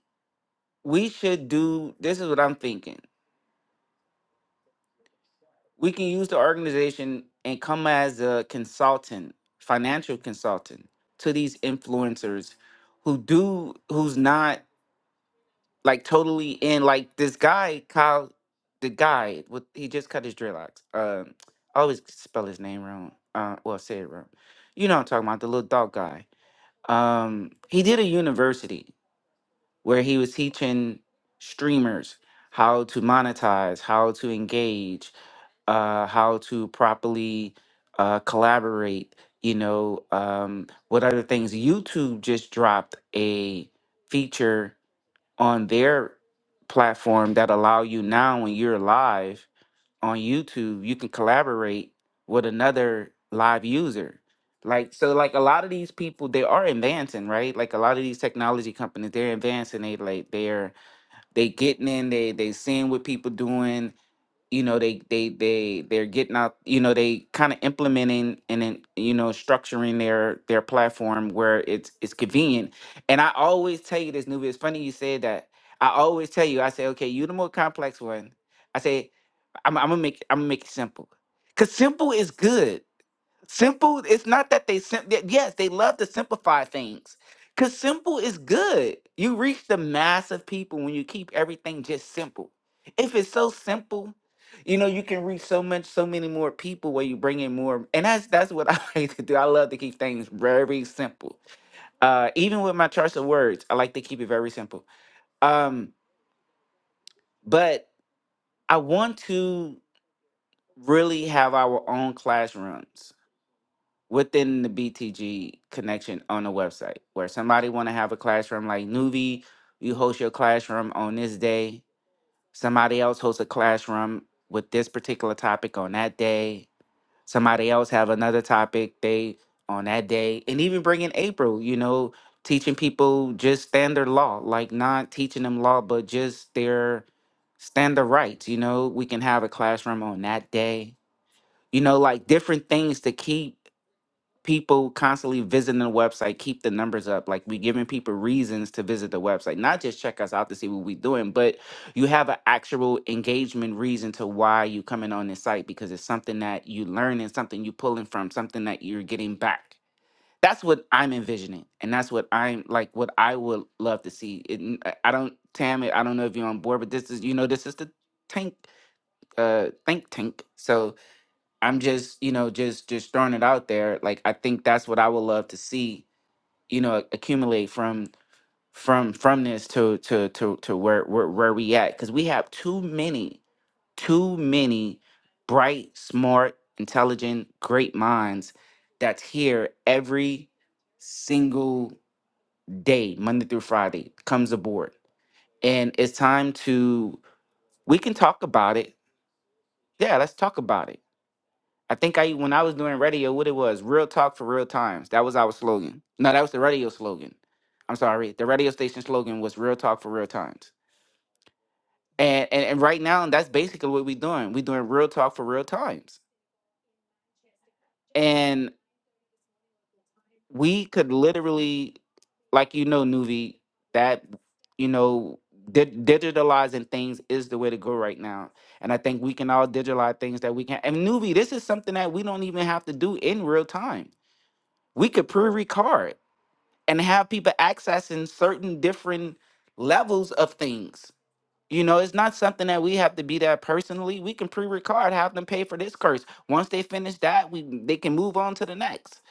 we should do. This is what I'm thinking. We can use the organization and come as a consultant, financial consultant to these influencers who do who's not like totally in like this guy, Kyle, the guy with he just cut his dreadlocks. Um I always spell his name wrong. Uh well say it wrong. You know what I'm talking about, the little dog guy. Um he did a university where he was teaching streamers how to monetize, how to engage uh, how to properly uh, collaborate. You know, um, what other things? YouTube just dropped a feature on their platform that allow you now when you're live on YouTube, you can collaborate with another live user. Like so, like a lot of these people, they are advancing, right? Like a lot of these technology companies, they're advancing. They like they're they getting in, they they seeing what people doing, you know they they they they're getting out you know they kind of implementing and then you know structuring their their platform where it's it's convenient and i always tell you this newbie it's funny you said that i always tell you i say okay you the more complex one i say i'm, I'm gonna make i'm gonna make it simple because simple is good Simple, it's not that they sim- that- yes, they love to simplify things. Cause simple is good. You reach the mass of people when you keep everything just simple. If it's so simple, you know, you can reach so much, so many more people where you bring in more. And that's that's what I like to do. I love to keep things very simple. Uh, even with my choice of words, I like to keep it very simple. Um, but I want to really have our own classrooms within the BTG connection on the website where somebody want to have a classroom like Nuvi, you host your classroom on this day. Somebody else hosts a classroom with this particular topic on that day. Somebody else have another topic they on that day. And even bring in April, you know, teaching people just standard law, like not teaching them law, but just their standard rights. You know, we can have a classroom on that day. You know, like different things to keep people constantly visiting the website keep the numbers up like we giving people reasons to visit the website not just check us out to see what we doing but you have an actual engagement reason to why you coming on this site because it's something that you learning something you pulling from something that you're getting back that's what i'm envisioning and that's what i'm like what i would love to see it, n- i I don't tam i don't know if you're on board but this is you know this is the tank uh think tank so I'm just, you know, just just throwing it out there. Like I think that's what I would love to see, you know, accumulate from from from this to to to to where where, where we at cuz we have too many too many bright, smart, intelligent, great minds that's here every single day, Monday through Friday, comes aboard. And it's time to we can talk about it. Yeah, let's talk about it I think I when I was doing radio, what it was, real talk for real times. That was our slogan. No, that was the radio slogan. I'm sorry, the radio station slogan was real talk for real times. And and, and right now, that's basically what we're doing. We're doing real talk for real times, and we could literally, like you know, Nuvi, that you know. Di- digitalizing things is the way to go right now and i think we can all digitalize things that we can and Nuvi, this is something that we don't even have to do in real time we could pre-record and have people accessing certain different levels of things. You know, it's not something that we have to be there personally. We can pre-record, have them pay for this course. Once they finish that, we they can move on to the next.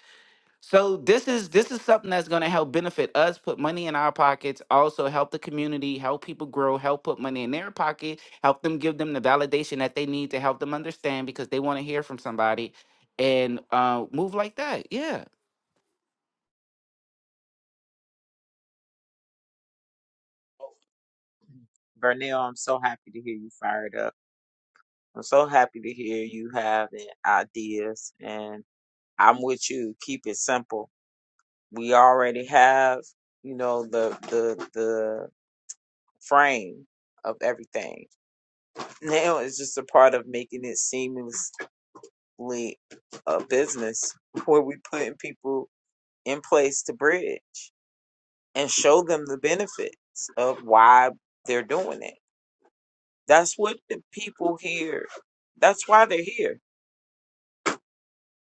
So this is this is something that's going to help benefit us, put money in our pockets, also help the community, help people grow, help put money in their pocket, help them give them the validation that they need to help them understand because they want to hear from somebody and uh move like that. Yeah.
Vernell, I'm so happy to hear you fired up. I'm so happy to hear you having ideas, and I'm with you. Keep it simple we already have you know the the the frame of everything now it's just a part of making it seamlessly a business where we putting people in place to bridge and show them the benefits of why they're doing it that's what the people here that's why they're here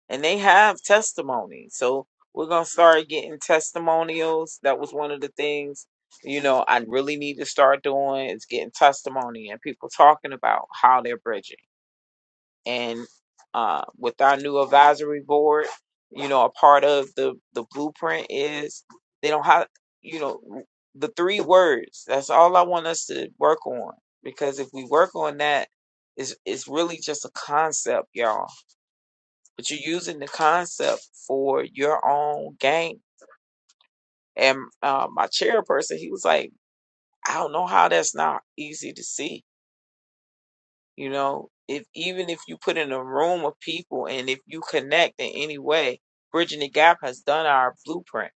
and they have testimony. So we're gonna start getting testimonials. That was one of the things, you know, I really need to start doing is getting testimony and people talking about how they're bridging. And uh, with our new advisory board, you know, a part of the the blueprint is they don't have, you know, the three words. That's all I want us to work on because if we work on that, it's it's really just a concept, y'all but you're using the concept for your own gain. And uh, my chairperson, he was like, I don't know how that's not easy to see. You know, if even if you put in a room of people and if you connect in any way, Bridging the Gap has done our blueprint.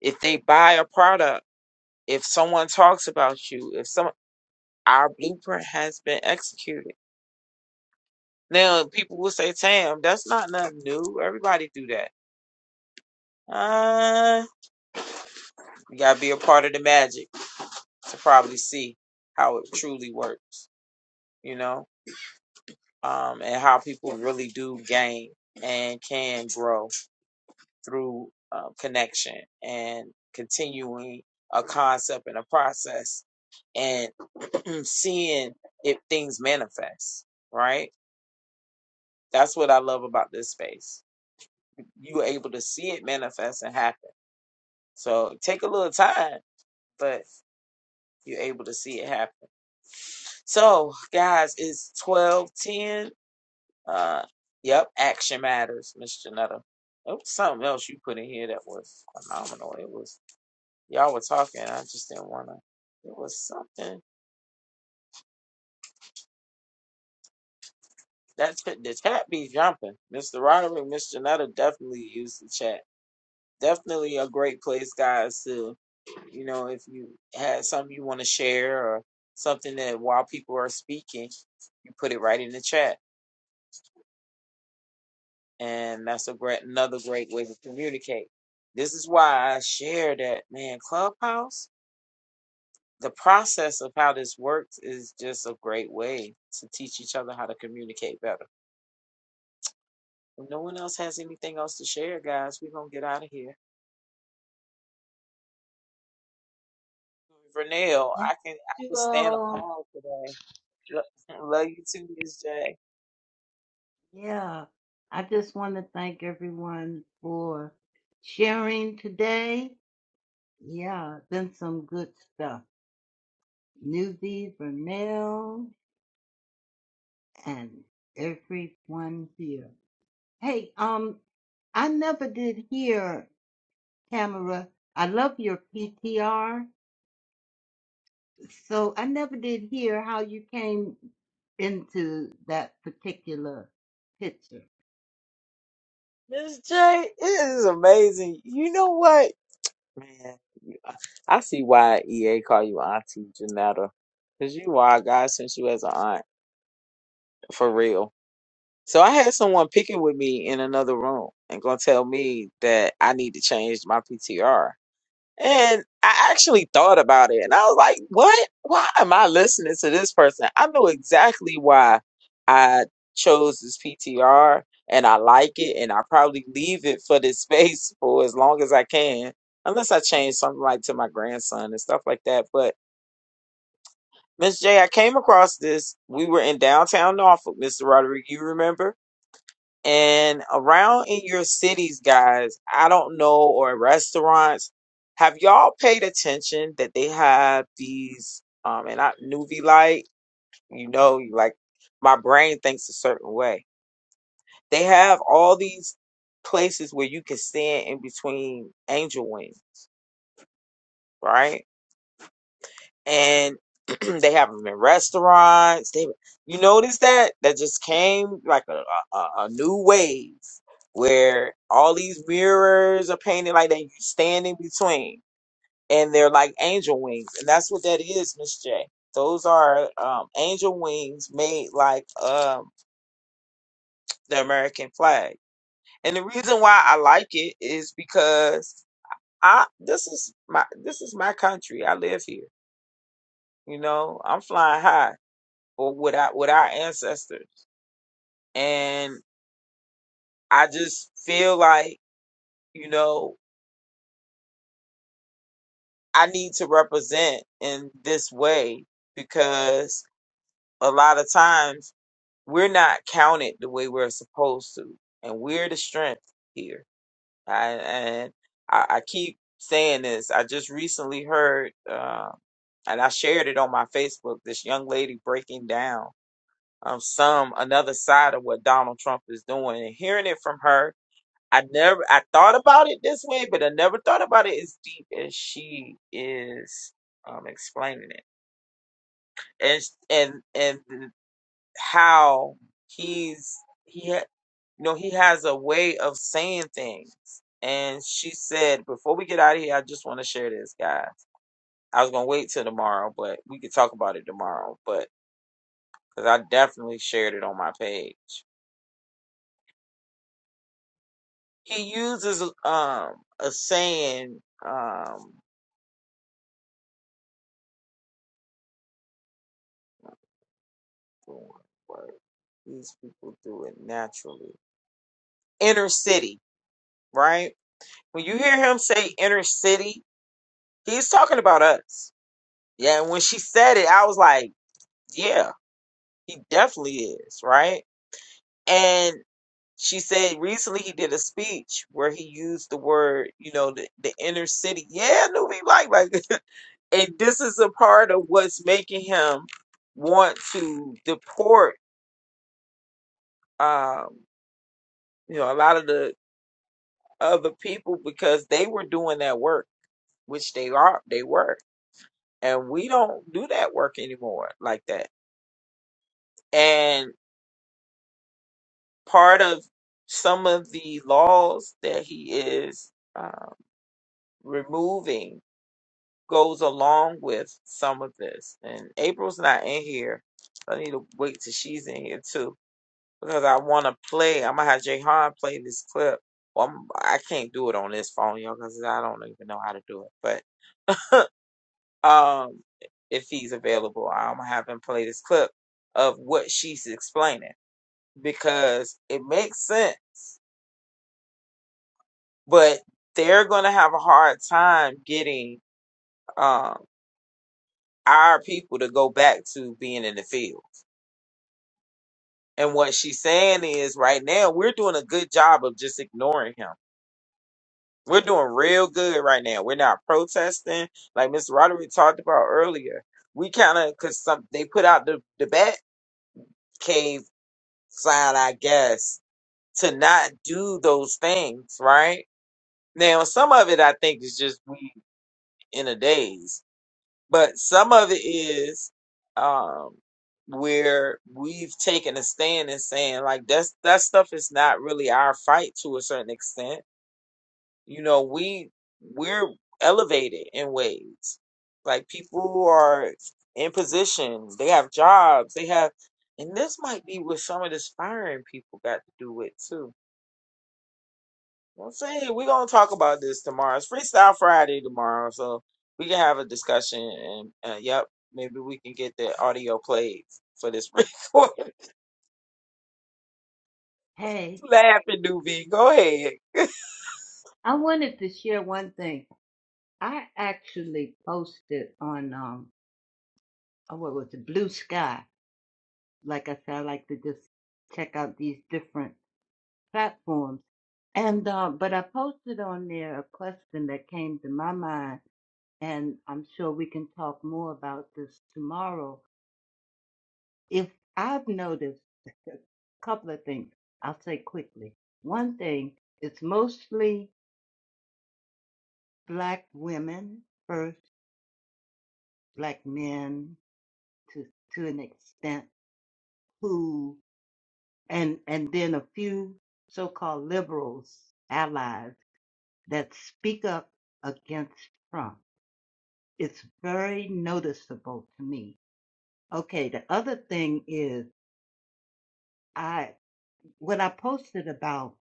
If they buy a product, if someone talks about you, if some our blueprint has been executed. Now people will say, Tam, that's not nothing new. Everybody do that. Uh you gotta be a part of the magic to probably see how it truly works, you know, um, and how people really do gain and can grow through uh, connection and continuing a concept and a process and seeing if things manifest, right? That's what I love about this space. You're able to see it manifest and happen. So it take a little time, but you're able to see it happen. So, guys, it's 12:10. Uh, yep, Action Matters, Miss Janetta. It was something else you put in here that was phenomenal. It was y'all were talking. I just didn't want to. It was something that the chat be jumping. Mr. Roderick, Miss Janetta definitely used the chat. Definitely a great place, guys, to you know if you had something you want to share or something that while people are speaking, you put it right in the chat and that's a great another great way to communicate. This is why I share that man Clubhouse. The process of how this works is just a great way to teach each other how to communicate better. If no one else has anything else to share, guys, we're gonna get out of here. Vernell,
Thank
I can I
you
can stand a
all.
call today. Lo- Love you too, Miss J.
Yeah, I just want to thank everyone for sharing today. Yeah, been some good stuff. Newsy, Vernell, and everyone here. Hey, um, I never did hear, Tamara. I love your PTR. So I never did hear how you came into that particular picture.
Miss J, it is amazing. You know what? Man, you- I I see why EA call you Auntie Janetta. Because you are God since you as an aunt, for real. So I had someone picking with me in another room and gonna tell me that I need to change my PTR. And I actually thought about it and I was like, what? Why am I listening to this person? I know exactly why I chose this PTR and I like it and I probably leave it for this space for as long as I can, unless I change something like to my grandson and stuff like that. But Miss J, I came across this. We were in downtown Norfolk, Mr. Roderick, you remember? And around in your cities, guys, I don't know, or restaurants, have y'all paid attention that they have these um and I newbie light, you know, you like my brain thinks a certain way. They have all these places where you can stand in between angel wings, right? and they have them in restaurants. They, you notice that that just came like a, a a a new wave where all these mirrors are painted like they standing between, and they're like angel wings, and that's what that is, Miss J. Those are um, angel wings made like um, the American flag, and the reason why I like it is because I this is my this is my country. I live here. You know, I'm flying high or with our with our ancestors. And I just feel like, you know, I need to represent in this way because a lot of times we're not counted the way we're supposed to. And we're the strength here. I, and I, I keep saying this. I just recently heard um and I shared it on my Facebook, this young lady breaking down um, some another side of what Donald Trump is doing and hearing it from her I never I thought about it this way, but I never thought about it as deep as she is um, explaining it, and and and how he's he ha, you know he has a way of saying things. And she said, before we get out of here, I just want to share this, guys. I was gonna wait till tomorrow, but we could talk about it tomorrow. But because I definitely shared it on my page, he uses um a saying. Um, doing what these people do it naturally. Inner city, right? When you hear him say inner city, he's talking about us. Yeah, and when she said it, I was like, yeah, he definitely is, right? And she said recently he did a speech where he used the word, you know, the, the inner city. Yeah, newbie like like and this is a part of what's making him want to deport um, you know, a lot of the other people because they were doing that work, which they are, they were. And we don't do that work anymore like that. And part of some of the laws that he is uh, removing goes along with some of this. And April's not in here. I need to wait till she's in here too because I want to play. I'm going to have Jahan play this clip. Well, I'm, I can't do it on this phone, y'all, because I don't even know how to do it. But um, if he's available. I'm gonna have him play this clip of what she's explaining because it makes sense, but they're gonna have a hard time getting um, our people to go back to being in the field. And what she's saying is, right now we're doing a good job of just ignoring him. We're doing real good right now. We're not protesting, like Mr. Roderick talked about earlier. We kind of, cause some they put out the the Batcave sign, I guess, to not do those things, right? Now, some of it I think is just we in a daze, but some of it is um, where we've taken a stand and saying like that's that stuff is not really our fight to a certain extent. You know, we we're elevated in ways like people who are in positions, they have jobs, they have, and this might be what some of the firing people got to do with too I'm saying we're gonna talk about this tomorrow. It's Freestyle Friday tomorrow, so we can have a discussion. And uh, yep, maybe we can get the audio played for this recording.
Hey,
Laughing, newbie. Go ahead,
I wanted to share one thing. I actually posted on, um, oh, what was it, Blue Sky. Like I said, I like to just check out these different platforms. And, uh, but I posted on there a question that came to my mind and I'm sure we can talk more about this tomorrow. If I've noticed a couple of things, I'll say quickly. One thing, it's mostly black women first, black men to to an extent who and and then a few so-called liberals allies that speak up against Trump. It's very noticeable to me. Okay, the other thing is I. what I posted about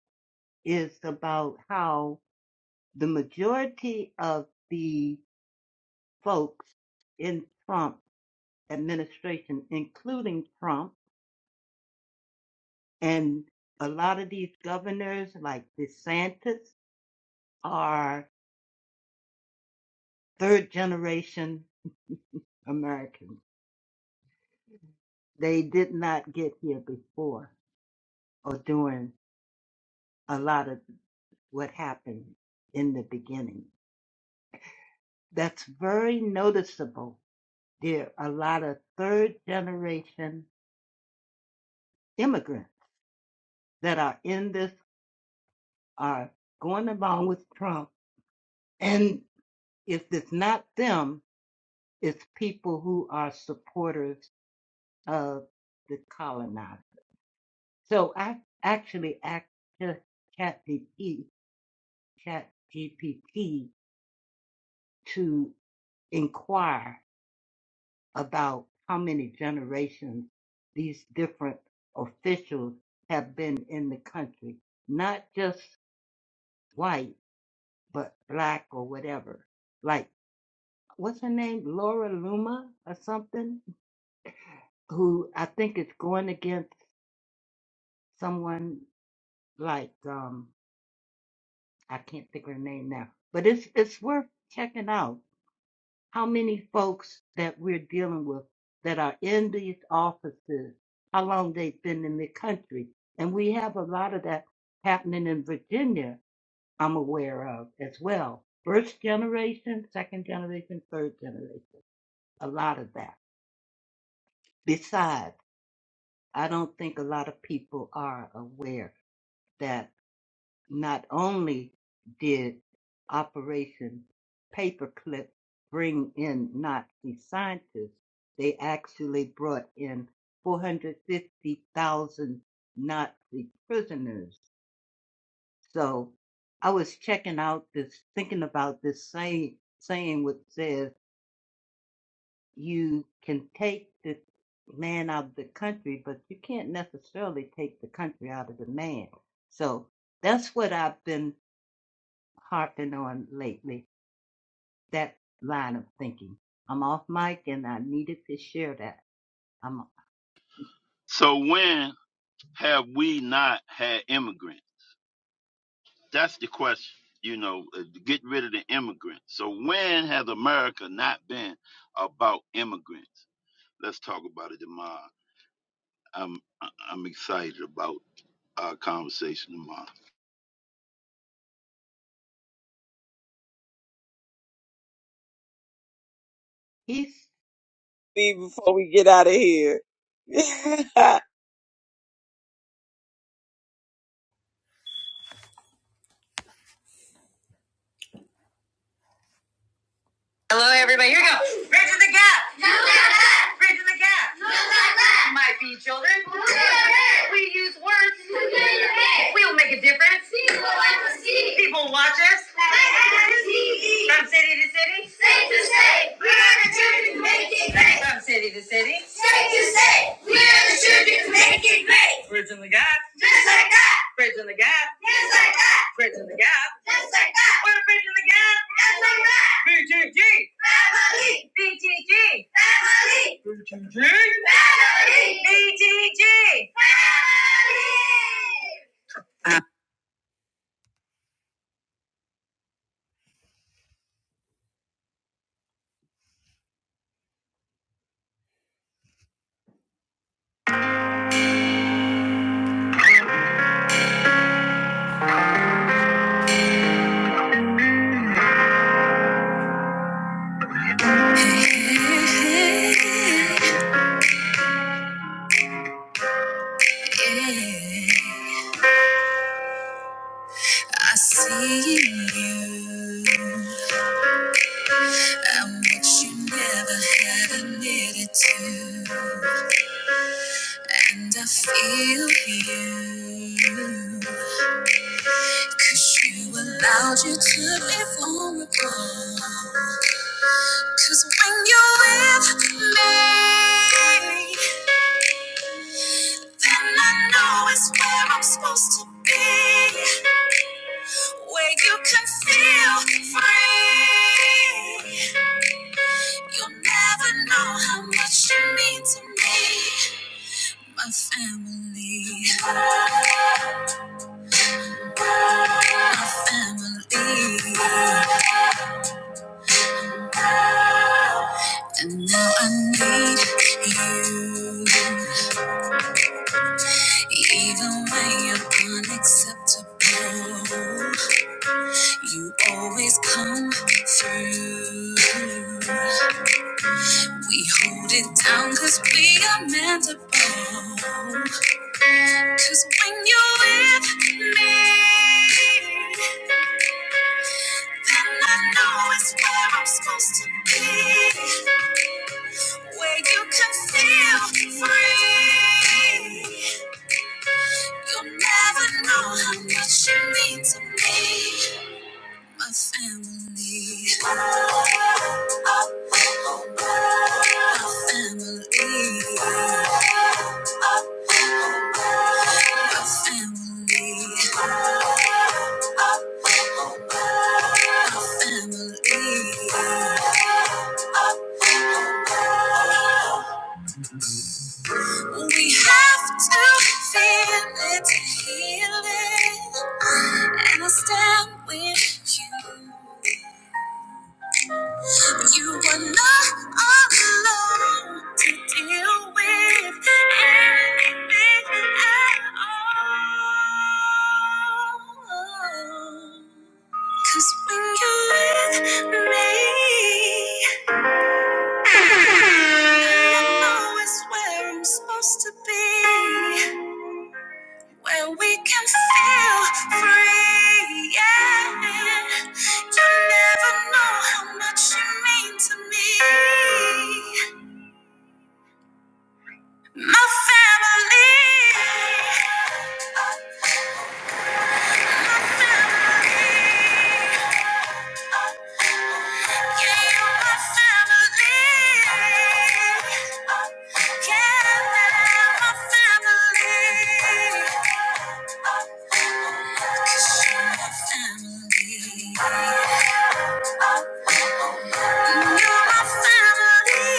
is about how the majority of the folks in Trump administration, including Trump and a lot of these governors like DeSantis are third generation Americans. They did not get here before or during a lot of what happened in the beginning. That's very noticeable there are a lot of third generation immigrants that are in this are going along with Trump. And if it's not them, it's people who are supporters of the colonizer. So I actually asked Chat GPT to inquire about how many generations these different officials have been in the country, not just white but black or whatever. Like what's her name, Laura Luma or something, who I think is going against someone like um I can't think of her name now. But it's it's worth checking out how many folks that we're dealing with that are in these offices, how long they've been in the country. And we have a lot of that happening in Virginia, I'm aware of as well. First generation, second generation, third generation. a lot of that. Besides, I don't think a lot of people are aware that not only did Operation Paperclip bring in Nazi scientists, they actually brought in 450,000 Nazi prisoners. So I was checking out this, thinking about this saying, saying which says you can take the man out of the country, but you can't necessarily take the country out of the man. So that's what I've been harping on lately, that line of thinking. I'm off mic and I needed to share that. ஆமா. ம்.
So when have we not had immigrants? That's the question. You know, uh, get rid of the immigrants. So when has America not been about immigrants? Let's talk about it tomorrow. I'm I- I'm excited about our conversation tomorrow.
He's
B, before we get out of here.
Hello, everybody. Here we go. Bridging the gap. Might be children. We use words. We will make a difference. People watch us. From city to city. State state, to state. we are the children who make it great. From city to city. state state, to state. we Bridging the children who make it great. Bridge in the gap. Just like that, Bridging the gap. Just like that, Bridging the gap. Just like that, We're bridging the gap. Just like BGG. BGG. Family. BTG. Family. B G G. Family. But you never had a needed tender feel you. Cause you allowed you to be vulnerable. Cause when you're with me, then I know it's where I'm supposed to be. Where you can feel free. You'll never know how much you mean to me. My family, my family. And now I need you. Even when you're unacceptable, you always come through. We hold it down 'cause we are meant to bond. Cause when you're with me, then I know it's where I'm supposed to be. Where you can feel free. You'll never know how much you mean to me. my family, my family, my family. My family. We have to feel it, heal it, and I stand with you. You are not alone to deal with anything at all. Cause when you're with me, i know it's where I'm supposed to be, where we can feel free. Yeah, you never know how much you mean to me. My family. Yeah, my family. Yeah, my family. 'Cause you're my family. You're my family.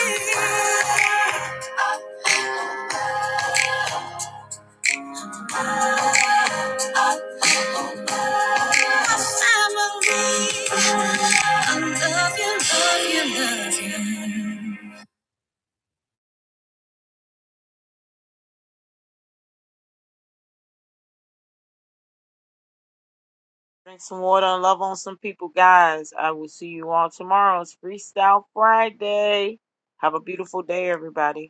My family. I love you, love you, love you.
Drink some water and love on some people, guys. I will see you all tomorrow. It's Freestyle Friday. Have a beautiful day, everybody.